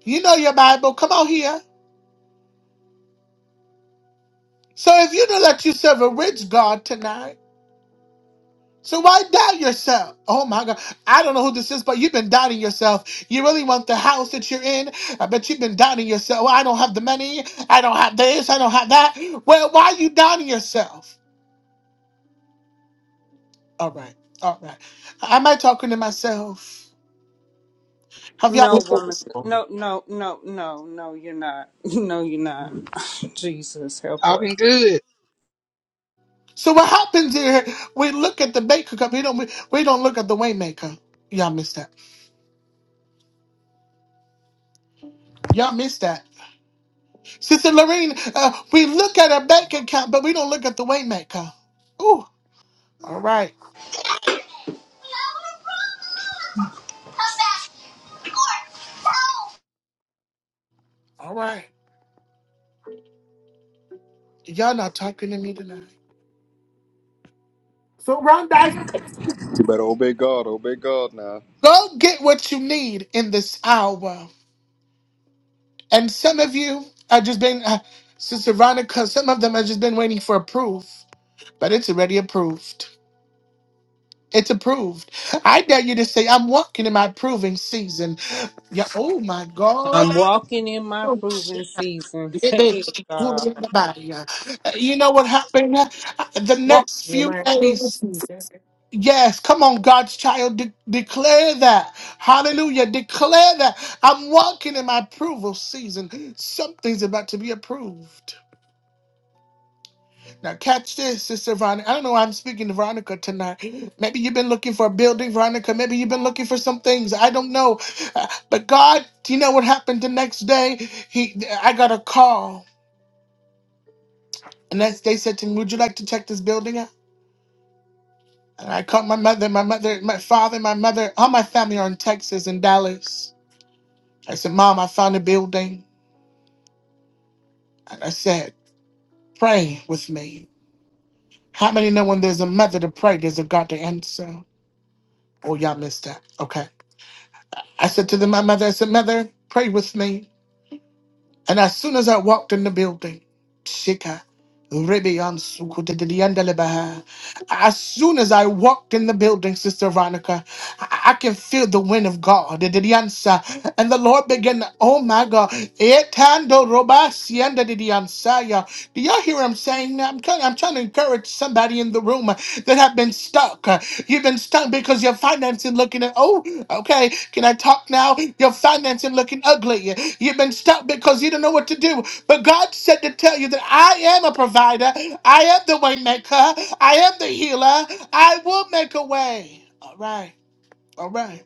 You know your Bible. Come on here. So if you don't let you serve a rich God tonight, so why doubt yourself? Oh my God. I don't know who this is, but you've been doubting yourself. You really want the house that you're in, I bet you've been doubting yourself. Well, I don't have the money. I don't have this. I don't have that. Well, why are you doubting yourself? All right. All right. Am I talking to myself? Have y'all? No, woman. No, no, no, no, no, you're not. No, you're not. Jesus, help us. Talking good. So what happens here? We look at the baker cup. We don't. We, we don't look at the waymaker. Y'all missed that. Y'all missed that. Sister Lorraine, uh, we look at our bank account, but we don't look at the waymaker. Ooh, all right, Come back here. Or, no. all right. Y'all not talking to me tonight. So Rhonda, You better obey God. Obey God now. go get what you need in this hour. And some of you have just been, uh, Sister Veronica, some of them have just been waiting for proof, but it's already approved. It's approved. I dare you to say, I'm walking in my proving season. Yeah, oh my God. I'm walking in my proving season. You Hey, God. know what happened? Uh, The next You're few my approval days. season. Yes, come on, God's child. De- declare that. Hallelujah. Declare that. I'm walking in my approval season. Something's about to be approved. Now, catch this, Sister Veronica. I don't know why I'm speaking to Veronica tonight. Maybe you've been looking for a building, Veronica. Maybe you've been looking for some things. I don't know. Uh, But God, do you know what happened the next day? He, I got a call. And that's, they said to me, Would you like to check this building out? And I called my mother, my mother, my father, my mother, all my family are in Texas and Dallas. I said, Mom, I found a building. And I said, Pray with me. How many know when there's a mother to pray, there's a God to answer? Oh, y'all missed that. Okay. I said to them, my mother, I said, Mother, pray with me. And as soon as I walked in the building, Shika, Ribian Sukudidiyandelebaha. As soon as I walked in the building, Sister Veronica, I I can feel the wind of God. Didiyansa. And the Lord began, oh my God. Etando Robasianda Didiyansaya. Do y'all hear what I'm saying? now? I'm trying, I'm trying to encourage somebody in the room uh, that have been stuck. You've been stuck because your financing looking at oh, okay, can I talk now? Your financing looking ugly. You've been stuck because you don't know what to do. But God said to tell you that I am a provider, I am the way maker, I am the healer, I will make a way. All right, all right.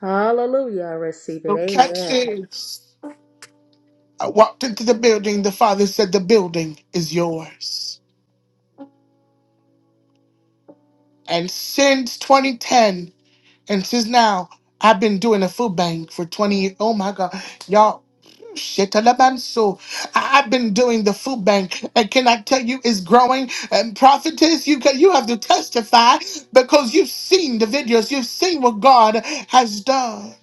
Hallelujah. I receive it. So catch Amen. this. I walked into the building, the father said, The building is yours. And since 2010. And since now, I've been doing a food bank for 20 years. Oh my God. Y'all, shit, Taliban. So I- I've been doing the food bank. And can I tell you, it's growing. And prophetess, you, can, you have to testify because you've seen the videos, you've seen what God has done.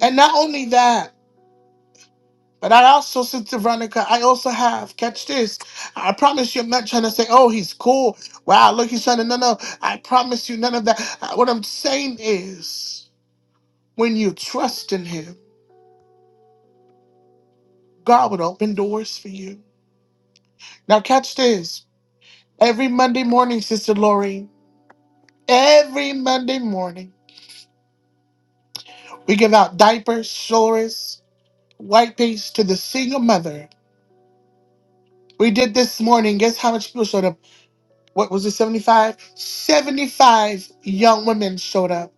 And not only that, but I also, Sister Veronica, I also have, catch this. I promise you, I'm not trying to say, oh, he's cool. Wow, look, he's trying to, no, no. I promise you, none of that. Uh, What I'm saying is, When you trust in Him, God would open doors for you. Now, catch this. Every Monday morning, Sister Lori, every Monday morning, we give out diapers, shorts, white paste to the single mother. We did this morning. Guess how much people showed up? What was it, 75? 75 young women showed up.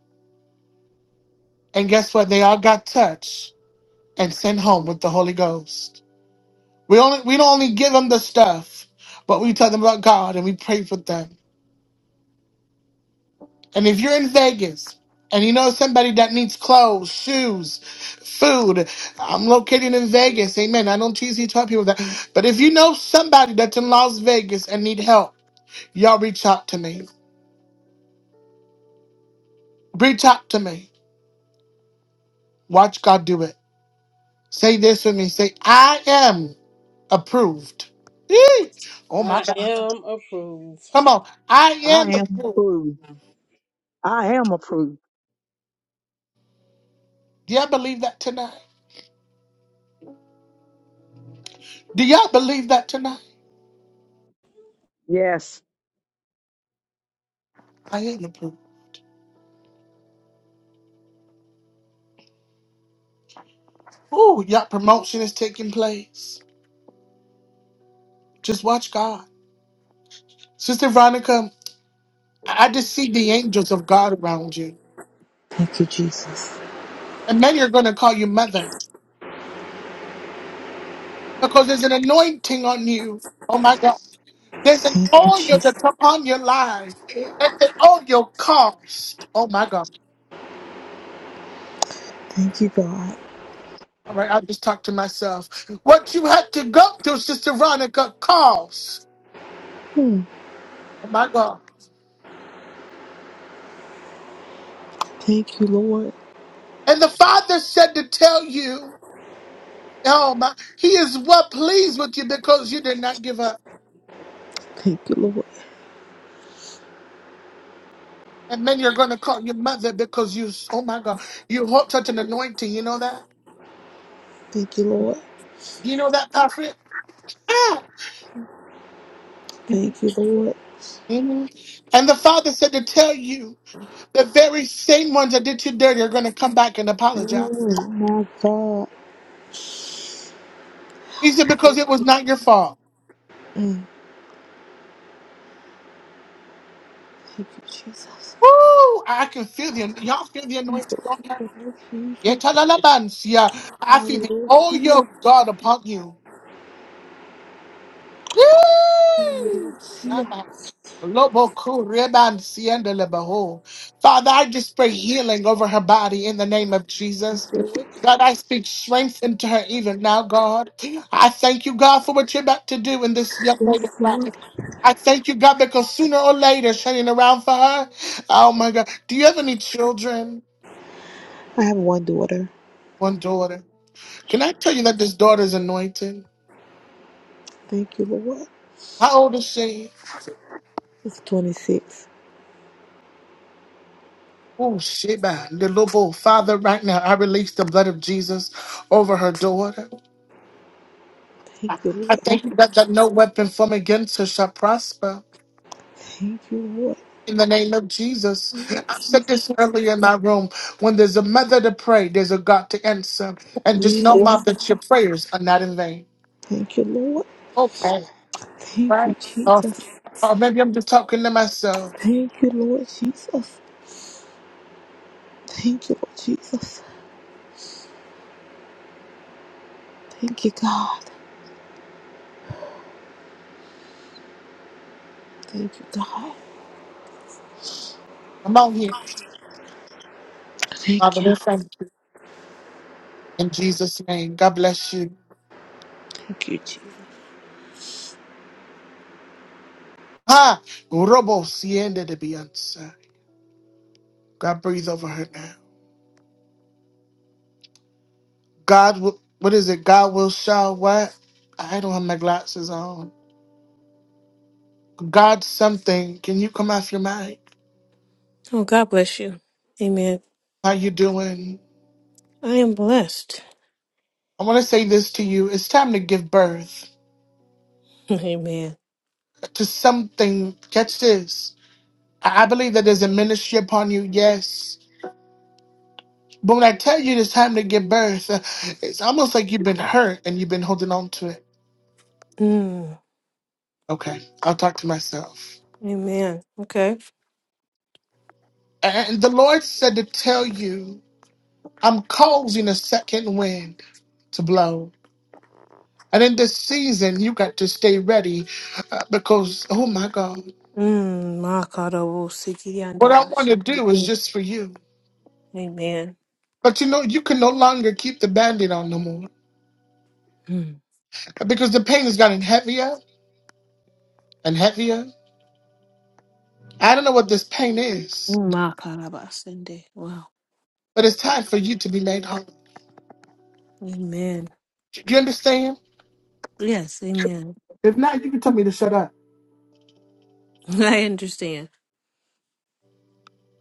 And guess what? They all got touched and sent home with the Holy Ghost. We only we don't only give them the stuff, but we tell them about God and we pray for them. And if you're in Vegas and you know somebody that needs clothes, shoes, food, I'm located in Vegas. Amen. I don't usually tell people that. But if you know somebody that's in Las Vegas and need help, y'all reach out to me. Reach out to me. Watch God do it. Say this with me. Say, I am approved. Yee! Oh my I God. am approved. Come on. I am. I Do am approved. I am approved. y'all believe that tonight? Do y'all believe that tonight? Yes. I am approved. Ooh, y'all promotion is taking place. Just watch God. Sister Veronica, I I just see the angels of God around you. Thank you, Jesus. And many are going to call you mother because there's an anointing on you. Oh my God. There's an Thank you, oil Jesus. that's upon your life and the oil cost. Oh my God. Thank you, God. All right, I'll just talk to myself. What you had to go through, Sister Veronica, cost. Hmm. Oh my God. Thank you, Lord. And the Father said to tell you, oh my, He is well pleased with you because you did not give up. Thank you, Lord. And then you're going to call your mother because you, oh my God, you hold such an anointing. You know that? Thank you, Lord. You know that, prophet? Ah! Thank you, Lord. Mhm. And the father said to tell you the very same ones that did you dirty are going to come back and apologize. Mm, my God. He said, because it was not your fault. Mm. Thank you, Jesus. Woo! I can feel the, y'all feel the Thank you, anointing on her. Lord. Thank you, Yeah, ta yeah. I feel the, oh, your Hallelujah. God upon you. Woo! Hallelujah. Lobo Kuriban Sienda Lebaho. Father, I just pray healing over her body in the name of Thank Jesus. you, Lord. God, I speak strength into her even now, God. I thank you, God, for what you're about to do in this young Yes, lady's life. Lord. I thank you, God, because sooner or later, turning around for her. Oh my God. Do you have any children? I have one daughter. One daughter. Can I tell you that this daughter is anointed? Thank you, Lord. How old is she? It's 26. Oh, Sheba, the Lobo. Father, right now, I release the blood of Jesus over her daughter. Thank you, Lord. Thank you that, that no weapon formed against us shall prosper. Thank you, Lord. In the name of Jesus. Oh, I said Jesus. this earlier in my room. When there's a mother to pray, there's a God to answer. And just know, Mom, Yes. that your prayers are not in vain. Thank you, Lord. Okay. Thank you, Jesus. Or maybe I'm just talking to myself. Thank you, Lord Jesus. Thank you, Lord Jesus. Thank you, God. Thank you, God. I'm out here. Thank Father, you. we thank you. In Jesus' name. God bless you. Thank you, Jesus. Ha! Robo siende de Beyonce. God breathe over her now. God, will- what is it? God will show what? I don't have my glasses on. God something. Can you come off your mic? Oh, God bless you. Amen. How you doing? I am blessed. I want to say this to you. It's time to give birth Amen. to something. Catch this. I I believe that there's a ministry upon you, yes. But when I tell you it's time to give birth, uh, it's almost like you've been hurt and you've been holding on to it. Mm. Okay, I'll talk to myself. Amen. Okay. And the Lord said to tell you, I'm causing a second wind to blow. And in this season, you got to stay ready uh, because, oh my God. Mm. What I want to Makarabo-sikiriandabashabu. do is just for you. Amen. But you know, you can no longer keep the band-aid on no more. Mm. Because the pain has gotten heavier and heavier. I don't know what this pain is, Makarabasende. Wow. but it's time for you to be made whole. Amen. Do you understand? Yes, amen. If not, you can tell me to shut up. I understand.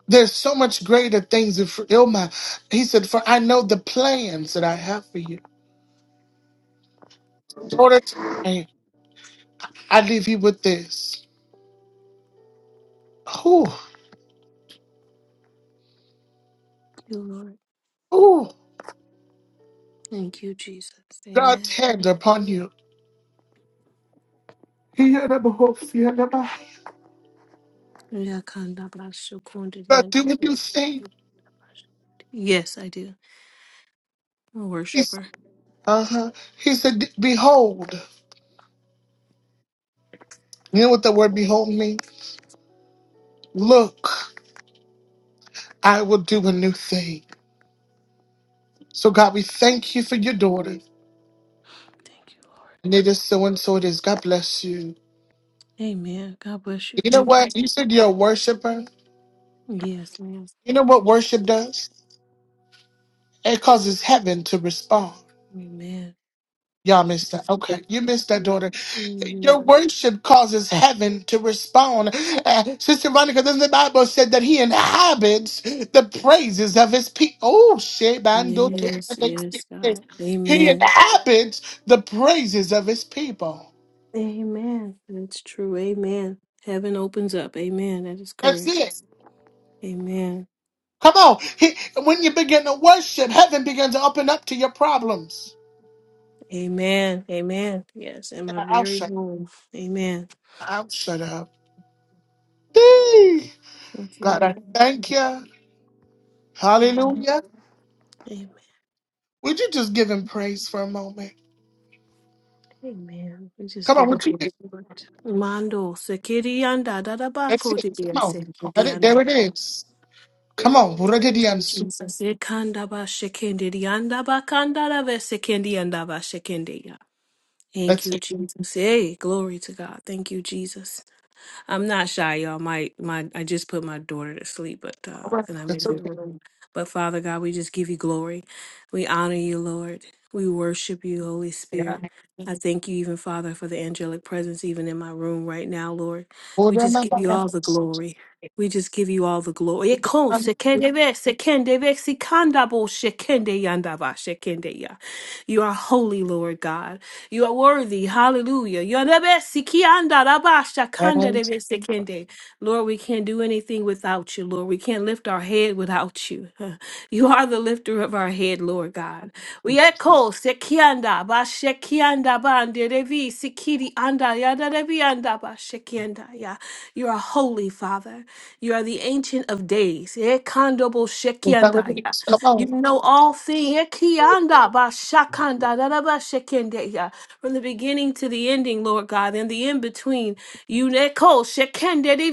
There's so much greater things in for Ilma. He said, For I know the plans that I have for you. Order to- and I leave you with this. Ooh, Thank you, Lord. ooh, Thank you, Jesus. God's Amen. hand upon you. He had a hope, he had a- God, do what Yakandabashukundiriandabashabu. you think. Yes, I do. I'm a worshiper. Uh huh. He said, Behold, you know what the word behold means? Look, I will do a new thing. So, God, we thank you for your daughter. Thank you, Lord. And it is so and so it is. God bless you. Amen. God bless you. You know Thank you. what? You said you're a worshiper. Yes, ma'am. You know what worship does? It causes heaven to respond. Amen. Y'all missed that. Okay, you missed that, daughter. Your Amen. worship causes heaven to respond. Uh, Sister Monica, then the Bible said that he inhabits the praises of his people. Oh, Shebando Yes, yes, te- God. he Amen. inhabits the praises of his people. Amen. That's true. Amen. Heaven opens up. Amen. That is That's correct. it. Amen. Come on. He, when you begin to worship, heaven begins to open up to your problems. Amen. Amen. Yes, in my Yeah, I'll very shut, home. Amen. I'll shut up. Dee. Thank God, you, I Lord. thank you. Amen. Hallelujah. Amen. Would you just give him praise for a moment? Amen. We just Come on, give you what you glory, do? Lord. Mando sekiri anda da da ba That's it. kodi bien Come on. That sekiri it, there it anda. is. Come on. Buragadiansu. Jesus. Ekanda ba shekende di anda ba kanda da ve sekende ba shekende ya. Thank That's you, it. Jesus. Hey, glory to God. Thank you, Jesus. I'm not shy, y'all. My my I just put my daughter to sleep, but uh and I'm in That's her okay. room. But Father God, we just give you glory. We honor you, Lord. We worship you, Holy Spirit. I thank you even, Father, for the angelic presence even in my room right now, Lord. We just give you all the glory. We just give you all the glory. Ekon sekende ve, sekende ve, sikanda bo, shekende yanda ba, shekende ya. You are holy, Lord God. You are worthy. Hallelujah. Yonabesikiandarabashakandarabesekende. Lord, we can't do anything without you, Lord. We can't lift our head without you. Huh. You are the lifter of our head, Lord God. We echo sekianda ba shekianda ba anderevi sikiri anda yadarevi anda ba ya. You are holy, Father. You are the ancient of days. Ekandobo shekianda you know all things. From the beginning to the ending, Lord God, and the in between. You neko shekende de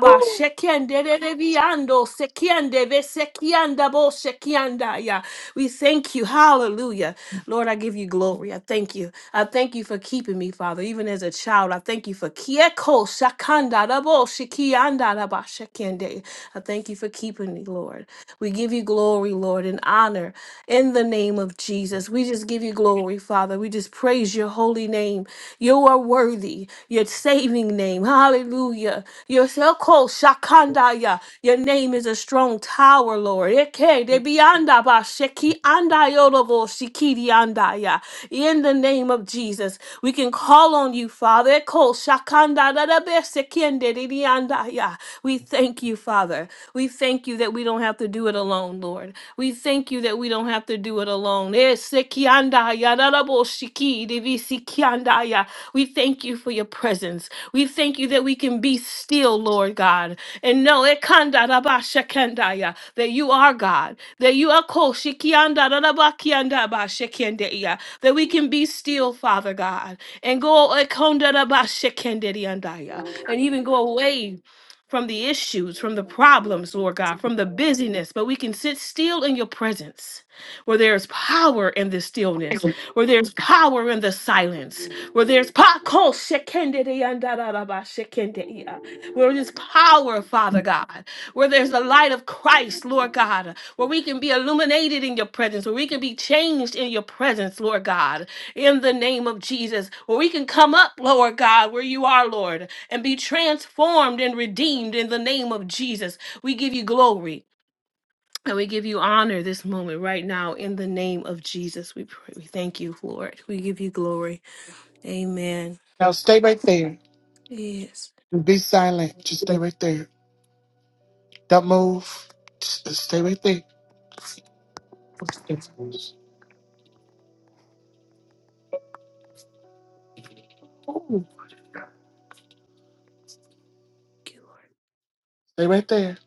ba shekende de de viando sekiande ve sekianda bo shekianda ya. We thank you. Hallelujah. Lord, I give you glory. I thank you. I thank you for keeping me, Father, even as a child. I thank you for kieko shakanda da bo shekianda da ba shekende. I thank you for keeping me, Lord. Lord. We give you glory, Lord, and honor in the name of Jesus. We just give you glory, Father. We just praise your holy name. You are worthy, your saving name. Hallelujah. Your so called Shakandaya. Your name is a strong tower, Lord. Eke de bianda ba sheki andayolobo shikidi andaya. In the name of Jesus, we can call on you, Father. Eko shakanda da da be sekiende di di andaya. We thank you, Father. Father. We thank you that we don't have to do it alone, Lord. We thank you that we don't have to do it alone. Eh, sekiandaya, dadaboshiki, divisikiandaya. We thank you for your presence. We thank you that we can be still, Lord God, and know ekandarabashakandaya, that you are God, that you are koshikiandarabakiyandabashakandeya, that we can be still, Father God, and go ekondarabashakandidiandaya, and even go away from the issues, from the problems, Lord God, from the busyness, but we can sit still in your presence where there is power in the stillness, where there's power in the silence, where there's pa- ko- shekende de yanda da da ba shekende ya. where there's power, Father God, where there's the light of Christ, Lord God, where we can be illuminated in your presence, where we can be changed in your presence, Lord God, in the name of Jesus, where we can come up, Lord God, where you are, Lord, and be transformed and redeemed in the name of Jesus. We give you glory and we give you honor this moment right now in the name of Jesus. We pray. We thank you, Lord. We give you glory. Amen. Now stay right there. Yes. Be silent. Just stay right there. Don't move. Just just stay right there. Thank you. Stay right there.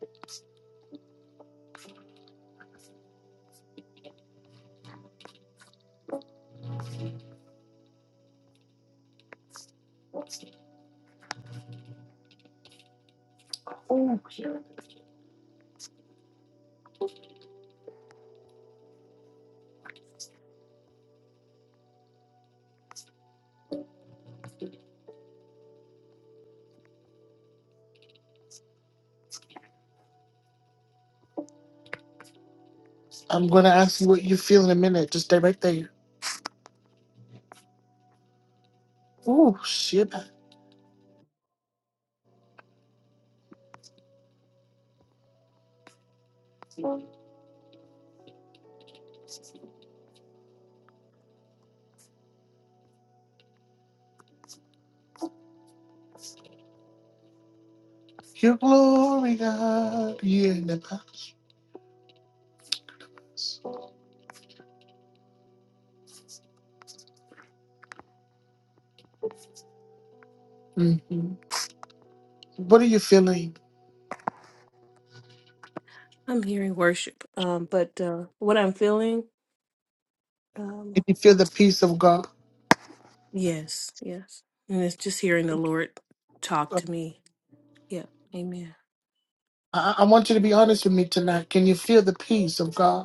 I'm going to ask you what you feel in a minute. Just stay right there. Oh, shit. Your glory, God. Yeah. Nepa. Mm. What are you feeling? I'm hearing worship, um, but uh, what I'm feeling, um, Can you feel the peace of God? yes, yes, and it's just hearing the Lord talk to me. Yeah. Amen. I I want you to be honest with me tonight. Can you feel the peace of God?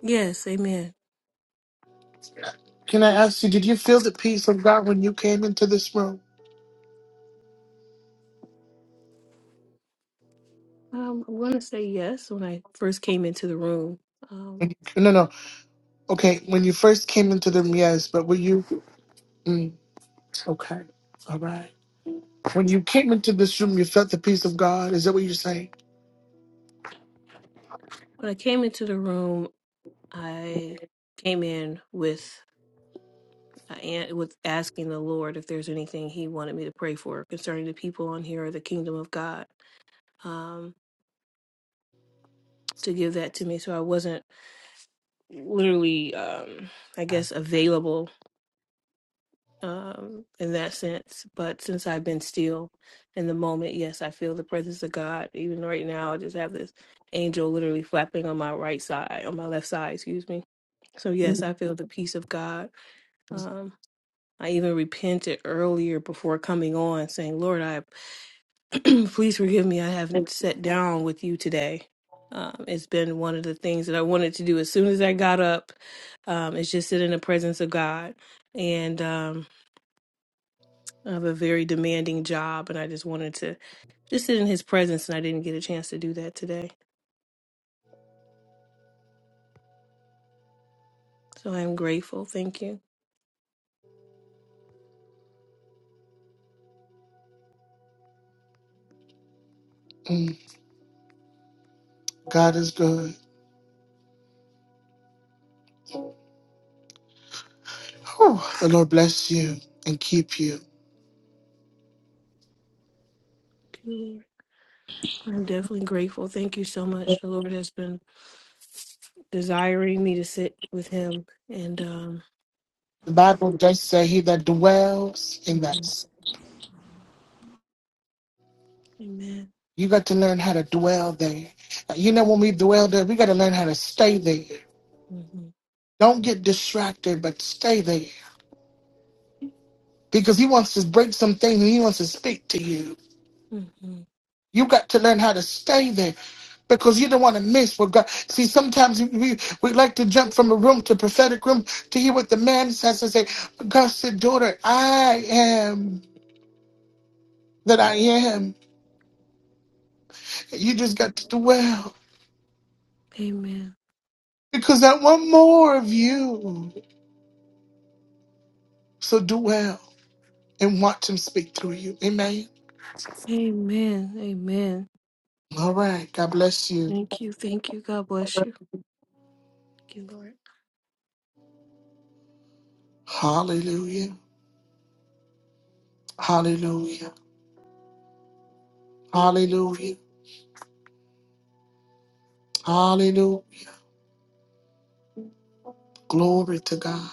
Yes. Amen. Can I ask you, did you feel the peace of God when you came into this room? Um, i want to say yes when I first came into the room. Um, No, no. no. Okay, when you first came into the room, yes, but were you, okay, all right. When you came into this room, you felt the peace of God. Is that what you're saying? when I came into the room. I came in with uh, and with asking the Lord if there's anything He wanted me to pray for concerning the people on here or the kingdom of God um, to give that to me. So I wasn't literally, um, I guess, available um, in that sense. But since I've been still in the moment, yes, I feel the presence of God. Even right now, I just have this angel literally flapping on my right side, on my left side, excuse me. So yes, I feel the peace of God. Um, I even repented earlier before coming on, saying, Lord, I please forgive me. I haven't sat down with you today. Um, it's been one of the things that I wanted to do as soon as I got up, um, is just sit in the presence of God. And um, I have a very demanding job, and I just wanted to just sit in His presence, and I didn't get a chance to do that today. So I am grateful. Thank you. Mm, God is good. Whew, the Lord you and keep you. Lord. I'm definitely grateful. Thank you so much. The Lord has been desiring me to sit with Him, and. um The Bible does say he that dwells in that. Mhm. Amen. You got to learn how to dwell there. You know, when we dwell there, we got to learn how to stay there. Mhm. Don't get distracted, but stay there because he wants to break some things and he wants to speak to you. Mhm. You got to learn how to stay there because you don't want to miss what God. See, sometimes we, we like to jump from a room to prophetic room to hear what the man says and say, God said, daughter, I am that I am. You just got to dwell Amen. because I want more of you. So dwell and watch him speak through you. Amen. Amen. Amen. All right. God bless you. Thank you. Thank you. God bless you. Thank you, Lord. Yeah. Hallelujah. Hallelujah. Hallelujah. Glory to God.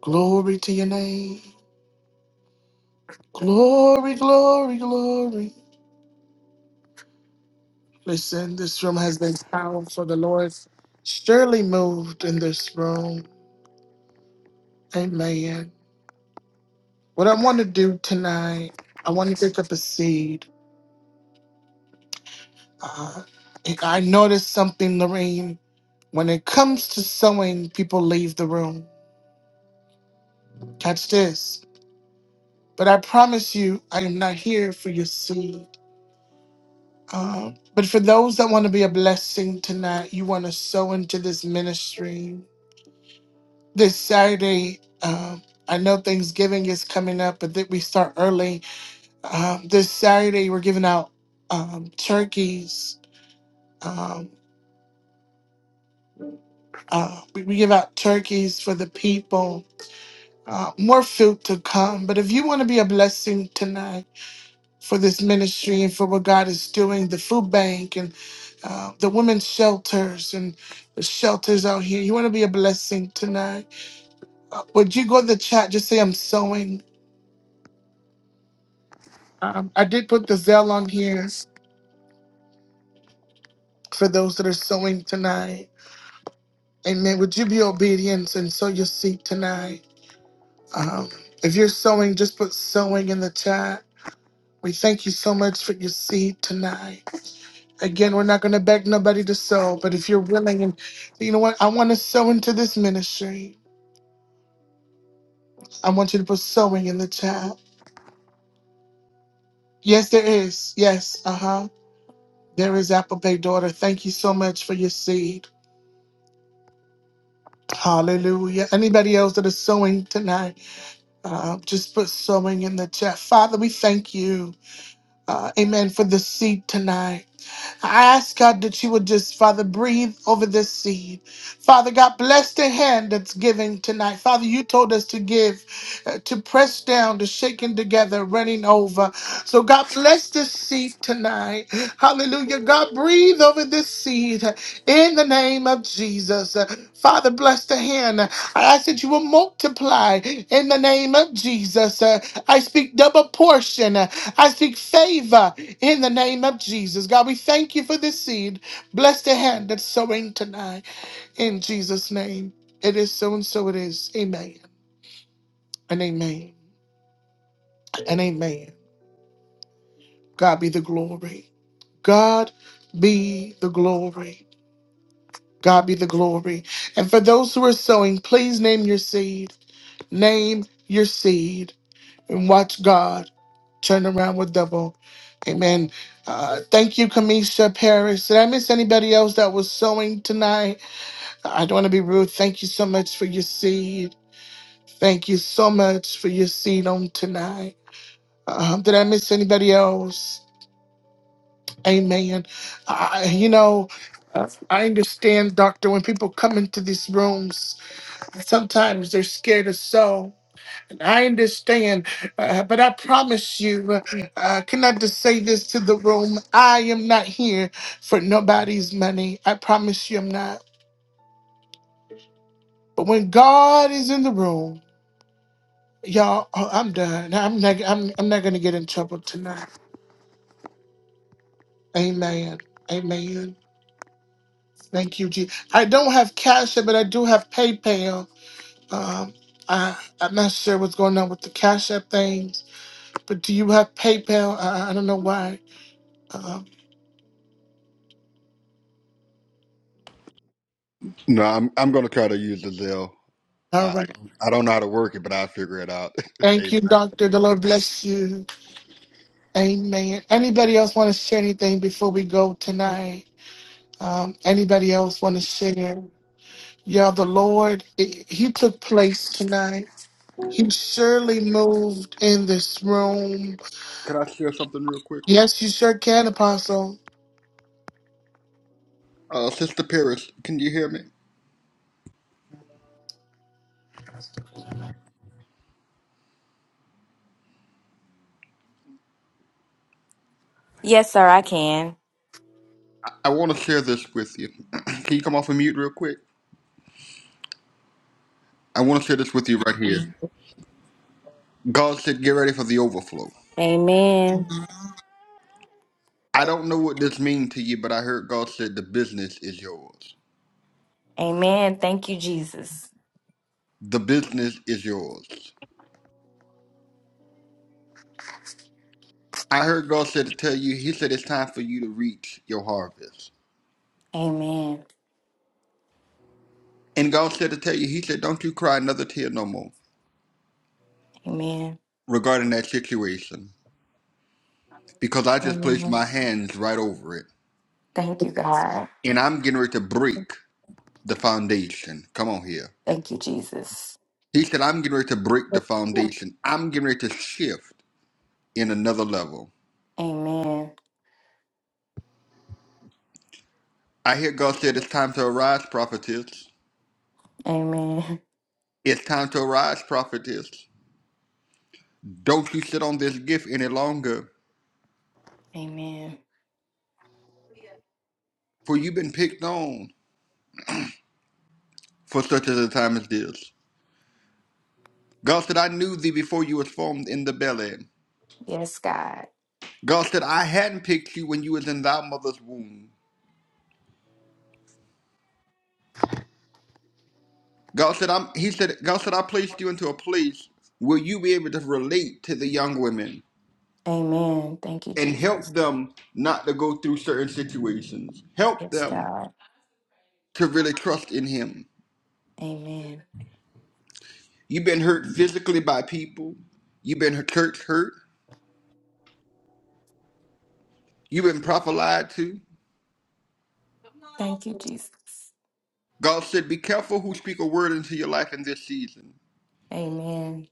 Glory, glory, glory, glory. Listen, this room has been surely moved in this room. Amen. What I want to do tonight, I want to pick up a seed. Uh, I noticed something, Lorraine. When it comes to sewing, people leave the room. Catch this. But I promise you, I am not here for your seed. Uh, but for those that want to be a blessing tonight, you want to sow into this ministry. This Saturday, um, I know Thanksgiving is coming up, but that we start early Um, this Saturday, we're giving out um, turkeys. Um, uh, we, we give out turkeys for the people. Uh, more food to come. But if you want to be a blessing tonight for this ministry and for what God is doing, the food bank and uh, the women's shelters and the shelters out here, you want to be a blessing tonight. Would you go to the chat? Just say, I'm sewing. Um, I did put the Zell on here for those that are sewing tonight. Amen. Would you be obedient and sow your seed tonight? Um, if you're sowing, just put sowing in the chat. We thank you so much for your seed tonight. Again, we're not going to beg nobody to sow, but if you're willing and you know what, I want to sow into this ministry. I want you to put sowing in the chat. Yes, there is. Yes, uh huh. There is Apple Pay daughter. Thank you so much for your seed. Hallelujah. Anybody else that is sowing tonight, uh, just put sowing in the chat. Father, we thank you. uh, amen, for the seed tonight. I ask God that you would just, Father, breathe over this seed. Father God, bless the hand that's giving tonight. Father, you told us to give, uh, to press down, to shaking together, running over. So God, bless this seed tonight. Hallelujah. God, breathe over this seed. In the name of Jesus, Father, bless the hand. I ask that you will multiply in the name of Jesus. I speak double portion. I speak favor in the name of Jesus. God, we thank you for this seed. Bless the hand that's sowing tonight. In Jesus' name, it is so and so it is. Amen and amen and amen. God be the glory. God be the glory. God be the glory. And for those who are sowing, please name your seed. Name your seed and watch God turn around with double. Amen. Uh, thank you, Kamisha Paris. Did I miss anybody else that was sowing tonight? I don't want to be rude. Thank you so much for your seed. Thank you so much for your seed on tonight. Um, did I miss anybody else? Amen. I, you know, I understand, Doctor, when people come into these rooms, sometimes they're scared to sow. I understand, uh, but I promise you, uh, uh, can I just say this to the room? I am not here for nobody's money. I promise you, I'm not. But when God is in the room, y'all, oh, I'm done. I'm not. I'm. I'm not gonna get in trouble tonight. Amen. Amen. Thank you, Jesus. I don't have Cash App, but I do have PayPal. Um, I, I'm not sure what's going on with the Cash App things, but do you have PayPal? I, I don't know why. Um, No, I'm I'm gonna try to use the Zelle. all I right. I don't know how to work it, but I'll figure it out. Thank you, Amen. Doctor. The Lord bless you. Amen. Anybody else want to share anything before we go tonight? Um, anybody else want to share? Yeah, the Lord, i- He took place tonight. He surely moved in this room. Can I share something real quick? Yes, you sure can, Apostle. Uh, Sister Paris, can you hear me? Yes, sir, I can. I want to share this with you. can you come off of mute real quick? I want to share this with you right here. God said, get ready for the overflow. Amen. I don't know what this means to you, but I heard God said, the business is yours. Amen. Thank you, Jesus. The business is yours. I heard God said to tell you, He said, it's time for you to reach your harvest. Amen. And God said to tell you, He said, don't you cry another tear no more Amen. regarding that situation because I just placed Amen. my hands right over it. Thank you, God. And I'm getting ready to break the foundation. Come on here. Thank you, Jesus. He said, I'm getting ready to break the foundation. I'm getting ready to shift in another level. Amen. I hear God said it's time to arise, prophetess. Amen. It's time to arise, prophetess. Don't you sit on this gift any longer, Amen. for you've been picked on for such as a time as this. God said, I knew thee before you was formed in the belly. Yes, God. God said, I hadn't picked you when you was in thy mother's womb. God said, I'm, he said, God said, I placed you into a place where you be able to relate to the young women Amen. Thank you, and help Jesus. them not to go through certain situations. Help Yes, them God. to really trust in him Amen. You've been hurt physically by people. You've been church hurt. You've been prophet lied to. Thank you, Jesus. God said, Be careful who speak a word into your life in this season Amen.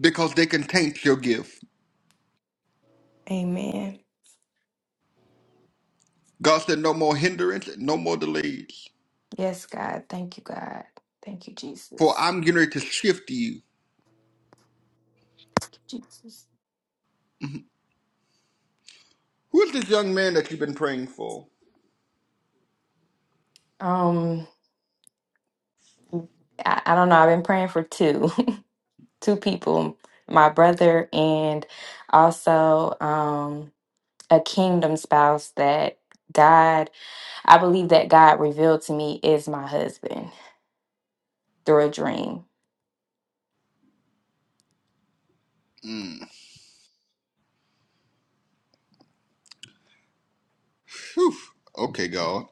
because they can taint your gift. Amen. God said, No more hindrance, no more delays, Yes, God. Thank you, God. Thank you, for Jesus. I'm getting ready to shift you. Thank you, Jesus. Who is this young man that you've been praying for? Um, I, I don't know. I've been praying for two. two people, my brother and also um, a kingdom spouse that God, I believe that God revealed to me is my husband through a dream. Phew. Okay, God.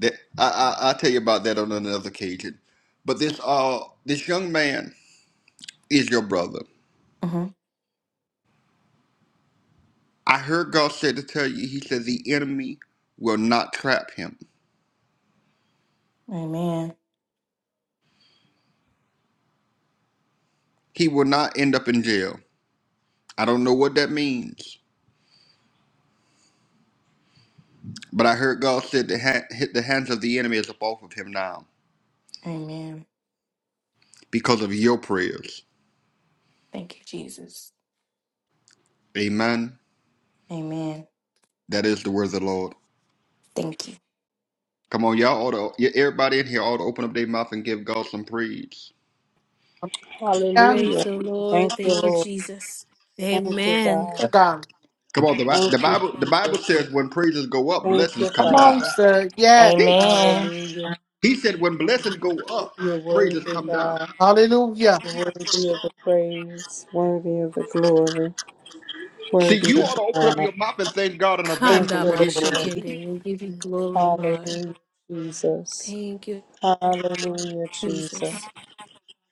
That, I, I, I'll tell you about that on another occasion. But this, uh, this young man is your brother. hmm I heard God said to tell you, He said the enemy will not trap him. Amen. He will not end up in jail. I don't know what that means, but I heard God said the, ha- hit the hands of the enemy is up off of him now Amen. because of your prayers. Thank you, Jesus. Amen. Amen. That is the word of the Lord. Thank you. Come on, y'all. All the everybody in here ought to open up their mouth and give God some praise. Praise Hallelujah. the Thank Lord. you, Thank you, Lord. Jesus. Thank you, Amen. God. God. Come on, the, Bi- Thank the you, Bible. The Bible Jesus. says when praises go up, Thank you, blessings come Come on, down. Father. sir. Yes, He, Amen. Hallelujah. he said when blessings go up, You're praises worthy, come down. God. Hallelujah. You're worthy of the praise, worthy of the glory, See, worthy you of ought to the open up honor. your mouth and thank God in advance Thank for you, what Kandaba He's given Lord. to do. shekende. We give you glory, Lord. Hallelujah, Jesus. Thank you, Hallelujah, Jesus. Jesus.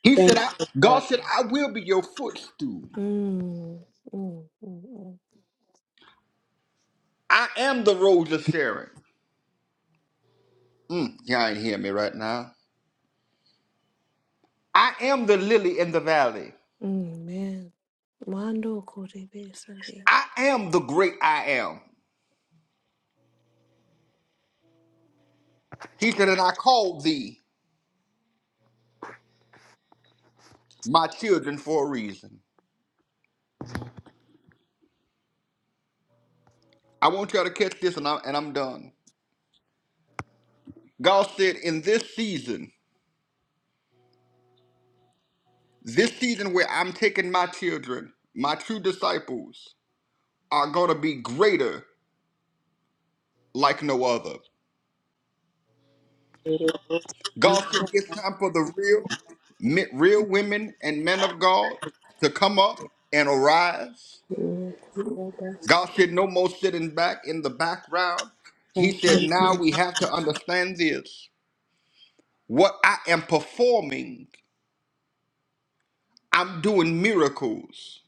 He Thank said, I, you, God God. said, I will be your footstool. Mm, mm, mm, mm. I am the rose of Sharon. Mm, y'all ain't hear me right now. I am the lily in the valley. Amen. Mando korebe sende. I am the great I am. He said, and I called thee my children for a reason. I want y'all to catch this and I'm, and I'm done. God said, in this season, this season where I'm taking my children, my true disciples are going to be greater like no other. Thank God said it's time for the real, men- real women and men of God to come up and arise. you, Lord. God said no more sitting back in the background. He said now we have to understand this. What I am performing, I'm doing miracles.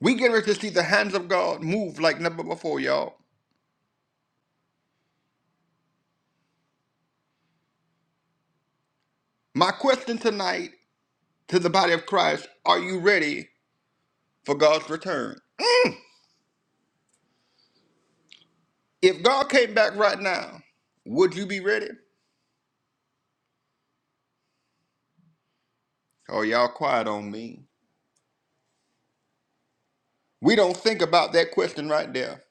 We get ready to see the hands of God move like never before, y'all. My question tonight to the body of Christ: Are you ready for God's return? If God came back right now, would you be ready? Oh, y'all quiet on me. We don't think about that question right there.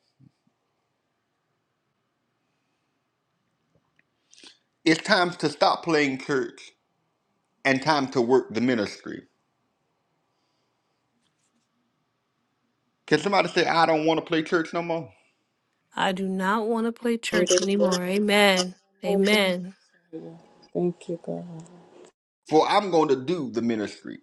It's time to stop playing church and time to work the ministry. Can somebody say, I don't want to play church no more? I do not want to play church anymore. Hallelujah. Amen. Amen. Thank you, God. For I'm going to do the ministry.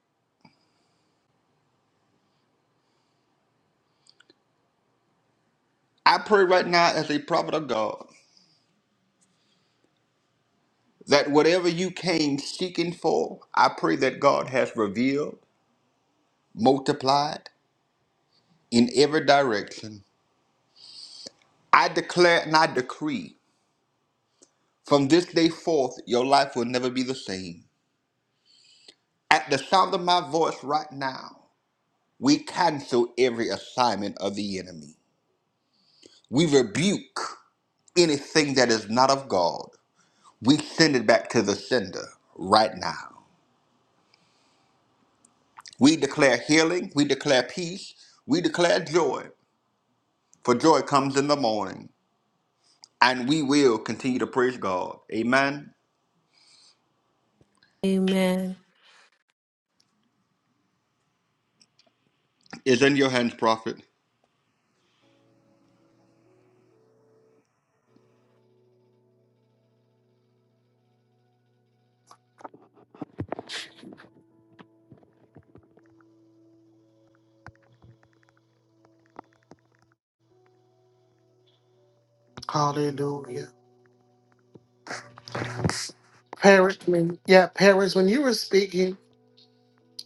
I pray right now as a prophet of God that whatever you came seeking for, I pray that God has revealed, multiplied in every direction. I declare and I decree from this day forth, your life will never be the same. At the sound of my voice right now, We cancel every assignment of the enemy. We rebuke anything that is not of God. We send it back to the sender right now. We declare healing. We declare peace. We declare joy. For joy comes in the morning. And we will continue to praise God. Amen. Amen. Is in your hands, prophet. Hallelujah. Parents, when- yeah, parents, when you were speaking,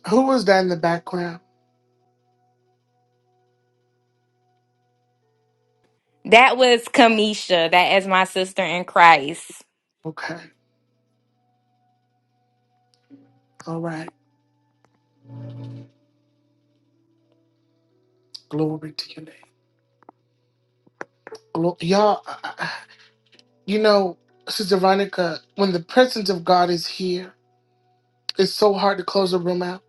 who was that in the background? That was Kamisha. That is my sister in Christ. Okay. All right. Glory to your name. Glo- y'all. You know, Sister Veronica, when the presence of God is here, it's so hard to close a room out.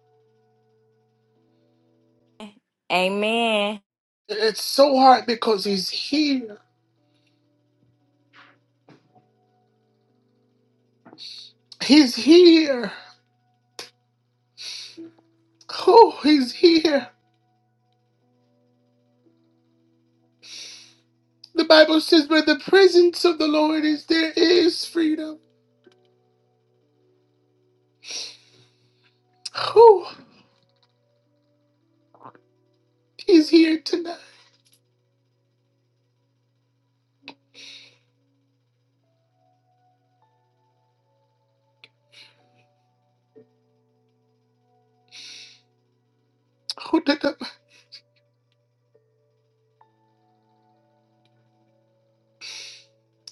Amen. It's so hard because He's here. He's here. Oh, He's here. The Bible says, where the presence of the Lord is, there is freedom. Oh, He's here tonight. Oh, da- da-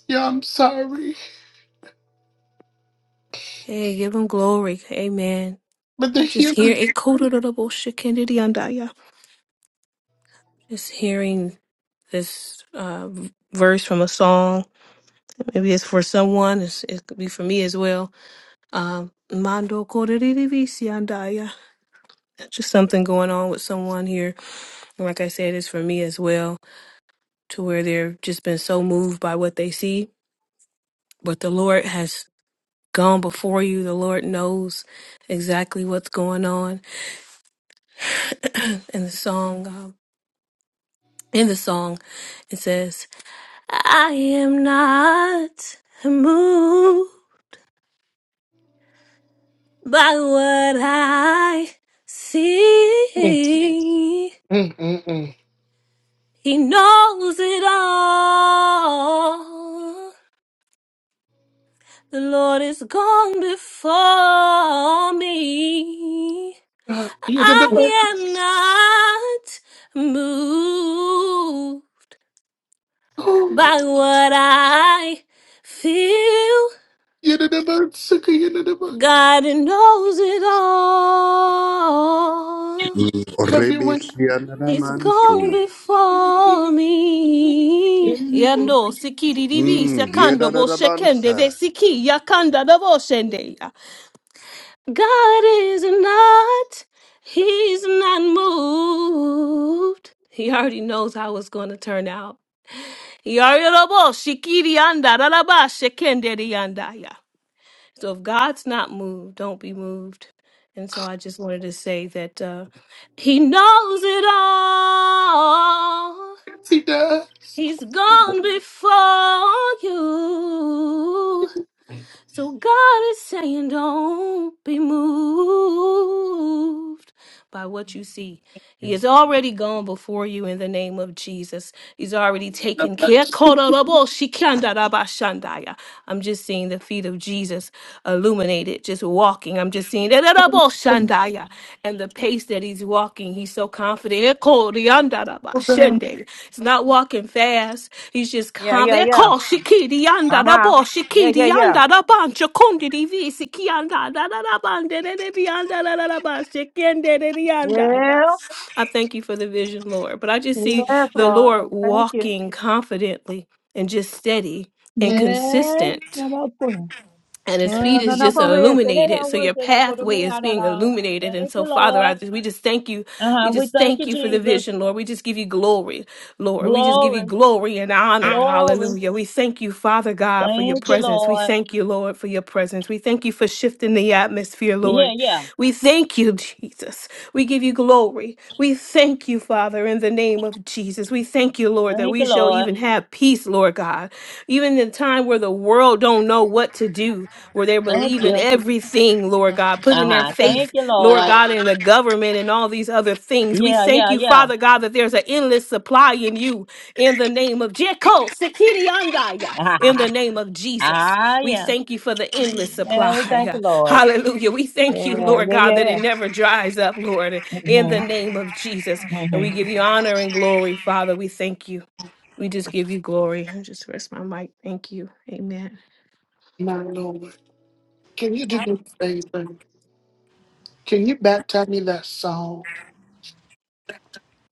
yeah, I'm sorry. Hey, give him glory. Amen. But the I'm just healing. hearing it coated of the bullshit Kennedy Andaya. Just hearing this uh, v- verse from a song. Maybe it's for someone. It's, it could be for me as well. Um, Mando Kodirivisi Andaya. Just something going on with someone here. And like I said, it's for me as well, to where they've just been so moved by what they see. But the Lord has gone before you. The Lord knows exactly what's going on. And the song. Um, in the song, it says, I am not moved by what I see. Mm, mm, mm. He knows it all. The Lord is gone before me. Uh, yeah, da- da- da- I am not moved oh, by what I feel. yeah, da- da- da- sucker, yeah, da- da- da. God knows it all. Have your Rebe way, God. He's gone Shiananamanso. before me. Mm, Yando sikiri divi sekando bo shekende ve Yedadabansa. siki yakanda da bo shende. God is not. He's not moved. He already knows how it's going to turn out. He already know bo shikiri anda da da ba shekende di anda ya. So if God's not moved, don't be moved. And so I just wanted to say that uh, He knows it all. See, da- He's gone before you. So God is saying, don't be moved by what you see. He has already gone before you in the name of Jesus. He's already taken care. Kororoboshikandarabashandaya. I'm just seeing the feet of Jesus illuminated, just walking. I'm just seeing that and the pace that he's walking. He's so confident. Eko da- da. He's not walking fast. He's just Yeah, yeah, confident. yeah. Uh huh. Yeah, yeah, yeah. Yeah. I thank you for the vision, Lord. But I just see Yes, the Lord. Lord Thank you. walking confidently and just steady and Yes. consistent No, no, no. and Yeah, his feet no, is no, just but we say that illuminated our so words your and it would have pathway been is out of being illuminated and Thank you, so father i Lord. just we just thank you Uh we huh. We just thank you, thank you for the Jesus. vision lord we just give you glory lord we just give you Glory, glory and honor glory. hallelujah we thank you father god for your Thank you, presence we Lord. thank you lord for your presence we thank you for shifting the atmosphere Yeah, lord yeah. we thank you jesus us. We give you glory. We thank you, Father, in the name of Jesus. We thank you, Lord, that Thank we you, shall Lord. even have peace, Lord God. Even in a time where the world don't know what to do, where they're Thank believing you. everything, Lord God, Uh putting their huh. Thank faith, you, Lord Lord. God, in the government and all these other things. We Yeah, thank yeah, you, yeah. Father God, that there's an endless supply in you in the name of Jeko Sekiriandaya, in the name of Jesus. ah, We yeah. thank you for the endless Yeah, we supply. thank you, Lord. Hallelujah. We thank you, Yeah, Lord yeah, God, that it yeah. never dries up, Lord, in the Mm-hmm. name of Jesus. Mm-hmm. And we give you honor and glory, Father. We thank you. We just give you glory. I just rest my mic. Thank you. Amen. My Lord. Can you do me a favor? Can you back tell me that song?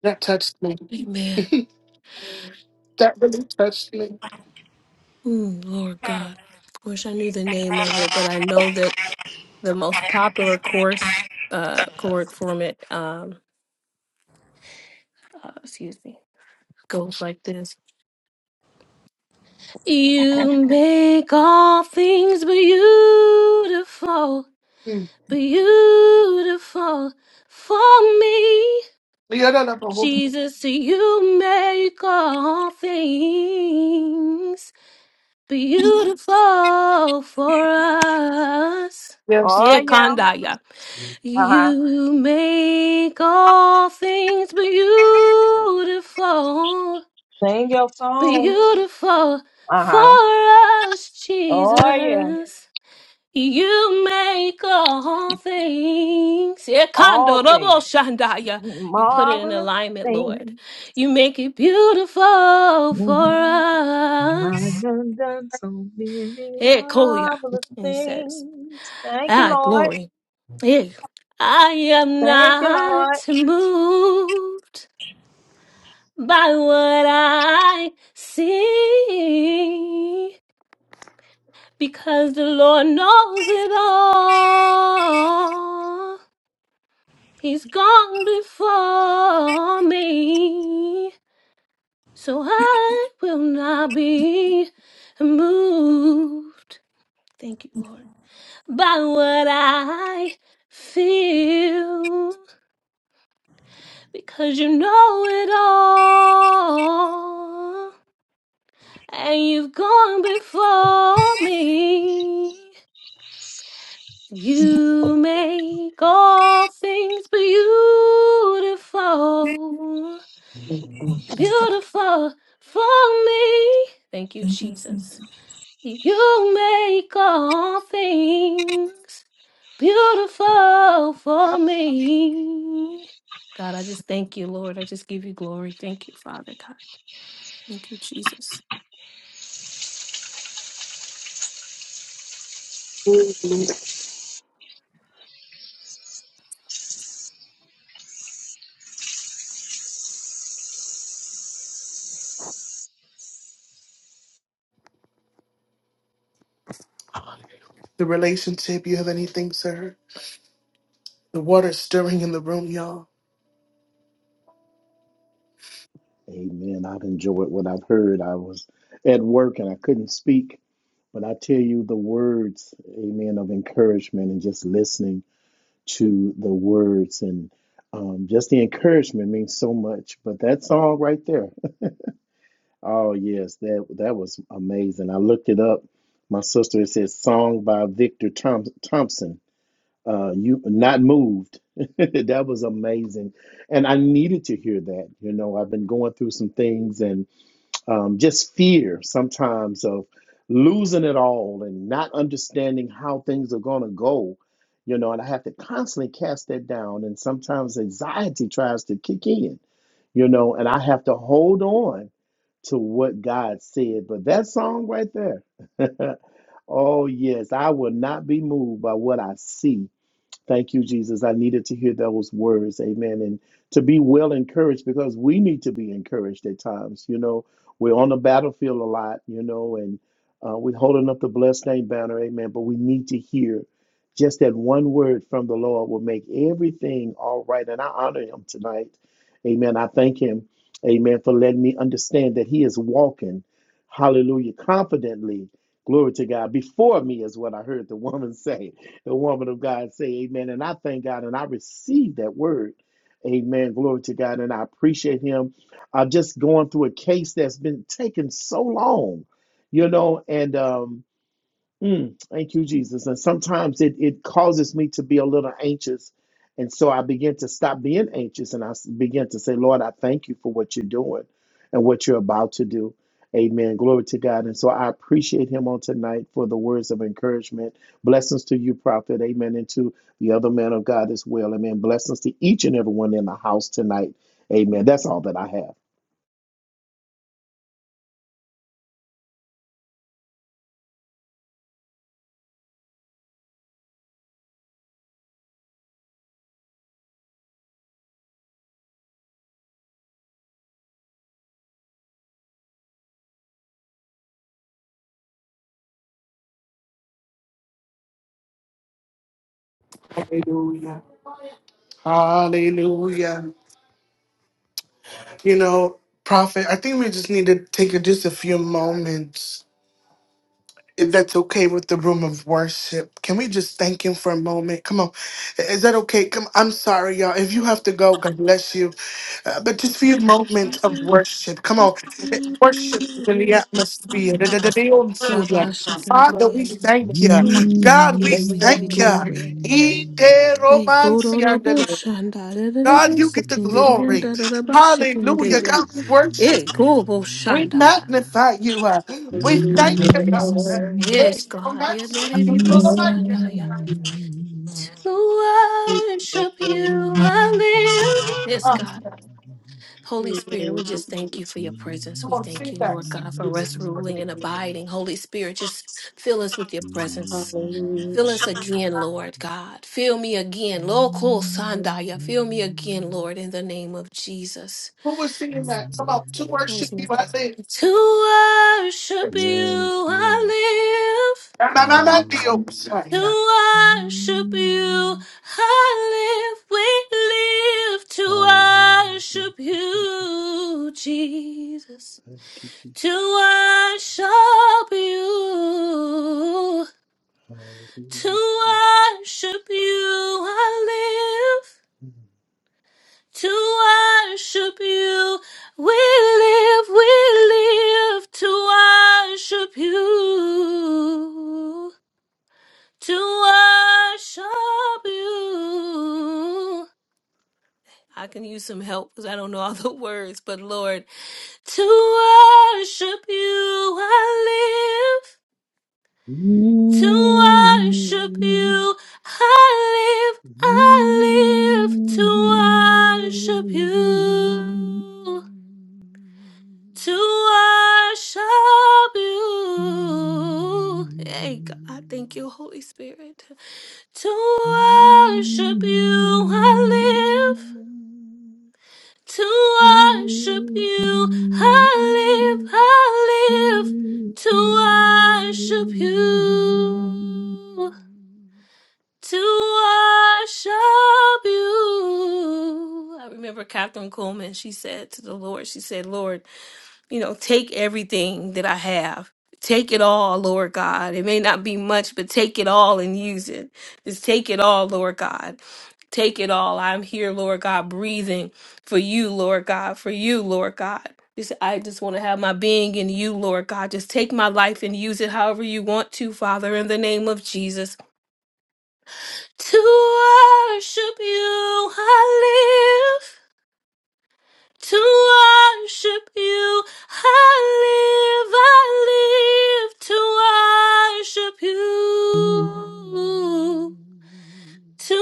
That touched me. Amen. that really touched me. Mm, Lord God. Wish I knew the name of it, but I know that the most popular course, uh, court format, um, uh, excuse me, goes like this. You make all things beautiful, Mm. beautiful for me. Yeah, that up a whole- Jesus, you make all things beautiful for us. Oh Yeah, yeah. Kandaya. Uh huh. You make all things beautiful, Sing your song. beautiful Uh huh. for us, Oh yeah. Jesus. You make all things. Yeah, All Kandorobo things. Shandaya. You put it in Marvelous alignment, Lord. things. You make it beautiful for Mhm. My us. God done so many Hey, Koya. marvelous And he says, things. Thank you, Ah, Lord. glory. Hey, I am Thank you, Lord. not moved by what I see because the Lord knows it all. He's gone before me, so I will not be moved. Thank you, Lord. By what I feel, because you know it all, and you've gone before me. You make all things beautiful. beautiful for me. Thank you, Jesus. You make all things beautiful for me. God, I just thank you, Lord. I just give you glory. Thank you, Father God. Thank you, Jesus. The relationship, you have anything, sir? The water stirring in the room, y'all. Amen. I've enjoyed what I've heard. I was at work and I couldn't speak, but I tell you the words, amen, of encouragement and just listening to the words and um, just the encouragement means so much. But that song right there, oh yes, that that was amazing. I looked it up. My sister it says song by Victor Thom- Thompson. uh you not moved that was amazing and i needed to hear that you know i've been going through some things and um just fear sometimes of losing it all and not understanding how things are going to go you know and i have to constantly cast that down and sometimes anxiety tries to kick in you know and i have to hold on to what god said but that song right there oh yes i will not be moved by what i see Thank you, Jesus. I needed to hear those words. Amen. And to be well encouraged because we need to be encouraged at times. You know, we're on the battlefield a lot, you know, and uh, we're holding up the blessed name banner. Amen. But we need to hear just that one word from the Lord will make everything all right. And I honor him tonight. Amen. I thank him. Amen. For letting me understand that he is walking. Hallelujah. Confidently. Glory to God. Before me is what I heard the woman say. the woman of God say amen. And I thank God and I receive that word. Amen. Glory to God. And I appreciate him. I'm just going through a case that's been taking so long, you know, and um Mm, thank you, Jesus. And sometimes it, it causes me to be a little anxious. And so I begin to stop being anxious and I s- begin to say, Lord, I thank you for what you're doing and what you're about to do. Amen. Glory to God. And so I appreciate him on tonight for the words of encouragement. Blessings to you, prophet. Amen. And to the other man of God as well. Amen. Blessings to each and everyone in the house tonight. Amen. That's all that I Hallelujah. Hallelujah. You know, prophet, I think we just need to take just a few moments if that's okay with the room of worship, can we just thank him for a moment? Come on. Is that okay? Come, I'm sorry, y'all. If you have to go, God bless you. Uh, but just for your moment of worship, come on. Eh, Worship is in the atmosphere. Rabba shaken do Father, the we end. thank you. God, we Yeah, we give you thank glory. you. Hey, go to the bush and da da da da God, da, you get the shaken do the end, glory. da da da ba shaken do Hallelujah. ya. God, we worship. Yeah, go bush We and da. magnify you. Uh, We thank you, you, God. Jesus. Yes, Yes, oh, God. Yeah, that's let it be seen, Andaya. To worship you, I live. Yes, God. Holy Spirit, we just thank you for your presence. We thank you, Lord God, for rest, have. ruling, and abiding. Holy Spirit, just fill us with your Yes, presence. Fill us Hallelujah. again, Lord God. Fill me again. Local Sandaya. Fill me again, Lord, in the name of Jesus. who was singing that. Come on, two words It was should be me. what I said. To worship you, yes. I live. Nah, nah, nah, nah, Hallelujah. deal. Sorry, To yeah. worship you, I live, we live to Hallelujah. Thank worship you, Jesus. you, Jesus. Thank you, To Jesus. worship you, to Hallelujah. Thank worship you, I live. you, Jesus. Mm. To worship you, we live, we live to worship you. to worship you. I can use some help because I don't know all the words, but Lord, to worship you I live. To worship you I live. I live to worship you. To worship you. Hey God, thank you, Holy Spirit. To Mm. worship you, I live. Mm. To worship Who do you, I live, I I live. live to To worship you, to worship you. I remember Catherine Coleman, she said to the Lord, she said, Lord, you know, take everything that I have. Take it all, Lord God. It may not be much, but take it all and use it. Just take it all, Lord God. Take it all. I'm here, Lord God, breathing for you, Lord God, for you, Lord God. Just, I just want to have my being in you, Lord God. Just take my life and use it however you want to, Father, in the name of Jesus. To worship you, I live to worship you. I live, I live to worship you to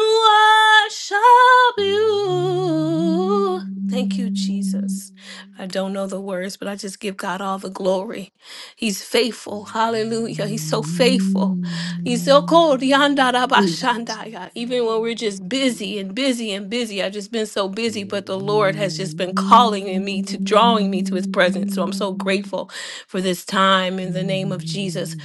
worship you. Thank you, Jesus. I don't know the words, but I just give God all the glory. He's faithful. Hallelujah. He's so faithful. He's so cold. Yandarabashandaya. Even when we're just busy and busy and busy, I've just been so busy, but the Lord has just been calling in me to drawing me to his presence. So I'm so grateful for this time in the name of Jesus. love?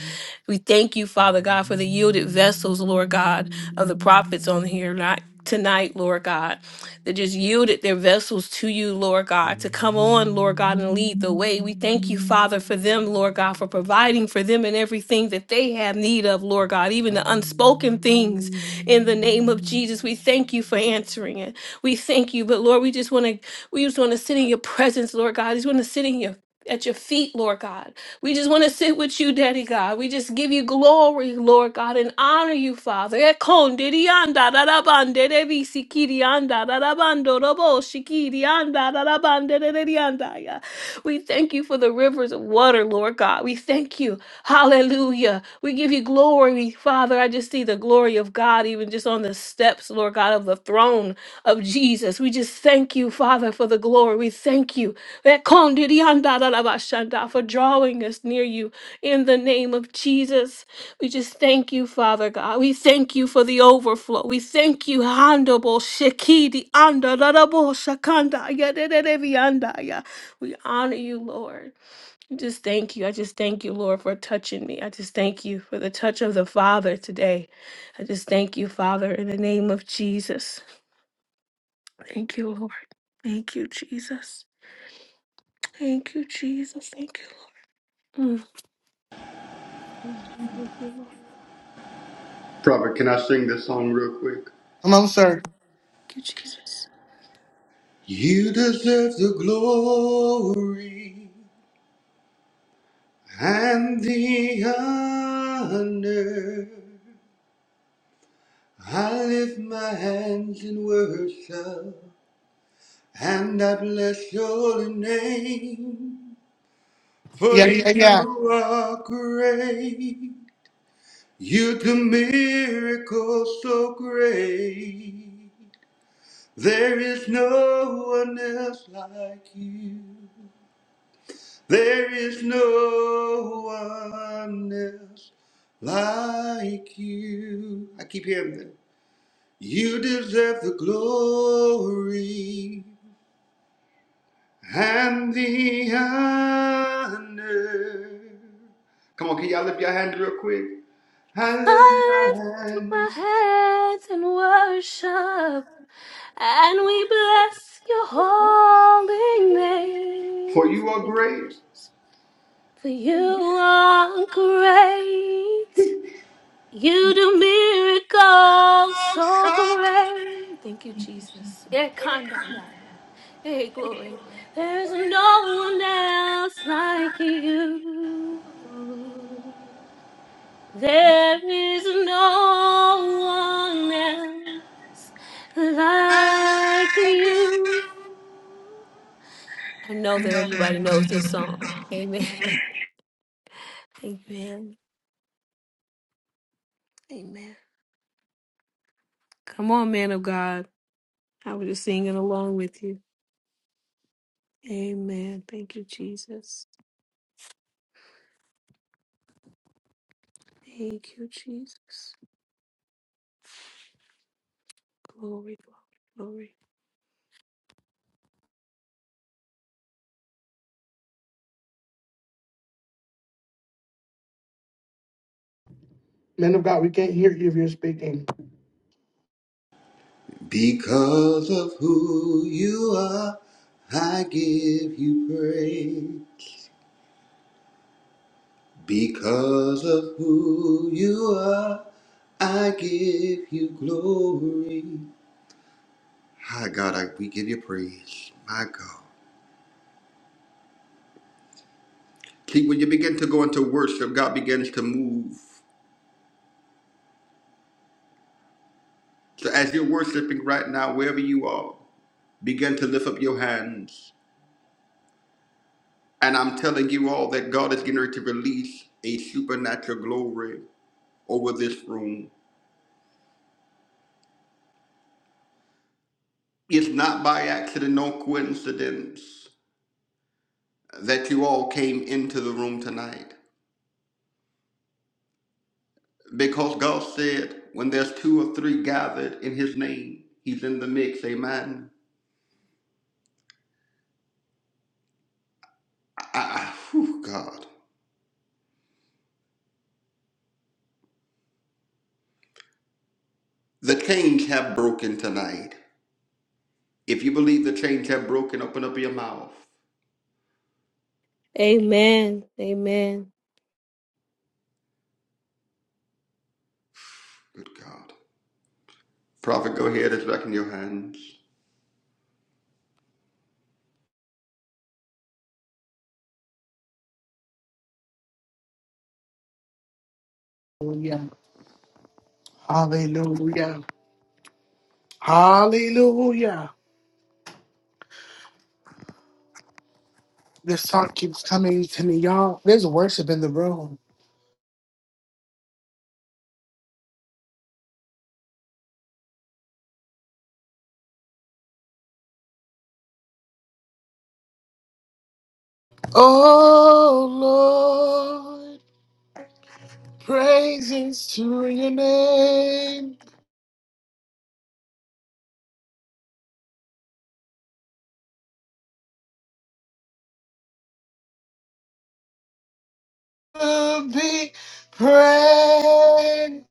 We thank you, Hmm. Father God, for the yielded vessels, Lord God, of the prophets on here not tonight, Lord God, that just yielded their vessels to you, Lord God, to come on, Lord God, and lead the way. We thank you, Father, Hmm. for them, Lord God, for providing for them and everything that they have need of, Lord God, even the unspoken things in the name of Jesus. We thank you for answering it. We thank you. But Lord, we just want to we just want to sit in your presence, Lord God. We just want to sit in your at your feet, Lord God. We just want to sit with you, Daddy God. We just give you glory, Lord God, and honor you, Father. Ekondidianda dadabandedebisikidianda dadabandoroboshikidianda dadabandedediandaya. We thank you for the rivers of water, Lord God. We thank you. Hallelujah. We give you glory, Father. I just see the glory of God even just us on the steps, Lord God, of the throne of Jesus. We just thank you, Father, for the glory. We thank you that kondidiandarabashanda, for drawing us near you in the name of Jesus. We just thank you, Father God. We thank you for the overflow. We thank you, Handable Shekidi Andarabo Shakanda. yadededevianda, yeah. We honor you, Lord. Just thank you. I just thank you, Lord, for touching me. I just thank you for the touch of the Father today. I just thank you, Father, in the name of Jesus. Thank you, Lord. Thank you, Jesus. Thank you, Jesus. Thank you. Lord. Mm, mm. Thank you, Lord. Come on, sir. Thank you, Jesus. You deserve the glory and the honor. I lift my hands in worship and I bless your holy name. For Yeah, yeah, yeah. you are great. You do miracles so great. There is no one else like you. There is no one else like you. I keep hearing that. You deserve the glory and the honor. Come on, can y'all lift your hand real quick? I lift my I lift hand, my hands in worship, and we bless your holy for name. you are Thank you, great. Jesus. For you are great. You do miracles so great. Thank you, Jesus. Yeah, Kandaya. Hey, glory. There's no one else like you. There is no one else like you. I know that everybody knows this song. Amen. Amen. Amen. Come on, man of God. I was just singing along with you. Amen. Thank you, Jesus. Thank you, Jesus. Glory, glory, Man of God, we can't hear you if you're speaking. Because of who you are, I give you praise. Because of who you are, I give you glory. Hi, God, I, we give you praise. My God. See, when you begin to go into worship, God begins to move. So as you're worshiping right now, wherever you are, begin to lift up your hands. And I'm telling you all that God is getting ready to release a supernatural glory over this room. It's not by accident, no coincidence that you all came into the room tonight. Because God said, when there's two or three gathered in His name, He's in the mix. Amen. I, I, whew, God. The chains have broken tonight. If you believe the chains have broken, open up your mouth. Amen. Amen. Good God. Prophet, go ahead. It's back in your hands. Hallelujah. Hallelujah. Hallelujah. This song keeps coming to me, y'all. There's worship in the room. Oh, Lord, praises to your name. to Be praised.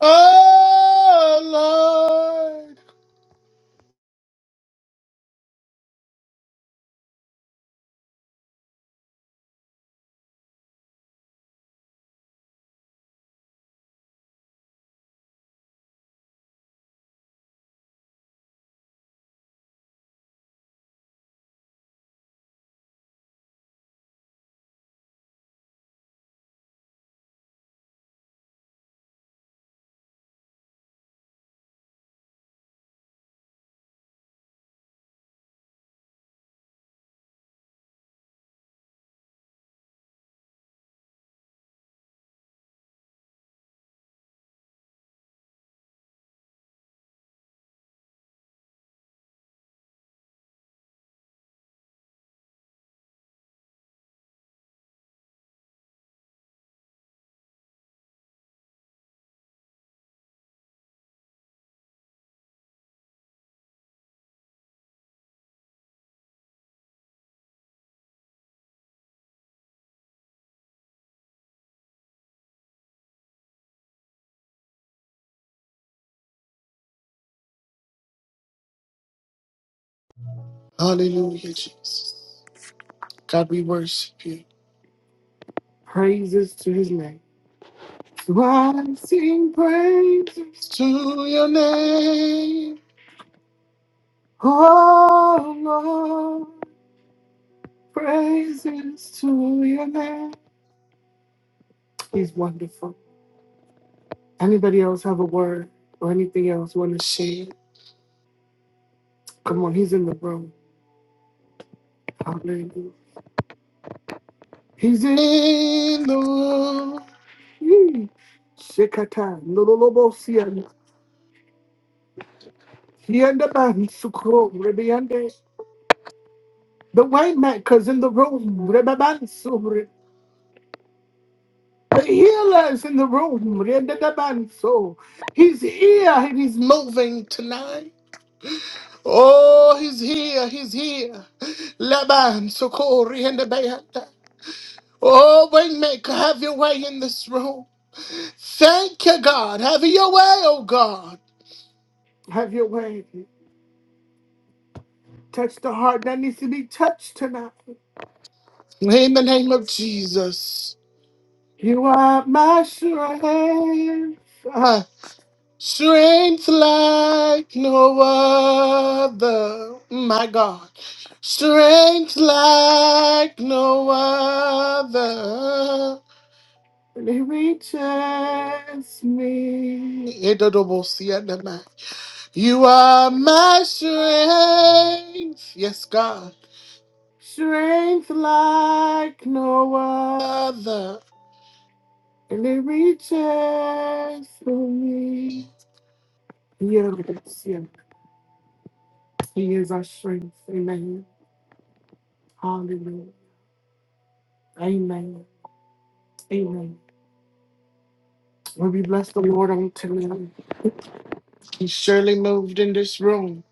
Oh, Lord. Hallelujah, Jesus. God, we worship you. Praise, rising praises to your name. Oh, Lord, praises to your name. He's wonderful. Anybody else have a word or anything else want to share? Come on, he's in the room. Hallelujah. He's in the room. Hmm. Shikata, Yende ban sukro rebe yende. The white man cuz in the room rebe ban sobre. The healer's in the room rebe da ban so. He's here and he's moving tonight. Oh, he's here, he's here. Laban sukro rebe bayata. Oh, Waymaker, have your way in this room. Thank you, God. Have your way, oh God. Have your way. Touch the heart that needs to be touched tonight. In the name of Jesus. You are my strength, uh, strength like no other. My God, strength like no other. And It reaches me. edodobosia You are my strength. Yes, God. Strength like no other. and it reaches for me. Yeah, that's yeah. He is our strength. Amen. Hallelujah. Amen. Amen. Well, we bless the Lord on tonight. He surely moved in this room.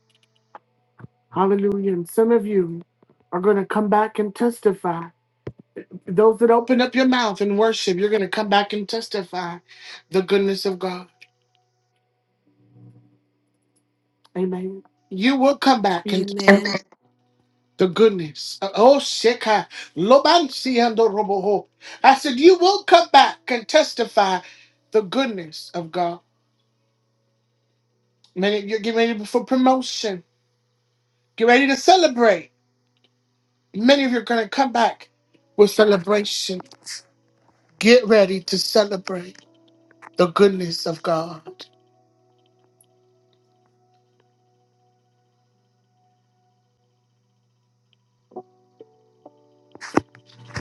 Hallelujah. And some of you are going to come back and testify. Those that open up your mouth and worship, you're going to come back and testify the goodness of God. Amen. You will come back and glory. Amen. the goodness. Oh, Sheka. Loban Siando Roboho. I said, You will come back and testify the goodness of God. Many you are getting ready for promotion. Get ready to celebrate. Many of you are going to come back with celebration. Get ready to celebrate the goodness of God.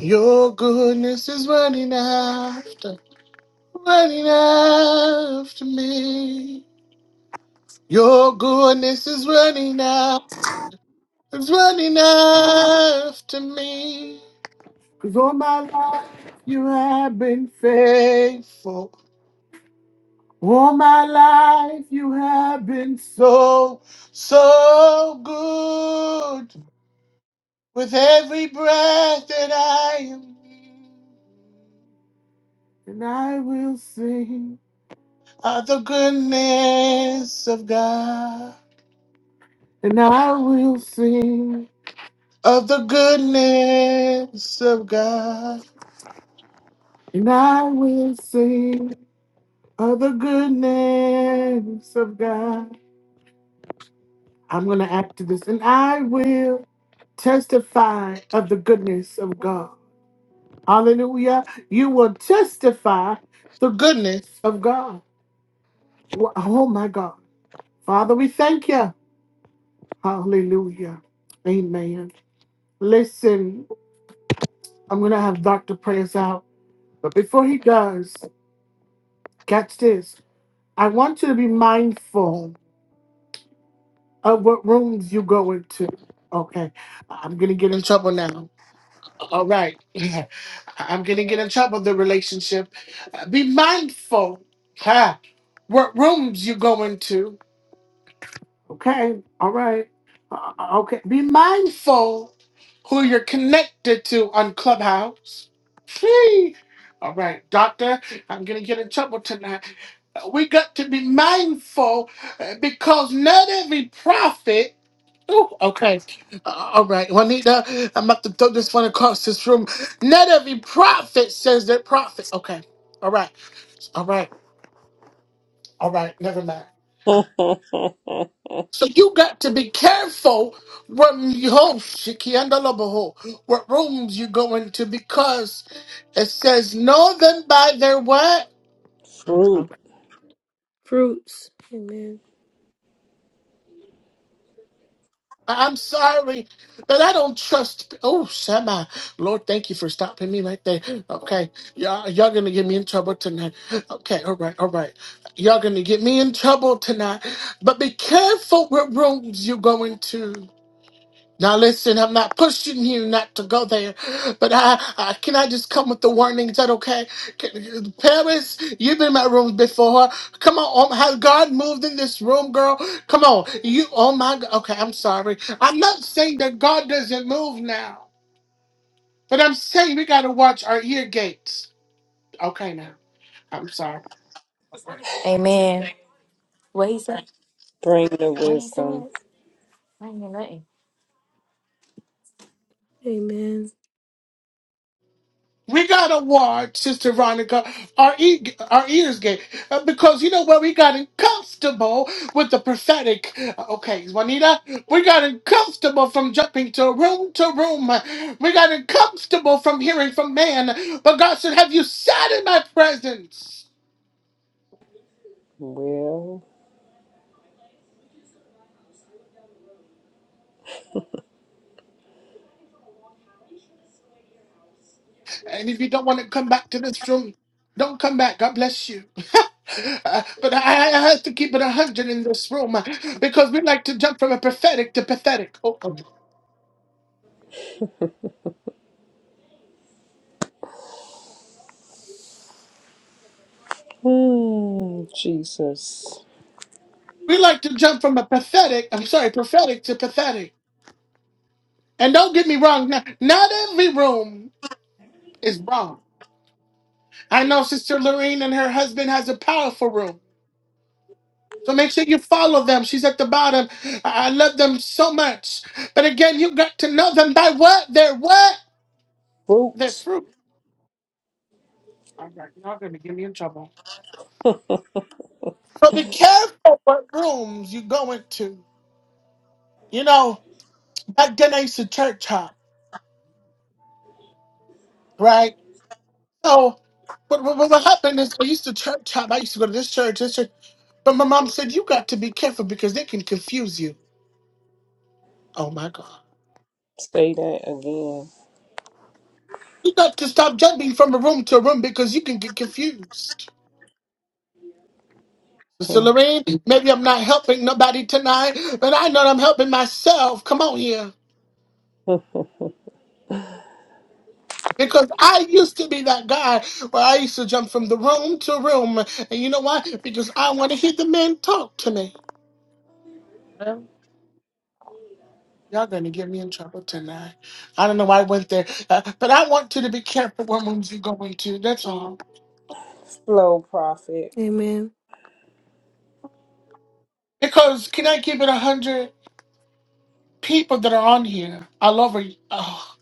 Your goodness is running after, running after me. Your goodness is running It's not enough to me, 'cause all my life you have been faithful. All my life you have been so, so good. With every breath that I am, and I will sing of the goodness of God. And I will sing of the goodness of God. And I will sing of the goodness of God. I'm going to add to this. And I will testify of the goodness of God. Hallelujah. You will testify the goodness of God. Wha- Oh, my God. Father, we thank you. Hallelujah. Amen. Listen, I'm going to have Dr. Prayers out. But before he does, catch this. I want you to be mindful. Uh, what rooms you going to? Okay, I'm gonna get in trouble now. All right, I'm gonna get in trouble. The relationship. Uh, be mindful. Ha. What rooms you going to? Okay. All right. Uh, okay. Be mindful who you're connected to on Clubhouse. Phew. All right, Doctor. I'm gonna get in trouble tonight. Uh, We got to be mindful uh, because not every prophet. Oh, okay. Uh, all right. Juanita, I'm about to throw this one across this room. Not every prophet says they're prophets. Okay. All right. All right. All right. Never mind. Hallelujah. So you got to be careful what you- oh, shikianda loboho, what rooms you go into because it says know them by their what? Fruit, Fruits. Amen. I'm sorry that I don't trust. Oh, Shema. Lord, thank you for stopping me right there. Okay. Y'all, y'all going to get me in trouble tonight. Okay. All right. All right. Y'all going to get me in trouble tonight. But be careful what rooms you go into. Now listen, I'm not pushing you not to go there, but I, I can I just come with the warning? Is that okay? Can, Paris, you've been in my room before. Come on, oh, has God moved in this room, girl? Come on, you. Oh my God. Okay, I'm sorry. I'm not saying that God doesn't move now, but I'm saying we gotta watch our ear gates. Okay, now I'm sorry. Amen. What he said? bring the What he wisdom. said? I ain't nothing. Amen. We got to watch, Sister Veronica. Our, e- our ears gate uh, because you know what? We got uncomfortable with the prophetic. Uh, Okay, Juanita, we got uncomfortable from jumping to room to room. We got uncomfortable from hearing from man. But God said, Have you sat in my presence? Well, And if you don't want to come back to this room, don't come back. God bless you. Uh, but I, I have to keep it 100 in this room uh, because we like to jump from a prophetic to pathetic. Oh, oh. hmm, Jesus. We like to jump from a pathetic, I'm sorry, prophetic to pathetic. And don't get me wrong, not, not every room is wrong. I know Sister Lorraine and her husband has a powerful room. So make sure you follow them. She's at the bottom. I I love them so much. But again, you got to know them by what? Their what? Their Fruit, fruit. So be careful what rooms you go into. You know, back then I used to church hop, right? No, what, what, what happened is I used to church hop. I used to go to this church, this church. But my mom said, You got to be careful because they can confuse you. Oh my God. say that again. You got to stop jumping from a room to a room because you can get confused. Sister Lorraine, maybe I'm not helping nobody tonight, but I know I'm helping myself. Come on here. Hmm. Because I used to be that guy where I used to jump from the room to room. And you know why? Because I want to hear the men talk to me. Y'all gonna get me in trouble tonight. I don't know why I went there, uh, but I want you to be careful what rooms you go into. That's all. Flow, prophet. Amen. Because can I give it a hundred people that are on here all over? y- Oh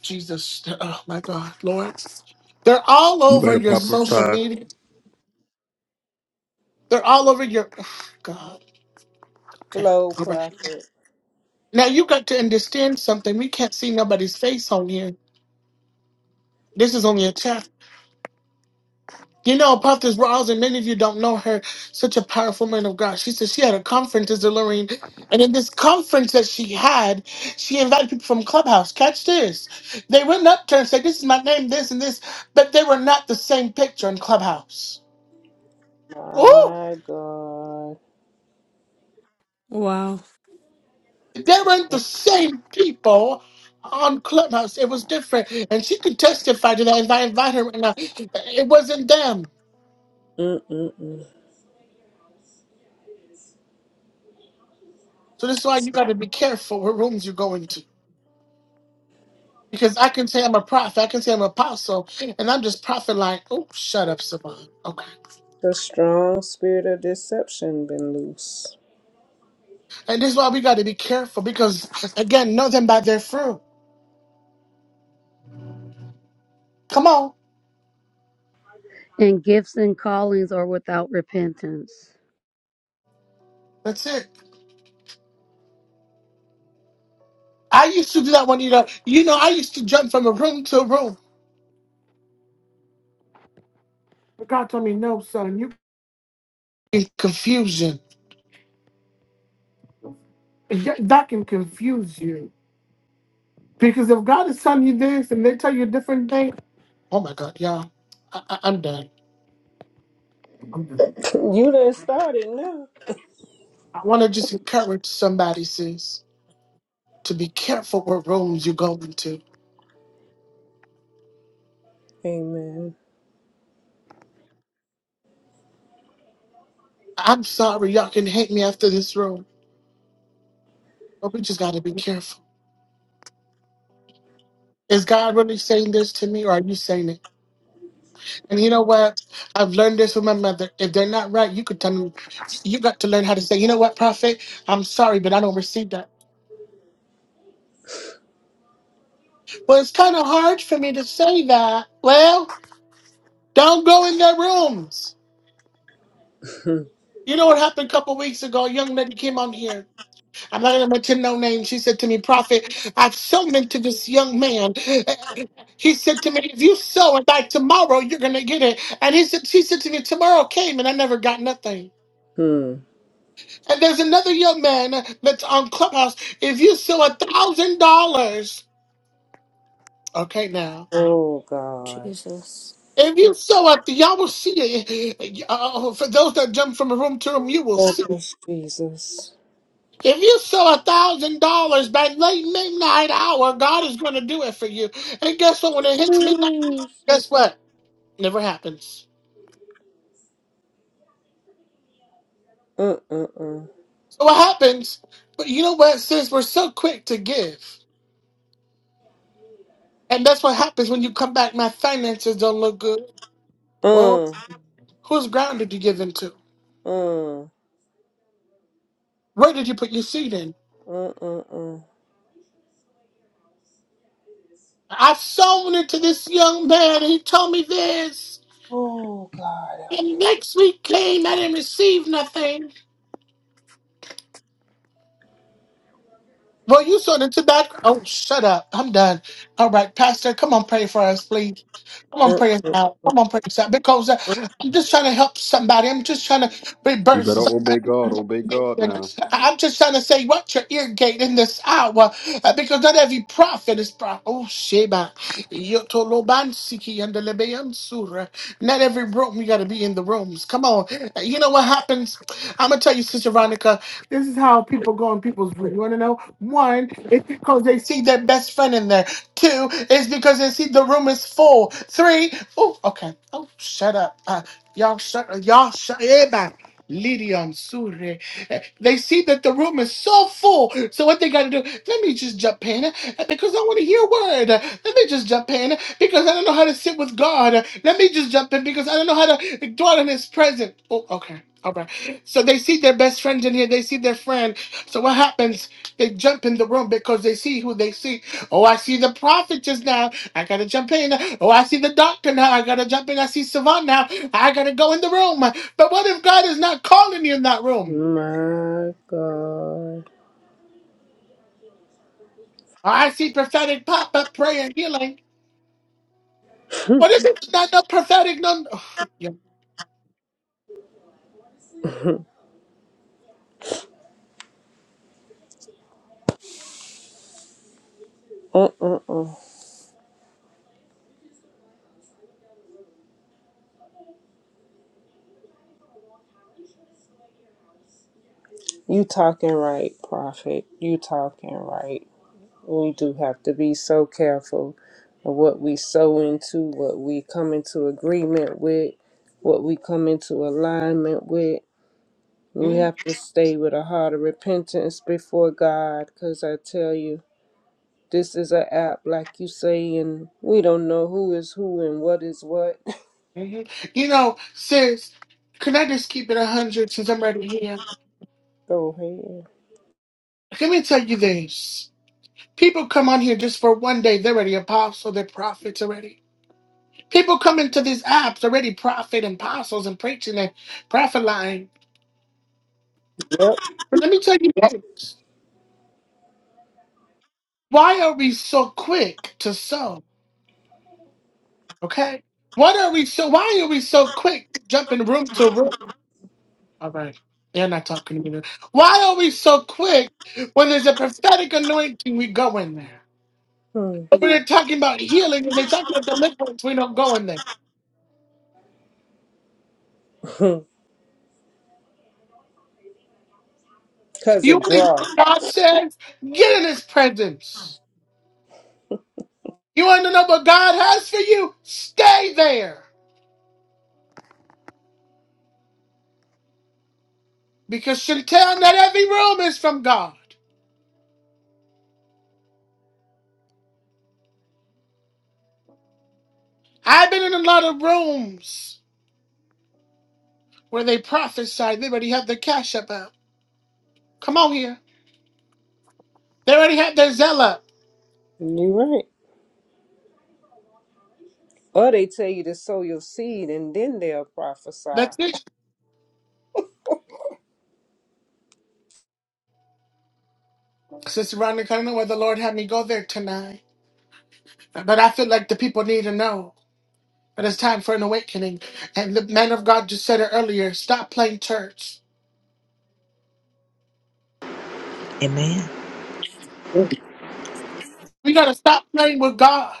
Jesus! Oh my God, Lord, they're all You over better your social prophesy. media. They're all over your oh, God. Okay, Flow, all right. prophet. Now you got to understand something. We can't see nobody's face on here. This is only a chat You know, Prophetess Rawls, and many of you don't know her, such a powerful man of God. She said she had a conference as a Lorraine, and in this conference that she had, she invited people from Clubhouse. Catch this. They went up to her and said, This is my name, this and this, but they were not the same picture in Clubhouse. Ooh, My God. Wow. they weren't the same people on Clubhouse. It was different. And she could testify to that if I invite her right now. It wasn't them. Mm-mm-mm. So this is why you gotta be careful what rooms you go into. Because I can say I'm a prophet, I can say I'm an apostle, and I'm just prophet like, oh, shut up, Savon. Okay. The strong spirit of deception been loose. And this is why we got to be careful because, again, know them by their fruit. Come on. And gifts and callings are without repentance. That's it. I used to do that when you know, you know, I used to jump from a room to a room. But God told me, no, son, you in confusion. Yeah, That can confuse you. Because if God is telling you this and they tell you a different thing, oh my God, y'all, I, I, I'm done. you done started now. I want to just encourage somebody, sis, to be careful what rooms you go into Amen. I'm sorry, y'all can hate me after this room, but we just gotta be careful. Is God really saying this to me, or are you saying it? And you know what? I've learned this from my mother. If they're not right, you could tell me. You got to learn how to say, you know what, prophet? I'm sorry, but I don't receive that. Well, it's kind of hard for me to say that. Well, don't go in their rooms. You know what happened a couple weeks ago? A young lady came on here. I'm not going to mention no name. She said to me, Prophet, I've sown into this young man. He said to me, If you sow it by tomorrow, you're going to get it. And he said, she said to me, Tomorrow came and I never got nothing. Hmm. And there's another young man that's on Clubhouse. If you sow a thousand dollars, okay, now. Oh God. Jesus. If you sow it, y'all will see it. Uh, for those that jump from room to room, you will see Help us, Jesus. If you sell a thousand dollars by late midnight hour, God is going to do it for you. And guess what? When it hits midnight, Jesus. guess what? Never happens. Uh uh uh. So what happens? But you know what? Since we're so quick to give, and that's what happens when you come back. My finances don't look good. Well, Uh whose ground did you give into? uh Where did you put your seed in? uh uh uh. I've sown it to this young man. He told me this, Oh God help and us. next week came. I didn't receive nothing. Well, you sort into that. Oh, shut up. I'm done. All right, Pastor, come on, pray for us, please. Come on, Uh pray us uh. now. Come on, pray us out. Because uh, I'm just trying to help somebody. I'm just trying to You better rebirth. obey God. Obey God now. I'm just trying to say what you're irrigating this hour uh, because not every prophet is prophet. Oh, Sheba. Yotolobansiki and the Lebeyansura. Not every room, you got to be in the rooms. Come on. You know what happens? I'm going to tell you, Sister Veronica, this is how people go in people's room. You want to know? One, it's because they see their best friend in there. Two, it's because they see the room is full. Three, oh, okay. Oh, shut up. Uh, y'all shut Y'all shut. Eba. Lydion Sure. They see that the room is so full. So what they got to do? Let me just jump in because I want to hear a word. Let me just jump in because I don't know how to sit with God. Let me just jump in because I don't know how to dwell in His presence. Oh, okay. All right. So they see their best friend in here. They see their friend. So what happens? They jump in the room because they see who they see. Oh, I see the prophet just now. I gotta jump in. Oh, I see the doctor now. I gotta jump in. I see Savant now. I gotta go in the room. But what if God is not calling you in that room? My God. I see prophetic pop up prayer and healing. Well, this is not no prophetic. No, Yeah. Uh uh uh. You talking right, Prophet. You talking right. We do have to be so careful of what we sow into, what we come into agreement with, what we come into alignment with. We Mm, have to stay with a heart of repentance before God, because I tell you, this is an app, like you say, and we don't know who is who and what is what. mm. you know, sis, can I just keep it a hundred since I'm already here? Go Let me tell you this: people come on here just for one day. They're already apostle. They're prophets already. People come into these apps already prophet and apostles and preaching and prophet lying. ahead. But let me tell you this: why are we so quick to sow? Okay. What are we so? Why are we so quick to jump in room to room? All right. You're not talking to me. Why are we so quick when there's a prophetic anointing? We go in there. Yep. But when they're talking about healing when they're talking about deliverance, we don't go in there. Because You it want to hear what draws. God says? Get in His presence. You want to know what God has for you? Stay there. Because Chantel, not every room is from God. I've been in a lot of rooms where they prophesied. They already have their cash up out. Come on here. They already have their zeal up. you are right. Or they tell you to sow your seed and then they'll prophesy. That's it. Sister Veronica, I don't know where the Lord had me go there tonight, but I feel like the people need to know that it's time for an awakening. And the man of God just said it earlier stop playing church. Amen. We got to stop playing with God.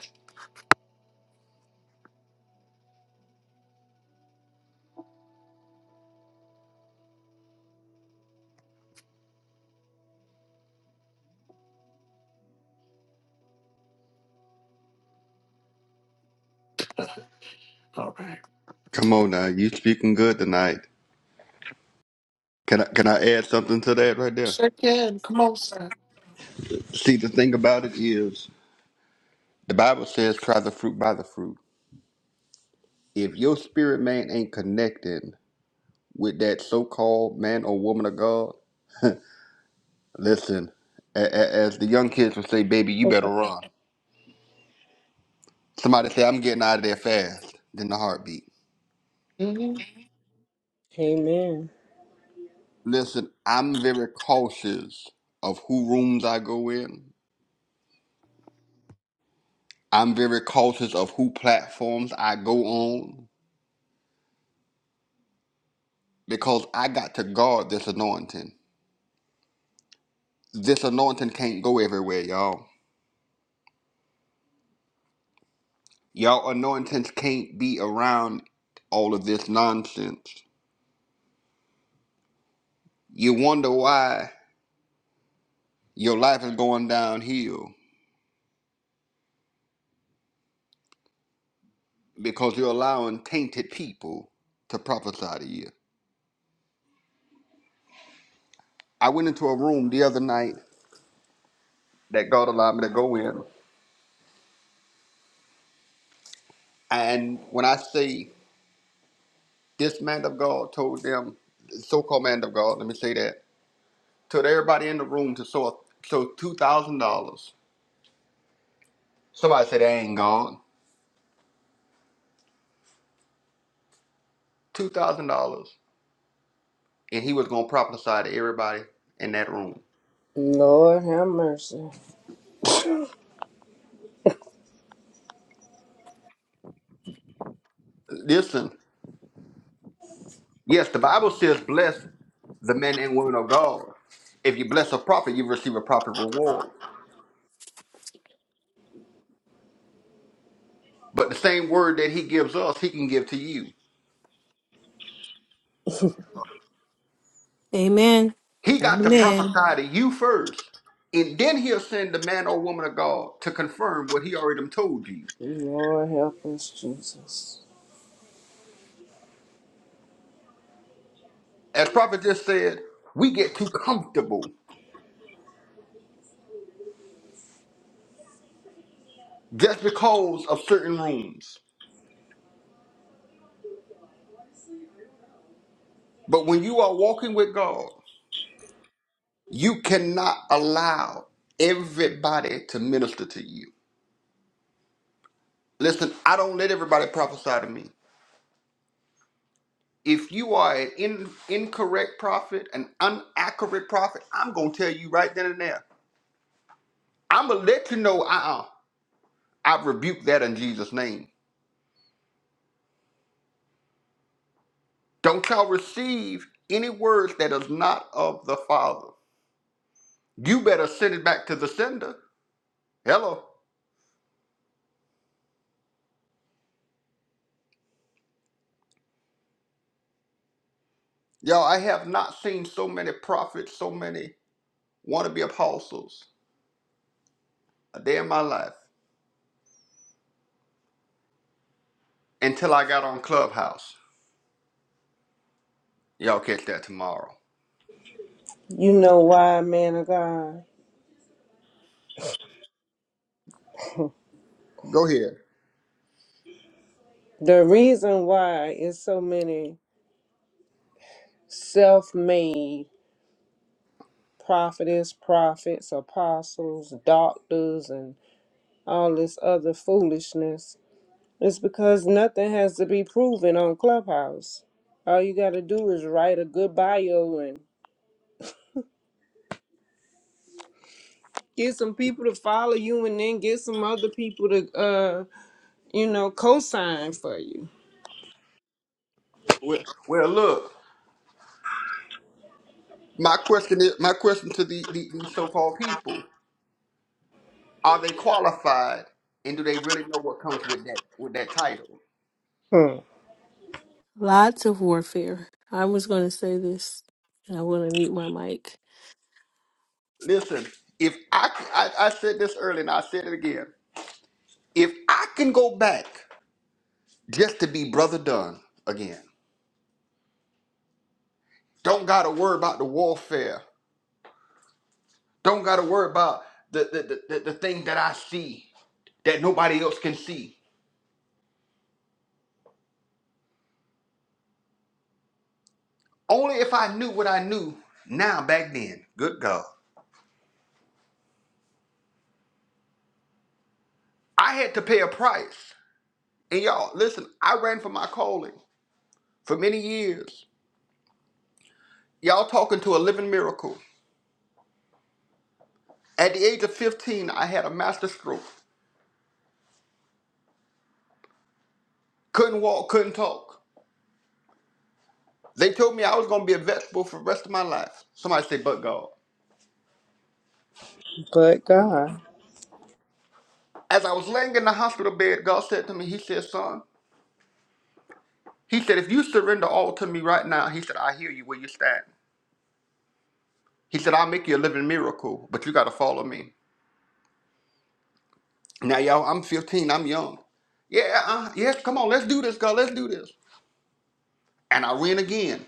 All right. Come on now. You speaking good tonight. Can I can I add something to that right there? Sure can. Come on, sir. See the thing about it is the Bible says try the fruit by the fruit. If your spirit man ain't connected with that so called man or woman of God, listen, a- a- as the young kids would say, baby, you better run. Somebody say, I'm getting out of there fast than the heartbeat. hmm Amen. Listen, I'm very cautious of who rooms I go in I'm very cautious of who platforms I go on because I got to guard this anointing. This anointing can't go everywhere, y'all. Y'all anointings can't be around all of this nonsense. You wonder why your life is going downhill because you're allowing tainted people to prophesy to you. I went into a room the other night that God allowed me to go in, and when I say this man of God told them, so called man of God, let me say that told everybody in the room to sow a, sow two thousand dollars. Somebody said that ain't God. Two thousand dollars, and he was gonna prophesy to everybody in that room. Lord have mercy. Listen, yes, the Bible says, "Bless the men and women of God." If you bless a prophet, you receive a prophet reward. But the same word that he gives us, he can give to you. Amen. He got to Amen. prophesy to you first, and then he'll send the man or woman of God to confirm what he already done told you. Lord help us, Jesus. As prophet just said, we get too comfortable just because of certain rooms. But when you are walking with God, you cannot allow everybody to minister to you. Listen, I don't let everybody prophesy to me. If you are an in, incorrect prophet, an inaccurate prophet, I'm going to tell you right then and there. I'm going to let you know, uh-uh, I rebuke that in Jesus' name. Don't y'all receive any words that is not of the Father. You better send it back to the sender. Hello. Y'all, I have not seen so many prophets, so many wannabe apostles a day in my life until I got on Clubhouse. Y'all catch that tomorrow. You know why, man of God? Go ahead. The reason why is so many self made prophetess, prophets, apostles, doctors, and all this other foolishness. It's because nothing has to be proven on Clubhouse. All you got to do is write a good bio and get some people to follow you and then get some other people to, uh, you know, co sign for you. Well, well, look, my question is my question to the, the, these so-called people: Are they qualified, and do they really know what comes with that with that title? Hmm. Lots of warfare. I was going to say this, and I want to mute my mic. Listen, if I c- I I said this earlier, and I said it again. If I can go back just to be brother Dunn again, don't gotta worry about the warfare Don't gotta worry about the the, the, the thing that I see that nobody else can see. Only if I knew what I knew now back then. Good God. I had to pay a price. And y'all, listen, I ran for my calling for many years. Y'all talking to a living miracle. At the age of 15, I had a master stroke. Couldn't walk, couldn't talk. They told me I was gonna be a vegetable for the rest of my life. Somebody say, but God. But God, As I was laying in the hospital bed, God said to me, He said, son, He said, if you surrender all to me right now, he said, I hear you where you stand. He said, I'll make you a living miracle, but you got to follow me. Now, y'all, I'm 15. I'm young. Yeah, uh, yes, come on. Let's do this, God. Let's do this. And I ran again.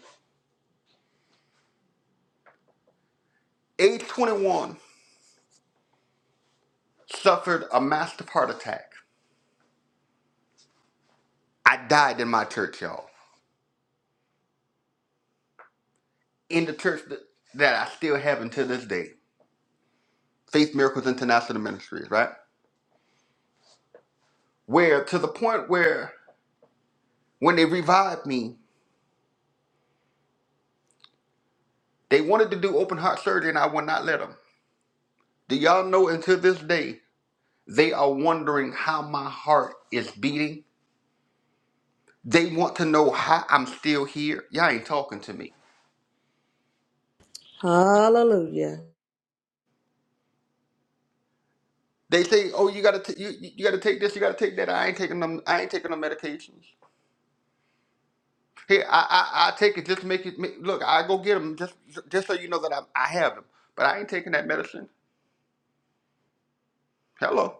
Age 21, suffered a massive heart attack. I died in my church, y'all. In the church that, that I still have until this day. Faith Miracles International Ministries, right? Where to the point where when they revived me, they wanted to do open heart surgery and I would not let them. Do y'all know until this day, they are wondering how my heart is beating? They want to know how I'm still here. Y'all ain't talking to me. Hallelujah. They say, "Oh, you gotta, t- you, you gotta take this, you gotta take that." I ain't taking them. I ain't taking no medications. Hey, I, I, I take it just to make it. Make, look, I go get them just, just so you know that I, I have them. But I ain't taking that medicine. Hello.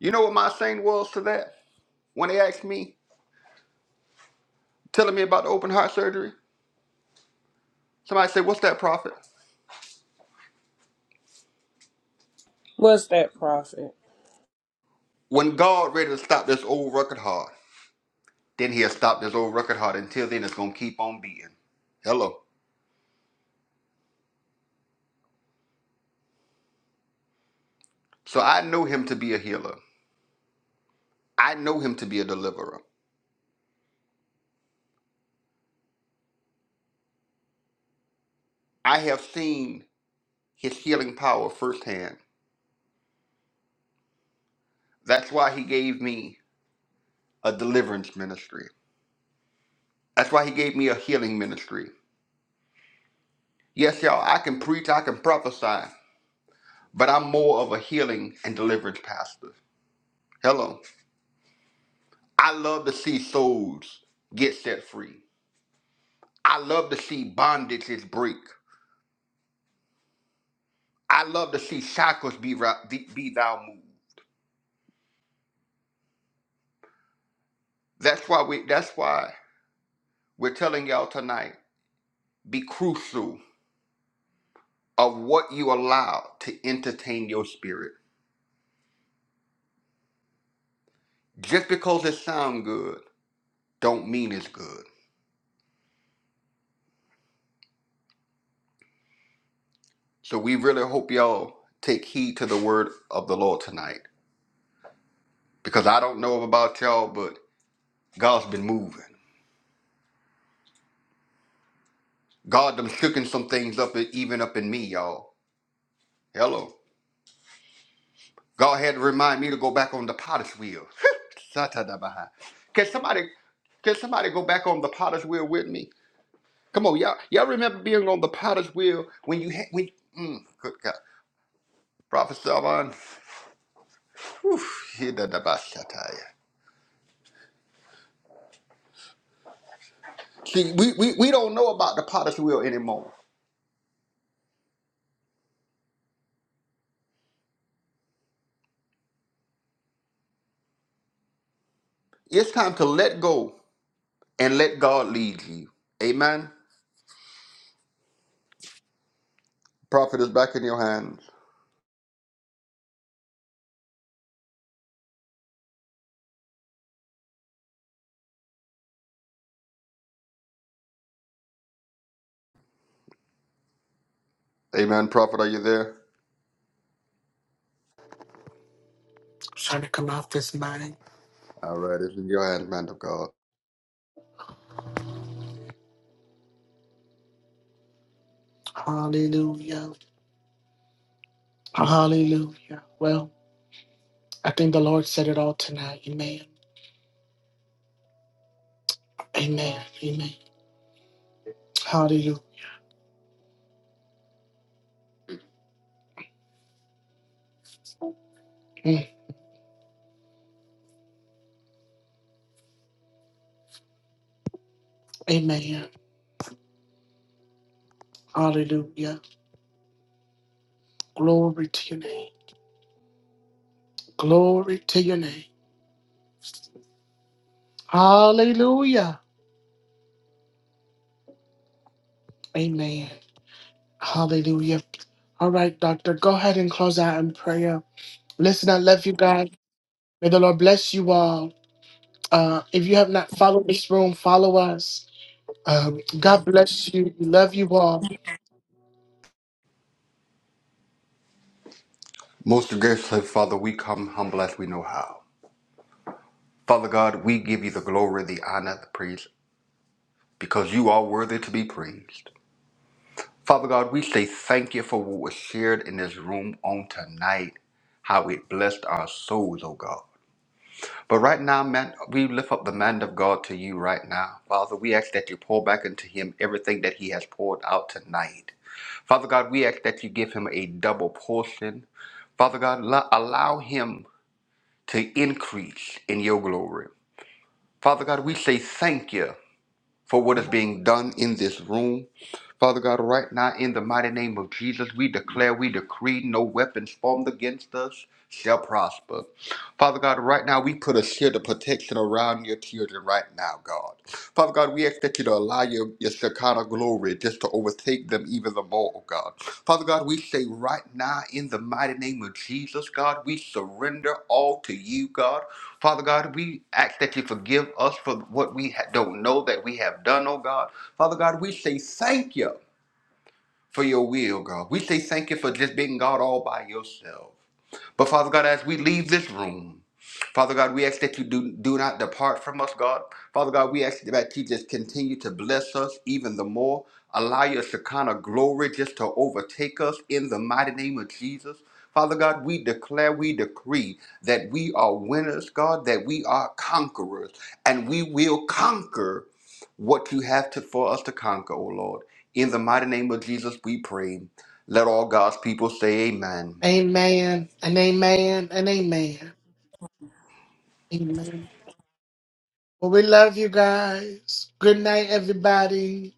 You know what my saying was to that when they asked me, telling me about the open heart surgery. Somebody said, "What's that, prophet?" what's that prophet? When God ready to stop this old record hard. Then he'll stop this old record heart. Until then, it's going to keep on beating. Hello. So I know him to be a healer. I know him to be a deliverer. I have seen his healing power firsthand. That's why he gave me a deliverance ministry. That's why he gave me a healing ministry. Yes, y'all, I can preach, I can prophesy, but I'm more of a healing and deliverance pastor. Hello. I love to see souls get set free. I love to see bondages break. I love to see shackles be, ra- be be thou moved. That's why we. That's why we're telling y'all tonight. Be crucial of what you allow to entertain your spirit. Just because it sound good, don't mean it's good. So we really hope y'all take heed to the word of the Lord tonight, because I don't know about y'all, but God's been moving. God done shooking some things up, even up in me, y'all. Hello. God had to remind me to go back on the potter's wheel. Satadabaha. Can somebody can somebody go back on the potter's wheel with me? Come on, y'all. Y'all remember being on the potter's wheel when you had when mm, good God. Prophet Salvan. whew, hidadabashataya. See, we, we, we don't know about the potter's wheel anymore. It's time to let go and let God lead you. Amen. Prophet is back in your hands. Amen. Prophet, are you there? Trying to come off this mind. All right, it's in your hands, man of God. Hallelujah. Hallelujah. Well, I think the Lord said it all tonight. Amen. Amen. Amen. Hallelujah. Mm. Amen. Hallelujah. Glory to your name. Glory to your name. Hallelujah. Amen. Hallelujah. All right, doctor, go ahead and close out in prayer. Listen at that. May the Lord uh, follow this room. Follow us. Um, God bless you. We love you all. Most graceful Father, we come humble as we know how. Father God, we give you the glory, the honor, the praise, because you are worthy to be praised. Father God, we say thank you for what was shared in this room on tonight, how it blessed our souls, oh God. But right now, man, we lift up the man of God to you right now. Father, we ask that you pour back into him everything that he has poured out tonight. Father God, we ask that you give him a double portion. Father God, lo- allow him to increase in your glory. Father God, we say thank you for what is being done in this room. Father God, right now, in the mighty name of Jesus, we declare, we decree no weapons formed against us shall prosper. Father God, right now, we put a shield of protection around your children right now, God. Father God, we ask that you to allow your, your Shekinah glory just to overtake them even the more, oh God. Father God, we say right now, in the mighty name of Jesus, God, we surrender all to you, God. Father God, we ask that you forgive us for what we ha- don't know that we have done, oh God. Father God, we say thank you for your will, God. We say thank you for just being God all by yourself. But Father God, as we leave this room, Father God, we ask that you do, do not depart from us, God. Father God, we ask that you just continue to bless us even the more. Allow your Shekinah glory just to overtake us in the mighty name of Jesus. Father God, we declare, we decree that we are winners, God, that we are conquerors, and we will conquer what you have to, for us to conquer, O Lord. In the mighty name of Jesus, we pray. Let all God's people say amen. Amen and amen and amen. Well, we love you guys. Good night, everybody.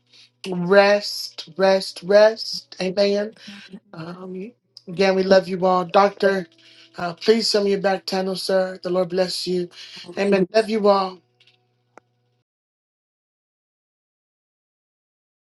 Rest, rest, rest. Amen. Um, again, we love you all. Doctor, uh, please send me your back channel, sir. The Lord bless you. Amen. Love you all.